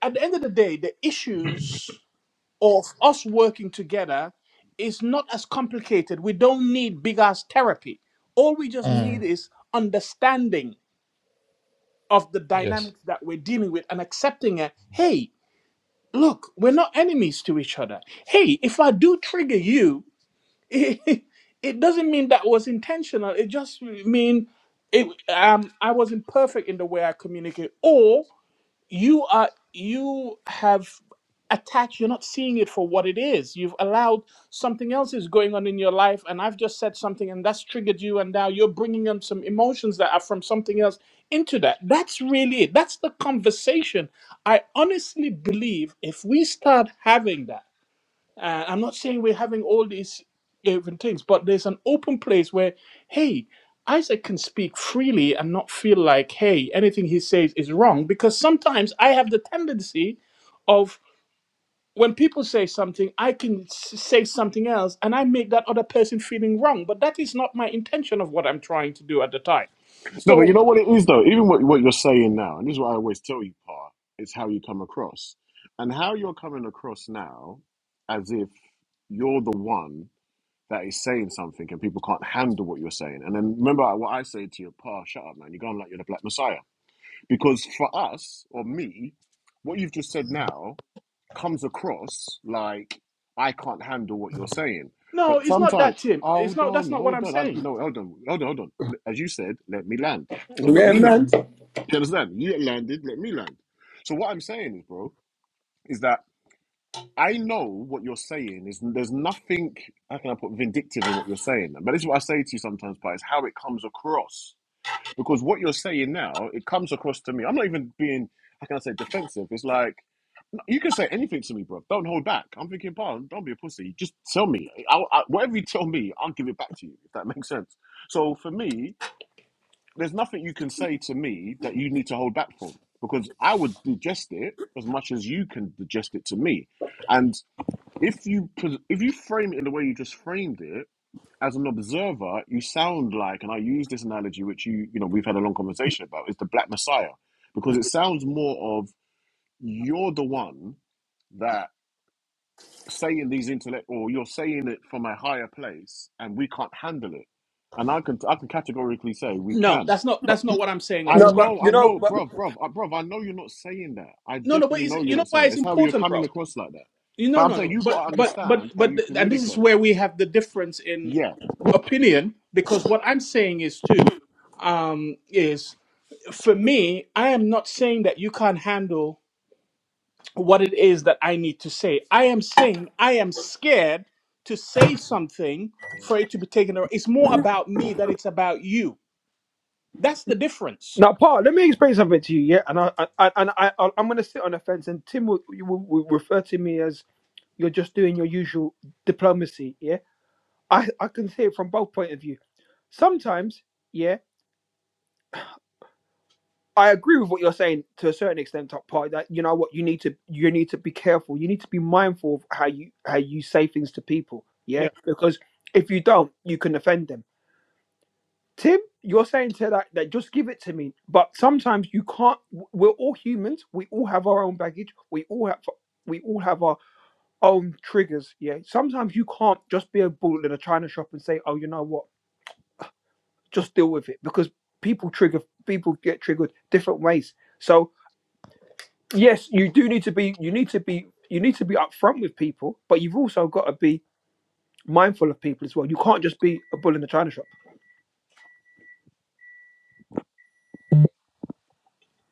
Speaker 2: at the end of the day, the issues of us working together is not as complicated. We don't need big ass therapy. All we just need
Speaker 1: Mm.
Speaker 2: is understanding of the
Speaker 1: Yes.
Speaker 2: dynamics that we're dealing with and accepting it. Hey, look, we're not enemies to each other. Hey, if I do trigger you, it, doesn't mean that was intentional. It just mean it um I wasn't perfect in the way I communicate or you are you have attached you're not seeing it for what it is you've allowed something else is going on in your life and i've just said something and that's triggered you and now you're bringing in some emotions that are from something else into that that's really it that's the conversation i honestly believe if we start having that uh, I'm not saying we're having all these different things, but there's an open place where, hey, Isaac can speak freely and not feel like, hey, anything he says is wrong. Because sometimes I have the tendency of when people say something, I can s- say something else and I make that other person feeling wrong. But that is not my intention of what I'm trying to do at the time.
Speaker 3: no, but you
Speaker 2: So,
Speaker 3: know what it is though. Even what what you're saying now, and this is what I always tell you, Pa, is how you come across, and how you're coming across now, as if you're the one that is saying something and people can't handle what you're saying. And then remember what I say to you, Pa, shut up, man. You're going like you're the Black Messiah. Because for us, or me, what you've just said now comes across like I can't handle what you're saying.
Speaker 2: no,
Speaker 3: But
Speaker 2: it's not
Speaker 3: sometimes,
Speaker 2: that, Tim. It's
Speaker 3: hold
Speaker 2: not,
Speaker 3: on,
Speaker 2: that's not what
Speaker 3: hold
Speaker 2: I'm
Speaker 3: on. I,
Speaker 2: saying.
Speaker 3: no, hold on, hold on, hold on. As you said, let me land. So let
Speaker 4: Yeah,
Speaker 3: me land.
Speaker 4: man.
Speaker 3: You understand? You landed, let me land. So what I'm saying is, bro, is that I know what you're saying is there's nothing how can I put vindictive in what you're saying, but this is what I say to you sometimes, but it's how it comes across. Because what you're saying now, it comes across to me. I'm not even being how can I say defensive. It's like you can say anything to me, bro. Don't hold back. I'm thinking, pal, don't be a pussy. Just tell me. I, I, whatever you tell me, I'll give it back to you. If that makes sense. So for me, there's nothing you can say to me that you need to hold back from because I would digest it as much as you can digest it to me. And if you pres- if you frame it in the way you just framed it as an observer you sound like and i use this analogy which you you know we've had a long conversation about is the black messiah because it sounds more of you're the one that saying these intellect or you're saying it from a higher place and we can't handle it and i can i can categorically say we
Speaker 2: No,
Speaker 3: can
Speaker 2: that's not,
Speaker 3: but
Speaker 2: that's not what I'm saying at
Speaker 3: I
Speaker 4: No,
Speaker 2: all.
Speaker 4: but
Speaker 3: know, I
Speaker 4: you know,
Speaker 3: know,
Speaker 4: but
Speaker 3: bruv, bruv, uh, bruv, I know you're not saying that. I
Speaker 2: No, no, but
Speaker 3: definitely
Speaker 2: it's,
Speaker 3: know
Speaker 2: you
Speaker 3: you're
Speaker 2: know
Speaker 3: not
Speaker 2: why
Speaker 3: saying that.
Speaker 2: it's
Speaker 3: It's how you're
Speaker 2: important, bro?
Speaker 3: coming across like that.
Speaker 2: You
Speaker 3: But
Speaker 2: know,
Speaker 3: I'm
Speaker 2: no,
Speaker 3: saying
Speaker 2: no.
Speaker 3: you
Speaker 2: But
Speaker 3: got to
Speaker 2: but but
Speaker 3: understand how
Speaker 2: but
Speaker 3: you
Speaker 2: th- and this is
Speaker 3: communicate.
Speaker 2: where we have the difference in
Speaker 3: Yeah.
Speaker 2: opinion because what I'm saying is too um is for me, I am not saying that you can't handle what it is that I need to say. I am saying I am scared to say something for it to be taken away. It's more about me than it's about you. That's the difference.
Speaker 4: Now, Paul, let me explain something to you, yeah? And I, I, I and I, I I'm gonna sit on the fence, and Tim will, you will, will refer to me as you're just doing your usual diplomacy, yeah? I, I can see it from both point of view. Sometimes, yeah, I agree with what you're saying to a certain extent, Top Party. That you know what you need to you need to be careful. You need to be mindful of how you how you say things to people. Yeah, because if you don't, you can offend them. Tim, you're saying to that that just give it to me. But sometimes you can't. We're all humans. We all have our own baggage. We all have we all have our own triggers. Yeah. Sometimes you can't just be a bull in a china shop and say, oh, you know what, just deal with it because people trigger people get triggered different ways. So yes, you do need to be you need to be you need to be upfront with people, but you've also got to be mindful of people as well. You can't just be a bull in the china shop.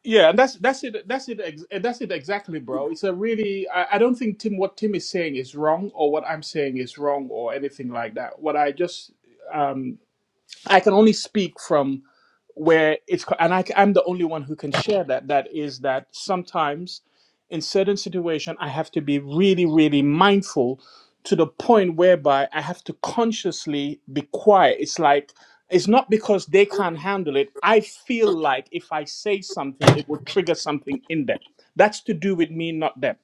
Speaker 2: Yeah, and that's that's it. That's it. ex- eh, That's it exactly, bro. It's a really. I, I don't think Tim. What Tim is saying is wrong, or what I'm saying is wrong, or anything like that. What I just. I can only speak from where it's and I, am the only one who can share that that is that sometimes in certain situations, i have to be really really mindful to the point whereby i have to consciously be quiet it's like it's not because they can't handle it i feel like if i say something it will trigger something in them that's to do with me not them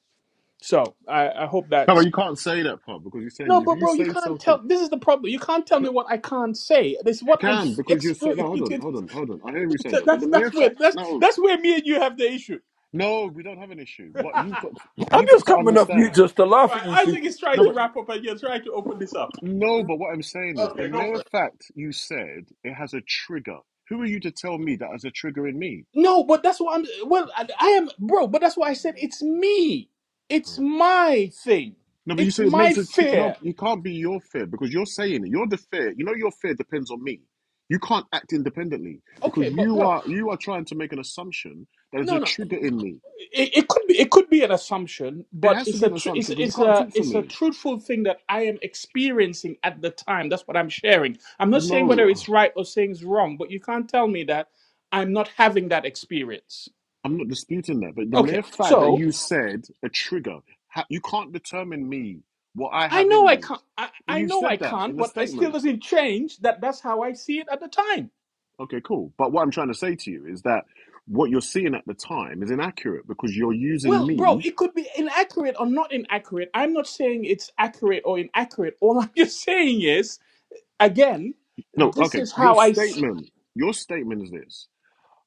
Speaker 2: so i, I hope
Speaker 3: No,
Speaker 2: that's
Speaker 3: but you can't say that part because you're saying
Speaker 2: no,
Speaker 3: if
Speaker 2: but
Speaker 3: you
Speaker 2: bro, you
Speaker 3: say
Speaker 2: can't
Speaker 3: something,
Speaker 2: tell. This is the problem. You can't tell
Speaker 3: no,
Speaker 2: me what I can't say. This is
Speaker 3: you
Speaker 2: what I'm
Speaker 3: can because you're saying, no, hold on,
Speaker 2: experiencing.
Speaker 3: hold on, hold on. I hear you saying
Speaker 2: That-
Speaker 3: that, but
Speaker 2: That's
Speaker 3: the mere
Speaker 2: that's where
Speaker 3: fact,
Speaker 2: that's
Speaker 3: no,
Speaker 2: that's where me and you have the issue.
Speaker 3: no, we don't have an issue. What you've got,
Speaker 2: right,
Speaker 4: I'm
Speaker 3: you've got
Speaker 4: just
Speaker 3: to
Speaker 4: coming off mute
Speaker 3: understand.
Speaker 4: just to laugh at you two.
Speaker 2: Isaac is trying
Speaker 3: No,
Speaker 2: to
Speaker 3: but
Speaker 2: wrap up, and you're trying to open this up.
Speaker 3: no, but what I'm saying is the mere fact you said it has a trigger. Who are you to tell me that has a trigger in me?
Speaker 2: No, but that's what I'm. Well, I, I am, bro. But that's why I said it's me. It's my thing.
Speaker 3: No, but you
Speaker 2: It's
Speaker 3: said it
Speaker 2: my
Speaker 3: makes it true. No,
Speaker 2: fear.
Speaker 3: it can't be your fear because you're saying it. You're the fear. You know your fear depends on me. You can't act independently because
Speaker 2: Okay, but
Speaker 3: you
Speaker 2: bro,
Speaker 3: are you are trying to make an assumption that is
Speaker 2: no,
Speaker 3: a
Speaker 2: no.
Speaker 3: trigger in me.
Speaker 2: It, it could be it could be an assumption,
Speaker 3: It
Speaker 2: but
Speaker 3: has to
Speaker 2: it's
Speaker 3: be
Speaker 2: a
Speaker 3: an
Speaker 2: tr-
Speaker 3: assumption
Speaker 2: it's
Speaker 3: because you
Speaker 2: it's
Speaker 3: can't
Speaker 2: a
Speaker 3: talk for
Speaker 2: it's a
Speaker 3: me.
Speaker 2: truthful thing that I am experiencing at the time. That's what I'm sharing. I'm not
Speaker 3: But
Speaker 2: saying
Speaker 3: no,
Speaker 2: whether
Speaker 3: ugh,
Speaker 2: it's right or saying it's wrong, but you can't tell me that I'm not having that experience.
Speaker 3: I'm not disputing that. But the
Speaker 2: Okay,
Speaker 3: mere fact that
Speaker 2: so
Speaker 3: you said a trigger, ha- you can't determine me what I
Speaker 2: I
Speaker 3: have
Speaker 2: know
Speaker 3: in
Speaker 2: I
Speaker 3: me.
Speaker 2: can't. I,
Speaker 3: But
Speaker 2: I
Speaker 3: you've
Speaker 2: know
Speaker 3: said
Speaker 2: I
Speaker 3: that
Speaker 2: can't,
Speaker 3: in a
Speaker 2: but it still
Speaker 3: statement.
Speaker 2: doesn't change that. That's how I see it at the time.
Speaker 3: Okay, cool. But what I'm trying to say to you is that what you're seeing at the time is inaccurate because you're using
Speaker 2: Well, bro,
Speaker 3: me
Speaker 2: it could be inaccurate or not inaccurate. I'm not saying it's accurate or inaccurate. All I'm just saying is, again,
Speaker 3: No,
Speaker 2: this
Speaker 3: okay.
Speaker 2: is
Speaker 3: Your
Speaker 2: how I. See.
Speaker 3: statement, your statement is this: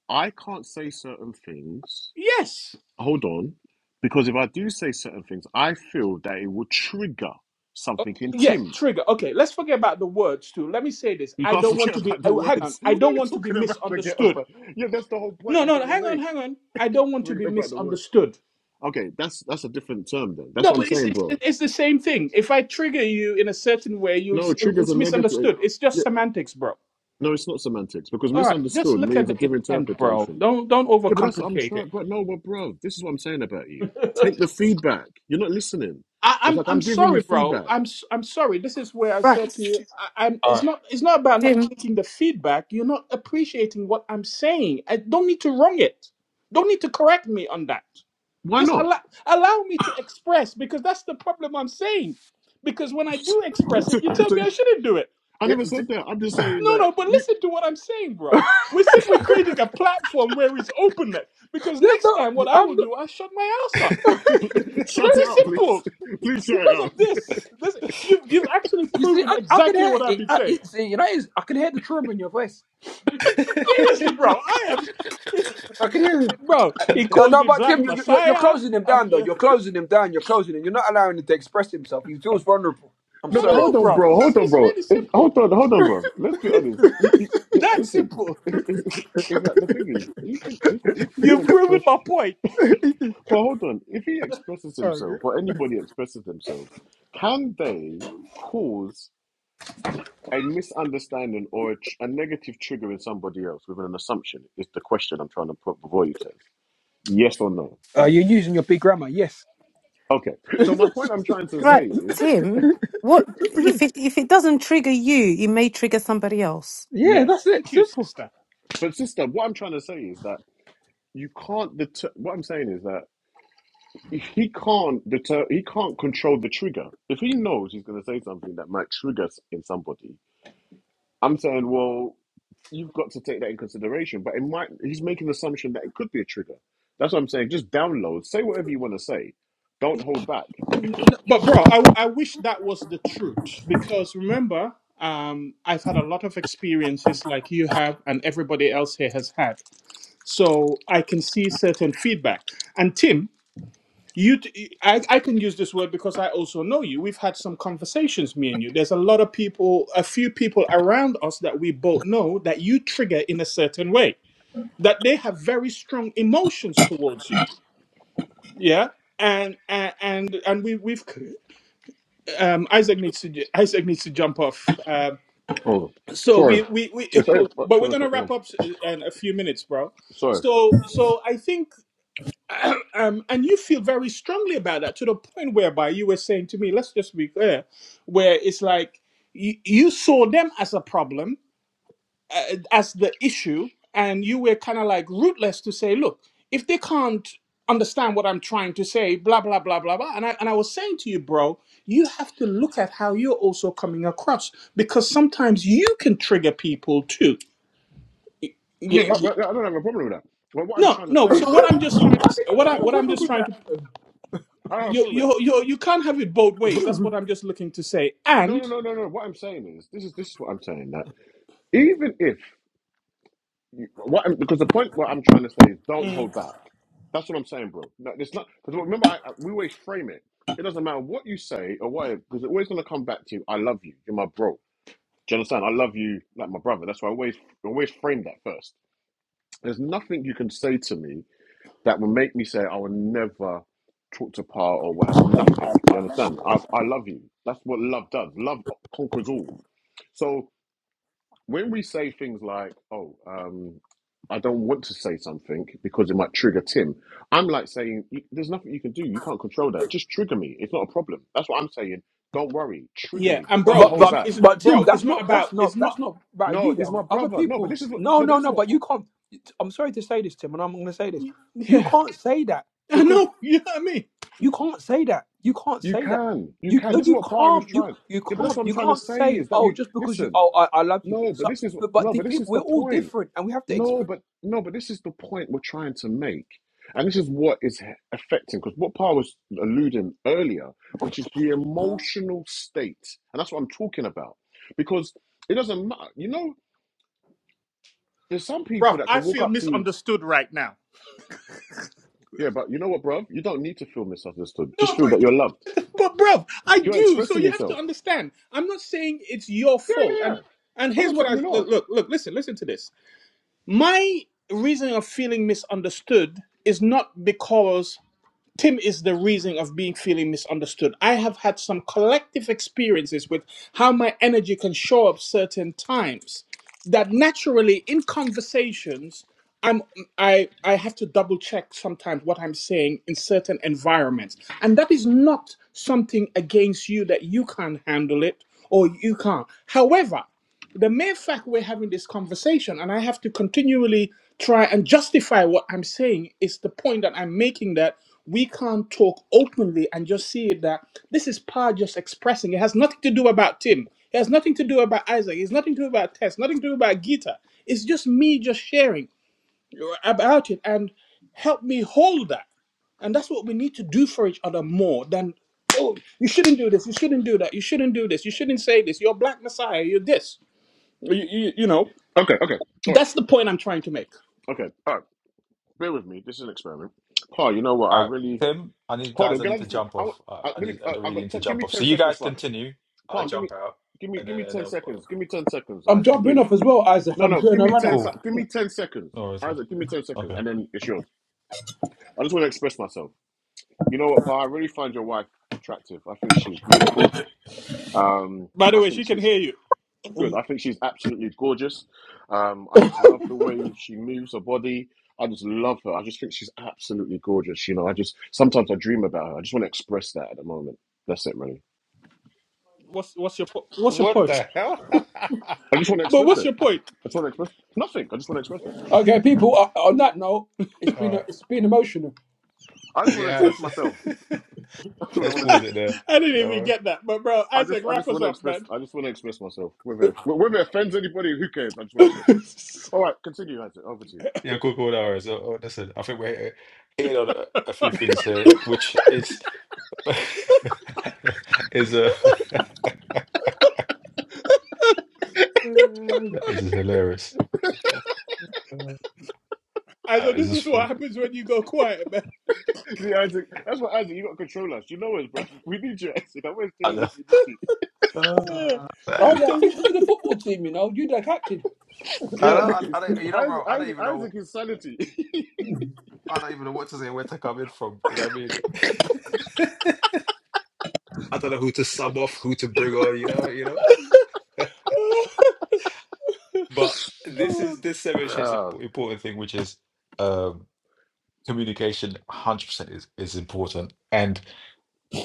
Speaker 3: I can't say certain things.
Speaker 2: Yes.
Speaker 3: Hold on, because if I do say certain things, I feel that it would trigger something in
Speaker 2: Yeah.
Speaker 3: Tim.
Speaker 2: Trigger. Okay. Let's forget about the words too. Let me say this.
Speaker 3: You
Speaker 2: I
Speaker 3: can't
Speaker 2: don't want
Speaker 3: forget
Speaker 2: to be.
Speaker 3: about the
Speaker 2: Oh, hang on.
Speaker 3: words.
Speaker 2: I
Speaker 3: What are
Speaker 2: don't
Speaker 3: you
Speaker 2: want to be
Speaker 3: talking about? Forget
Speaker 2: misunderstood.
Speaker 3: about? Yeah, that's the whole point
Speaker 2: No,
Speaker 3: I'm
Speaker 2: no. no,
Speaker 3: trying to
Speaker 2: Hang on.
Speaker 3: make.
Speaker 2: Hang on. I don't want to be
Speaker 3: Forget about the words.
Speaker 2: misunderstood.
Speaker 3: Okay, that's that's a different term then. That's
Speaker 2: No,
Speaker 3: what I'm
Speaker 2: but it's,
Speaker 3: saying,
Speaker 2: it's
Speaker 3: bro.
Speaker 2: it's the same thing. If I trigger you in a certain way, you'll
Speaker 3: No,
Speaker 2: say
Speaker 3: triggers are
Speaker 2: it's
Speaker 3: negative.
Speaker 2: misunderstood. It's just
Speaker 3: Yeah,
Speaker 2: semantics, bro.
Speaker 3: no, it's not semantics because
Speaker 2: All right, just
Speaker 3: misunderstood
Speaker 2: look at
Speaker 3: means a
Speaker 2: the
Speaker 3: different
Speaker 2: intent, bro.
Speaker 3: interpretation.
Speaker 2: Don't don't
Speaker 3: Yeah, but that's what I'm
Speaker 2: overcomplicate it.
Speaker 3: trying. But no, but bro, this is what I'm saying about you. Take the feedback. You're not listening.
Speaker 2: I,
Speaker 3: It's
Speaker 2: I'm
Speaker 3: like I'm
Speaker 2: I'm
Speaker 3: giving you
Speaker 2: sorry, bro.
Speaker 3: feedback.
Speaker 2: I'm s- I'm sorry. This is where I
Speaker 6: Right,
Speaker 2: said to you, I, I'm. It's
Speaker 1: All right.
Speaker 2: not it's not about not
Speaker 6: Tim.
Speaker 2: taking the feedback. You're not appreciating what I'm saying. I don't need to wrong it. Don't need to correct me on that.
Speaker 3: Why
Speaker 2: Just
Speaker 3: not?
Speaker 2: allow allow me to express because that's the problem I'm saying. Because when I
Speaker 3: so,
Speaker 2: do express it, you tell
Speaker 3: so
Speaker 2: me I shouldn't do it.
Speaker 3: I never said that. I'm just saying
Speaker 2: No,
Speaker 3: that
Speaker 2: no, but
Speaker 3: you
Speaker 2: listen to what I'm saying, bro. We said we're creating a platform where it's openness. Because
Speaker 4: There's
Speaker 2: next
Speaker 4: no,
Speaker 2: time, what I will
Speaker 4: I'm. Not,
Speaker 2: do, I shut my ass up.
Speaker 3: shut it
Speaker 2: Very
Speaker 3: up, please.
Speaker 2: simple.
Speaker 3: please shut it
Speaker 2: Because
Speaker 3: up.
Speaker 2: of this, this you've you've actually
Speaker 4: you see,
Speaker 2: proven
Speaker 4: I, I can
Speaker 2: exactly
Speaker 4: hear
Speaker 2: what I've
Speaker 4: it.
Speaker 2: been
Speaker 4: I,
Speaker 2: saying.
Speaker 4: you see, you know, it's, I can hear the trauma in your voice.
Speaker 2: Seriously, bro, I am,
Speaker 4: I can hear. it.
Speaker 2: bro. He
Speaker 4: No,
Speaker 2: calls
Speaker 4: no,
Speaker 2: me
Speaker 4: but
Speaker 2: Black
Speaker 4: Tim, you, you- you're, you're
Speaker 2: Messiah.
Speaker 4: closing him
Speaker 2: I
Speaker 4: down, though.
Speaker 2: feel.
Speaker 4: You're closing him down. You're closing him. You're not allowing him to express himself. He feels vulnerable. I'm
Speaker 3: No,
Speaker 2: I
Speaker 3: but
Speaker 4: sorry.
Speaker 3: hold
Speaker 2: know,
Speaker 3: on,
Speaker 2: bro.
Speaker 3: bro.
Speaker 2: This
Speaker 3: Hold on,
Speaker 2: is
Speaker 3: bro.
Speaker 2: really
Speaker 3: If,
Speaker 2: simple.
Speaker 3: hold on, hold on, bro. Let's be honest. You, you li-
Speaker 2: That
Speaker 3: listen.
Speaker 2: simple.
Speaker 3: It's, it's, it's, it's like the thing is, even if if you
Speaker 2: You've proven
Speaker 3: express,
Speaker 2: my point.
Speaker 3: but hold on, if he expresses
Speaker 4: Oh, yeah.
Speaker 3: himself or anybody expresses themselves, can they cause? a misunderstanding or a, tr- a negative trigger in somebody else with an assumption is the question I'm trying to put before you, Tez. Yes or no?
Speaker 4: uh, you're using your big grammar, yes.
Speaker 3: Okay. So my point I'm trying to say
Speaker 6: Right,
Speaker 3: is
Speaker 6: Tim. What if it if it doesn't trigger you, it may trigger somebody else.
Speaker 4: Yeah,
Speaker 3: yes.
Speaker 4: that's it.
Speaker 2: Thank you,
Speaker 4: Simple.
Speaker 2: sister.
Speaker 3: But sister, what I'm trying to say is that you can't deter. What I'm saying is that he can't deter. He can't control the trigger. If he knows he's going to say something that might trigger s- in somebody, I'm saying, well, you've got to take that in consideration. But it might he's making the assumption that it could be a trigger. That's what I'm saying. Just download. Say whatever you want to say. Don't hold back.
Speaker 2: N- But bro, I I wish that was the truth because remember, um, I've had a lot of experiences like you have and everybody else here has had. So I can see certain feedback. And Tim, you, t- I, I can use this word because I also know you. We've had some conversations, me and you. There's a lot of people, a few people around us that we both know that you trigger in a certain way. That they have very strong emotions towards you. Yeah, and and and, and we we've um, Isaac needs to Isaac needs to jump off. Um,
Speaker 3: Oh,
Speaker 2: so we
Speaker 3: sorry.
Speaker 2: we, we
Speaker 3: If I, fuck,
Speaker 2: but we're
Speaker 3: 12
Speaker 2: gonna
Speaker 3: o'clock, oh,
Speaker 2: wrap up in a few minutes, bro.
Speaker 3: sorry.
Speaker 2: So so I think um, and you feel very strongly about that to the point whereby you were saying to me, let's just be clear, where it's like you, you saw them as a problem uh, as the issue, and you were kind of like rootless to say, look, if they can't understand what I'm trying to say, blah blah blah blah blah. And I and I was saying to you, bro, you have to look at how you're also coming across because sometimes you can trigger people too. Y-
Speaker 3: I, mean,
Speaker 2: y-
Speaker 3: I,
Speaker 2: y-
Speaker 3: I- I don't have a problem with that. But what I'm
Speaker 2: No,
Speaker 3: trying to
Speaker 2: no.
Speaker 3: say
Speaker 2: So
Speaker 3: is
Speaker 2: what
Speaker 3: that
Speaker 2: I'm just trying
Speaker 4: How
Speaker 2: to
Speaker 4: did
Speaker 2: say,
Speaker 4: you
Speaker 2: what
Speaker 4: not
Speaker 2: I
Speaker 4: have a
Speaker 2: what I'm
Speaker 4: problem
Speaker 2: just
Speaker 4: with
Speaker 2: trying
Speaker 4: that?
Speaker 2: to
Speaker 3: I don't have a
Speaker 2: you
Speaker 3: problem with that.
Speaker 2: you you you can't have it both ways. That's what I'm just looking to say.
Speaker 3: No, no,
Speaker 2: And
Speaker 3: no, no, no. What I'm saying is this is this is what I'm saying that even if You- What I'm- because the point what I'm trying to say is don't
Speaker 2: Mm.
Speaker 3: hold back. That's what I'm saying, bro. No, it's not because remember I, I- we always frame it. It doesn't matter what you say or what because it's always gonna come back to you. I love you. You're my bro. Do you understand? I love you like my brother. That's why I always always frame that first. There's nothing you can say to me that will make me say I will never talk to Pa or what. Nothing. Do you understand? I I love you. That's what love does. Love conquers all. So when we say things like, "Oh, um, I don't want to say something because it might trigger Tim," I'm like saying, "You- "There's nothing you can do. You can't control that. Just trigger me. It's not a problem." That's what I'm saying. Don't worry, trigger
Speaker 2: yeah,
Speaker 3: me,
Speaker 2: and
Speaker 3: but don't
Speaker 2: bro,
Speaker 4: But
Speaker 3: hold
Speaker 2: it's,
Speaker 4: but
Speaker 3: back.
Speaker 2: it's
Speaker 4: but Tim,
Speaker 2: bro, it's
Speaker 4: that's
Speaker 2: not
Speaker 4: not
Speaker 2: about
Speaker 4: that's
Speaker 2: it's
Speaker 4: not that's
Speaker 2: not
Speaker 4: not about
Speaker 3: No,
Speaker 4: you
Speaker 3: it's
Speaker 4: though.
Speaker 3: my
Speaker 4: Other
Speaker 3: brother. No, but
Speaker 4: people,
Speaker 3: this is what.
Speaker 4: no
Speaker 3: No, but
Speaker 4: no
Speaker 3: this is
Speaker 4: no.
Speaker 3: what.
Speaker 4: But
Speaker 3: Pa-
Speaker 4: you can't. I'm sorry to say this, Tim, and I'm going to say this. You
Speaker 2: yeah.
Speaker 4: can't say that
Speaker 2: I
Speaker 4: because
Speaker 2: know, you know what I mean?
Speaker 4: you can't say that. You can't
Speaker 3: You
Speaker 4: say that.
Speaker 3: can, you
Speaker 4: You
Speaker 3: can.
Speaker 4: no,
Speaker 3: This is
Speaker 4: you
Speaker 3: what Par was
Speaker 4: can't. You
Speaker 3: trying.
Speaker 4: you
Speaker 3: Yeah, but that's
Speaker 4: can't.
Speaker 3: what I'm
Speaker 4: You
Speaker 3: trying to
Speaker 4: can't
Speaker 3: say
Speaker 4: say
Speaker 3: is that
Speaker 4: oh
Speaker 3: you
Speaker 4: just because you
Speaker 3: listen.
Speaker 4: oh I, I love you.
Speaker 3: No, but
Speaker 4: So
Speaker 3: this is
Speaker 4: but, but
Speaker 3: no,
Speaker 4: the
Speaker 3: but this
Speaker 4: people
Speaker 3: is
Speaker 4: we're
Speaker 3: the
Speaker 4: all
Speaker 3: point.
Speaker 4: different and we have to. Exp-
Speaker 3: No, but no, but this is the point we're trying to make. And this is what is affecting, because what Paul was alluding earlier, which is the emotional state. And that's what I'm talking about. Because it doesn't matter. You know, there's some people
Speaker 2: bro,
Speaker 3: that can
Speaker 2: I
Speaker 3: walk
Speaker 2: feel
Speaker 3: up to you,
Speaker 2: misunderstood right now.
Speaker 3: yeah, but you know what, bruv? You don't need to feel misunderstood.
Speaker 2: No,
Speaker 3: Just feel
Speaker 2: but
Speaker 3: that you're loved.
Speaker 2: But bro, I
Speaker 3: You're
Speaker 2: do. So
Speaker 3: expressing
Speaker 2: you have to
Speaker 3: yourself.
Speaker 2: understand. I'm not saying it's your
Speaker 3: Yeah,
Speaker 2: fault.
Speaker 3: yeah, yeah.
Speaker 2: And and
Speaker 3: I'm
Speaker 2: here's
Speaker 3: not
Speaker 2: what
Speaker 3: saying
Speaker 2: I
Speaker 3: you're not.
Speaker 2: look look, look listen listen to this. My reason of feeling misunderstood is not because Tim is the reason of being feeling misunderstood. I have had some collective experiences with how my energy can show up certain times that naturally in conversations I'm I I have to double check sometimes what I'm saying in certain environments. And that is not something against you that you can't handle it or you can't. However, the mere fact we're having this conversation and i have to continually try and justify what i'm saying is the point that i'm making that we can't talk openly and just see it that this is par just expressing it has nothing to do about tim it has nothing to do about isaac it's nothing to do about tess nothing to do about gita it's just me just sharing about it and help me hold that and that's what we need to do for each other more than oh you shouldn't do this you shouldn't do that you shouldn't do this you shouldn't say this you're black messiah you're this you, you, you know,
Speaker 3: Okay, okay. All right.
Speaker 2: that's the point I'm trying to make.
Speaker 3: Okay. All right. Bear with me. This is an experiment. Paul, you know what? I
Speaker 1: All right,
Speaker 3: really
Speaker 1: Tim. I need
Speaker 3: Hold
Speaker 1: guys.
Speaker 3: on,
Speaker 1: I
Speaker 3: can I
Speaker 1: need to
Speaker 3: just?
Speaker 1: jump
Speaker 3: I, want-
Speaker 1: off.
Speaker 3: I,
Speaker 1: I, I
Speaker 3: let me.
Speaker 1: need. I
Speaker 3: I, I
Speaker 1: really
Speaker 3: got.
Speaker 1: need to
Speaker 3: Ten, give
Speaker 1: jump
Speaker 3: me
Speaker 1: off.
Speaker 3: ten
Speaker 1: So you
Speaker 3: seconds,
Speaker 1: guys
Speaker 3: Paul.
Speaker 1: continue. I
Speaker 3: Paul, give me,
Speaker 1: jump out,
Speaker 3: give me,
Speaker 1: and
Speaker 3: give
Speaker 1: then,
Speaker 3: me
Speaker 1: and
Speaker 3: ten
Speaker 1: then uh,
Speaker 3: seconds. Give me ten seconds,
Speaker 4: I'm
Speaker 3: Isaac,
Speaker 4: jumping
Speaker 3: please.
Speaker 4: up as well, Isaac.
Speaker 3: No,
Speaker 4: I'm
Speaker 3: no,
Speaker 4: doing
Speaker 3: give
Speaker 4: a
Speaker 3: me
Speaker 4: runner.
Speaker 3: ten.
Speaker 1: cool.
Speaker 3: sec- Give me ten seconds,
Speaker 1: No worries.
Speaker 3: Isaac. Give me ten seconds,
Speaker 1: Okay.
Speaker 3: and then it's yours. I just want to express myself. You know what, Paul? I really find your wife attractive. I think she's beautiful. Um,
Speaker 2: By the
Speaker 3: I
Speaker 2: way,
Speaker 3: think
Speaker 2: she can
Speaker 3: she
Speaker 2: hear you.
Speaker 3: good. I think she's absolutely gorgeous. Um, I just love the way she moves her body. I just love her. I just think she's absolutely gorgeous. You know, I just sometimes I dream about her. I just want to express that at the moment. That's it, really.
Speaker 2: What's what's your po- what's your
Speaker 1: What
Speaker 2: point?
Speaker 1: the hell?
Speaker 3: I just want to
Speaker 2: But
Speaker 3: express
Speaker 2: what's
Speaker 3: it.
Speaker 2: your point?
Speaker 3: I just want to express nothing. I just want to express it.
Speaker 4: Okay, people. Uh, on that note, it's
Speaker 1: All
Speaker 4: been
Speaker 1: right.
Speaker 4: it's been emotional.
Speaker 3: I just want to express
Speaker 1: Yes.
Speaker 3: myself. That's what I
Speaker 1: Let's
Speaker 3: want to
Speaker 2: I
Speaker 1: pause
Speaker 3: do.
Speaker 1: it there.
Speaker 2: didn't
Speaker 1: No
Speaker 2: even
Speaker 1: worry.
Speaker 2: get that. But bro,
Speaker 3: I just,
Speaker 2: Isaac,
Speaker 3: I
Speaker 2: wrap
Speaker 3: just
Speaker 2: us
Speaker 3: want to
Speaker 2: up,
Speaker 3: express.
Speaker 2: man.
Speaker 3: I just want to express myself. Whether it, whether it offends anybody, who cares? I just want to express myself. All right, continue, Isaac. Over to you.
Speaker 1: Yeah, cool, cool, no worries. Oh, oh, listen, I think we're hit- hitting on a, a few things here, which is is a that is just hilarious. Uh, That
Speaker 2: Isaac,
Speaker 1: is
Speaker 2: this
Speaker 1: just
Speaker 2: is what
Speaker 1: fun.
Speaker 2: happens when you go quiet,
Speaker 3: See, Isaac, that's what Isaac. You got to control us. You know us, bro. We need you, Isaac. I always
Speaker 1: I
Speaker 3: tell you,
Speaker 1: know.
Speaker 3: we need you.
Speaker 2: man.
Speaker 1: Uh,
Speaker 2: Oh,
Speaker 4: I
Speaker 1: that
Speaker 4: was
Speaker 1: is,
Speaker 2: Thank
Speaker 4: like,
Speaker 1: I,
Speaker 4: thinking for the football team, you know, you're the captain.
Speaker 1: I
Speaker 3: Yeah,
Speaker 1: know. I,
Speaker 3: it's,
Speaker 1: I don't, you know,
Speaker 3: Isaac,
Speaker 1: bro. I don't
Speaker 3: Isaac,
Speaker 1: even
Speaker 3: Isaac
Speaker 1: know.
Speaker 3: is sanity.
Speaker 1: I don't even know what to say. Where to come in from? You know what I mean? I don't know who to sub off, who to bring on. You know. You know.
Speaker 2: you
Speaker 1: But this is this demonstrates an
Speaker 3: Ah,
Speaker 1: important thing, which is um, communication. One Hundred percent is is important, and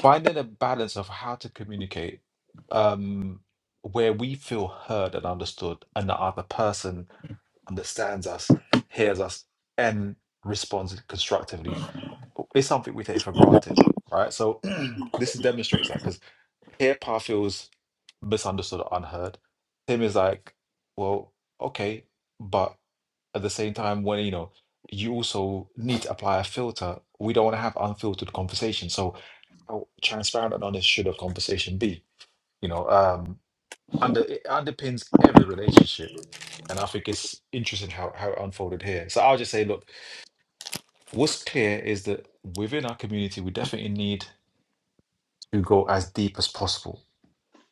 Speaker 1: finding a balance of how to communicate, um, where we feel heard and understood, and the other person understands us, hears us, and responds constructively, is something we take for granted, right? So this demonstrates that because. Here, Pa feels misunderstood or unheard. Tim is like, well, okay, but at the same time, when you know, you also need to apply a filter. We don't want to have unfiltered conversation. So, how transparent and honest should a conversation be? You know, um, under it underpins every relationship, and I think it's interesting how how it unfolded here. So I'll just say, look, what's clear is that within our community, we definitely need to go as deep as possible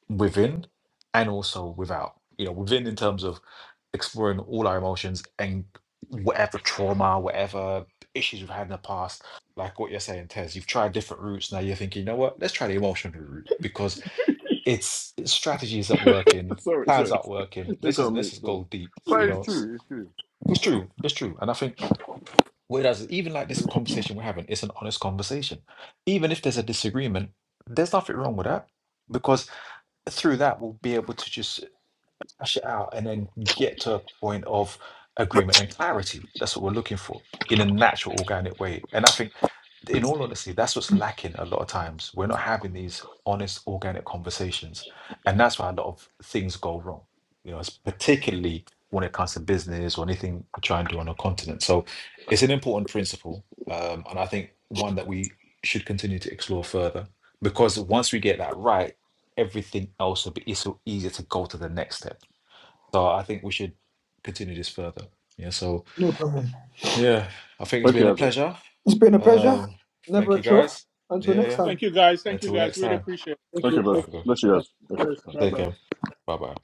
Speaker 1: within and also without. You know, within in terms of exploring all our emotions and whatever trauma, whatever issues we've had in the past, like what you're saying, Tez, you've tried different routes. Now you're thinking, you know what, let's try the emotional route because it's strategy isn't working,
Speaker 3: sorry, sorry.
Speaker 1: plans aren't working.
Speaker 3: You
Speaker 1: This
Speaker 3: got
Speaker 1: is
Speaker 3: me.
Speaker 1: this is
Speaker 3: Sorry,
Speaker 1: go deep,
Speaker 3: but
Speaker 1: you
Speaker 3: it's
Speaker 1: know. It's,
Speaker 3: true. It's true.
Speaker 1: it's true, it's true. And I think whereas even like this conversation we're having, it's an honest conversation. Even if there's a disagreement, there's nothing wrong with that. Because through that we'll be able to just hash it out and then get to a point of agreement and clarity. That's what we're looking for in a natural, organic way. And I think, in all honesty, that's what's lacking a lot of times. We're not having these honest, organic conversations. And that's why a lot of things go wrong, you know, it's particularly when it comes to business or anything we try and do on a continent. So it's an important principle. Um, and I think one that we should continue to explore further because once we get that right, everything else will be it's so easier to go to the next step so I think we should continue this further. Yeah. So yeah, I think it's
Speaker 3: Okay,
Speaker 1: been a
Speaker 3: Isaac.
Speaker 1: pleasure. Um, thank you guys. Yeah, yeah.
Speaker 2: Thank you guys. Thank you
Speaker 1: Until
Speaker 2: guys.
Speaker 1: next
Speaker 2: Really
Speaker 1: time.
Speaker 2: appreciate it.
Speaker 3: Okay, bro.
Speaker 1: Okay.
Speaker 3: Let's see, Isaac.
Speaker 2: Cheers.
Speaker 3: Okay.
Speaker 2: Bye
Speaker 1: Take
Speaker 2: bye.
Speaker 1: care. Bye bye.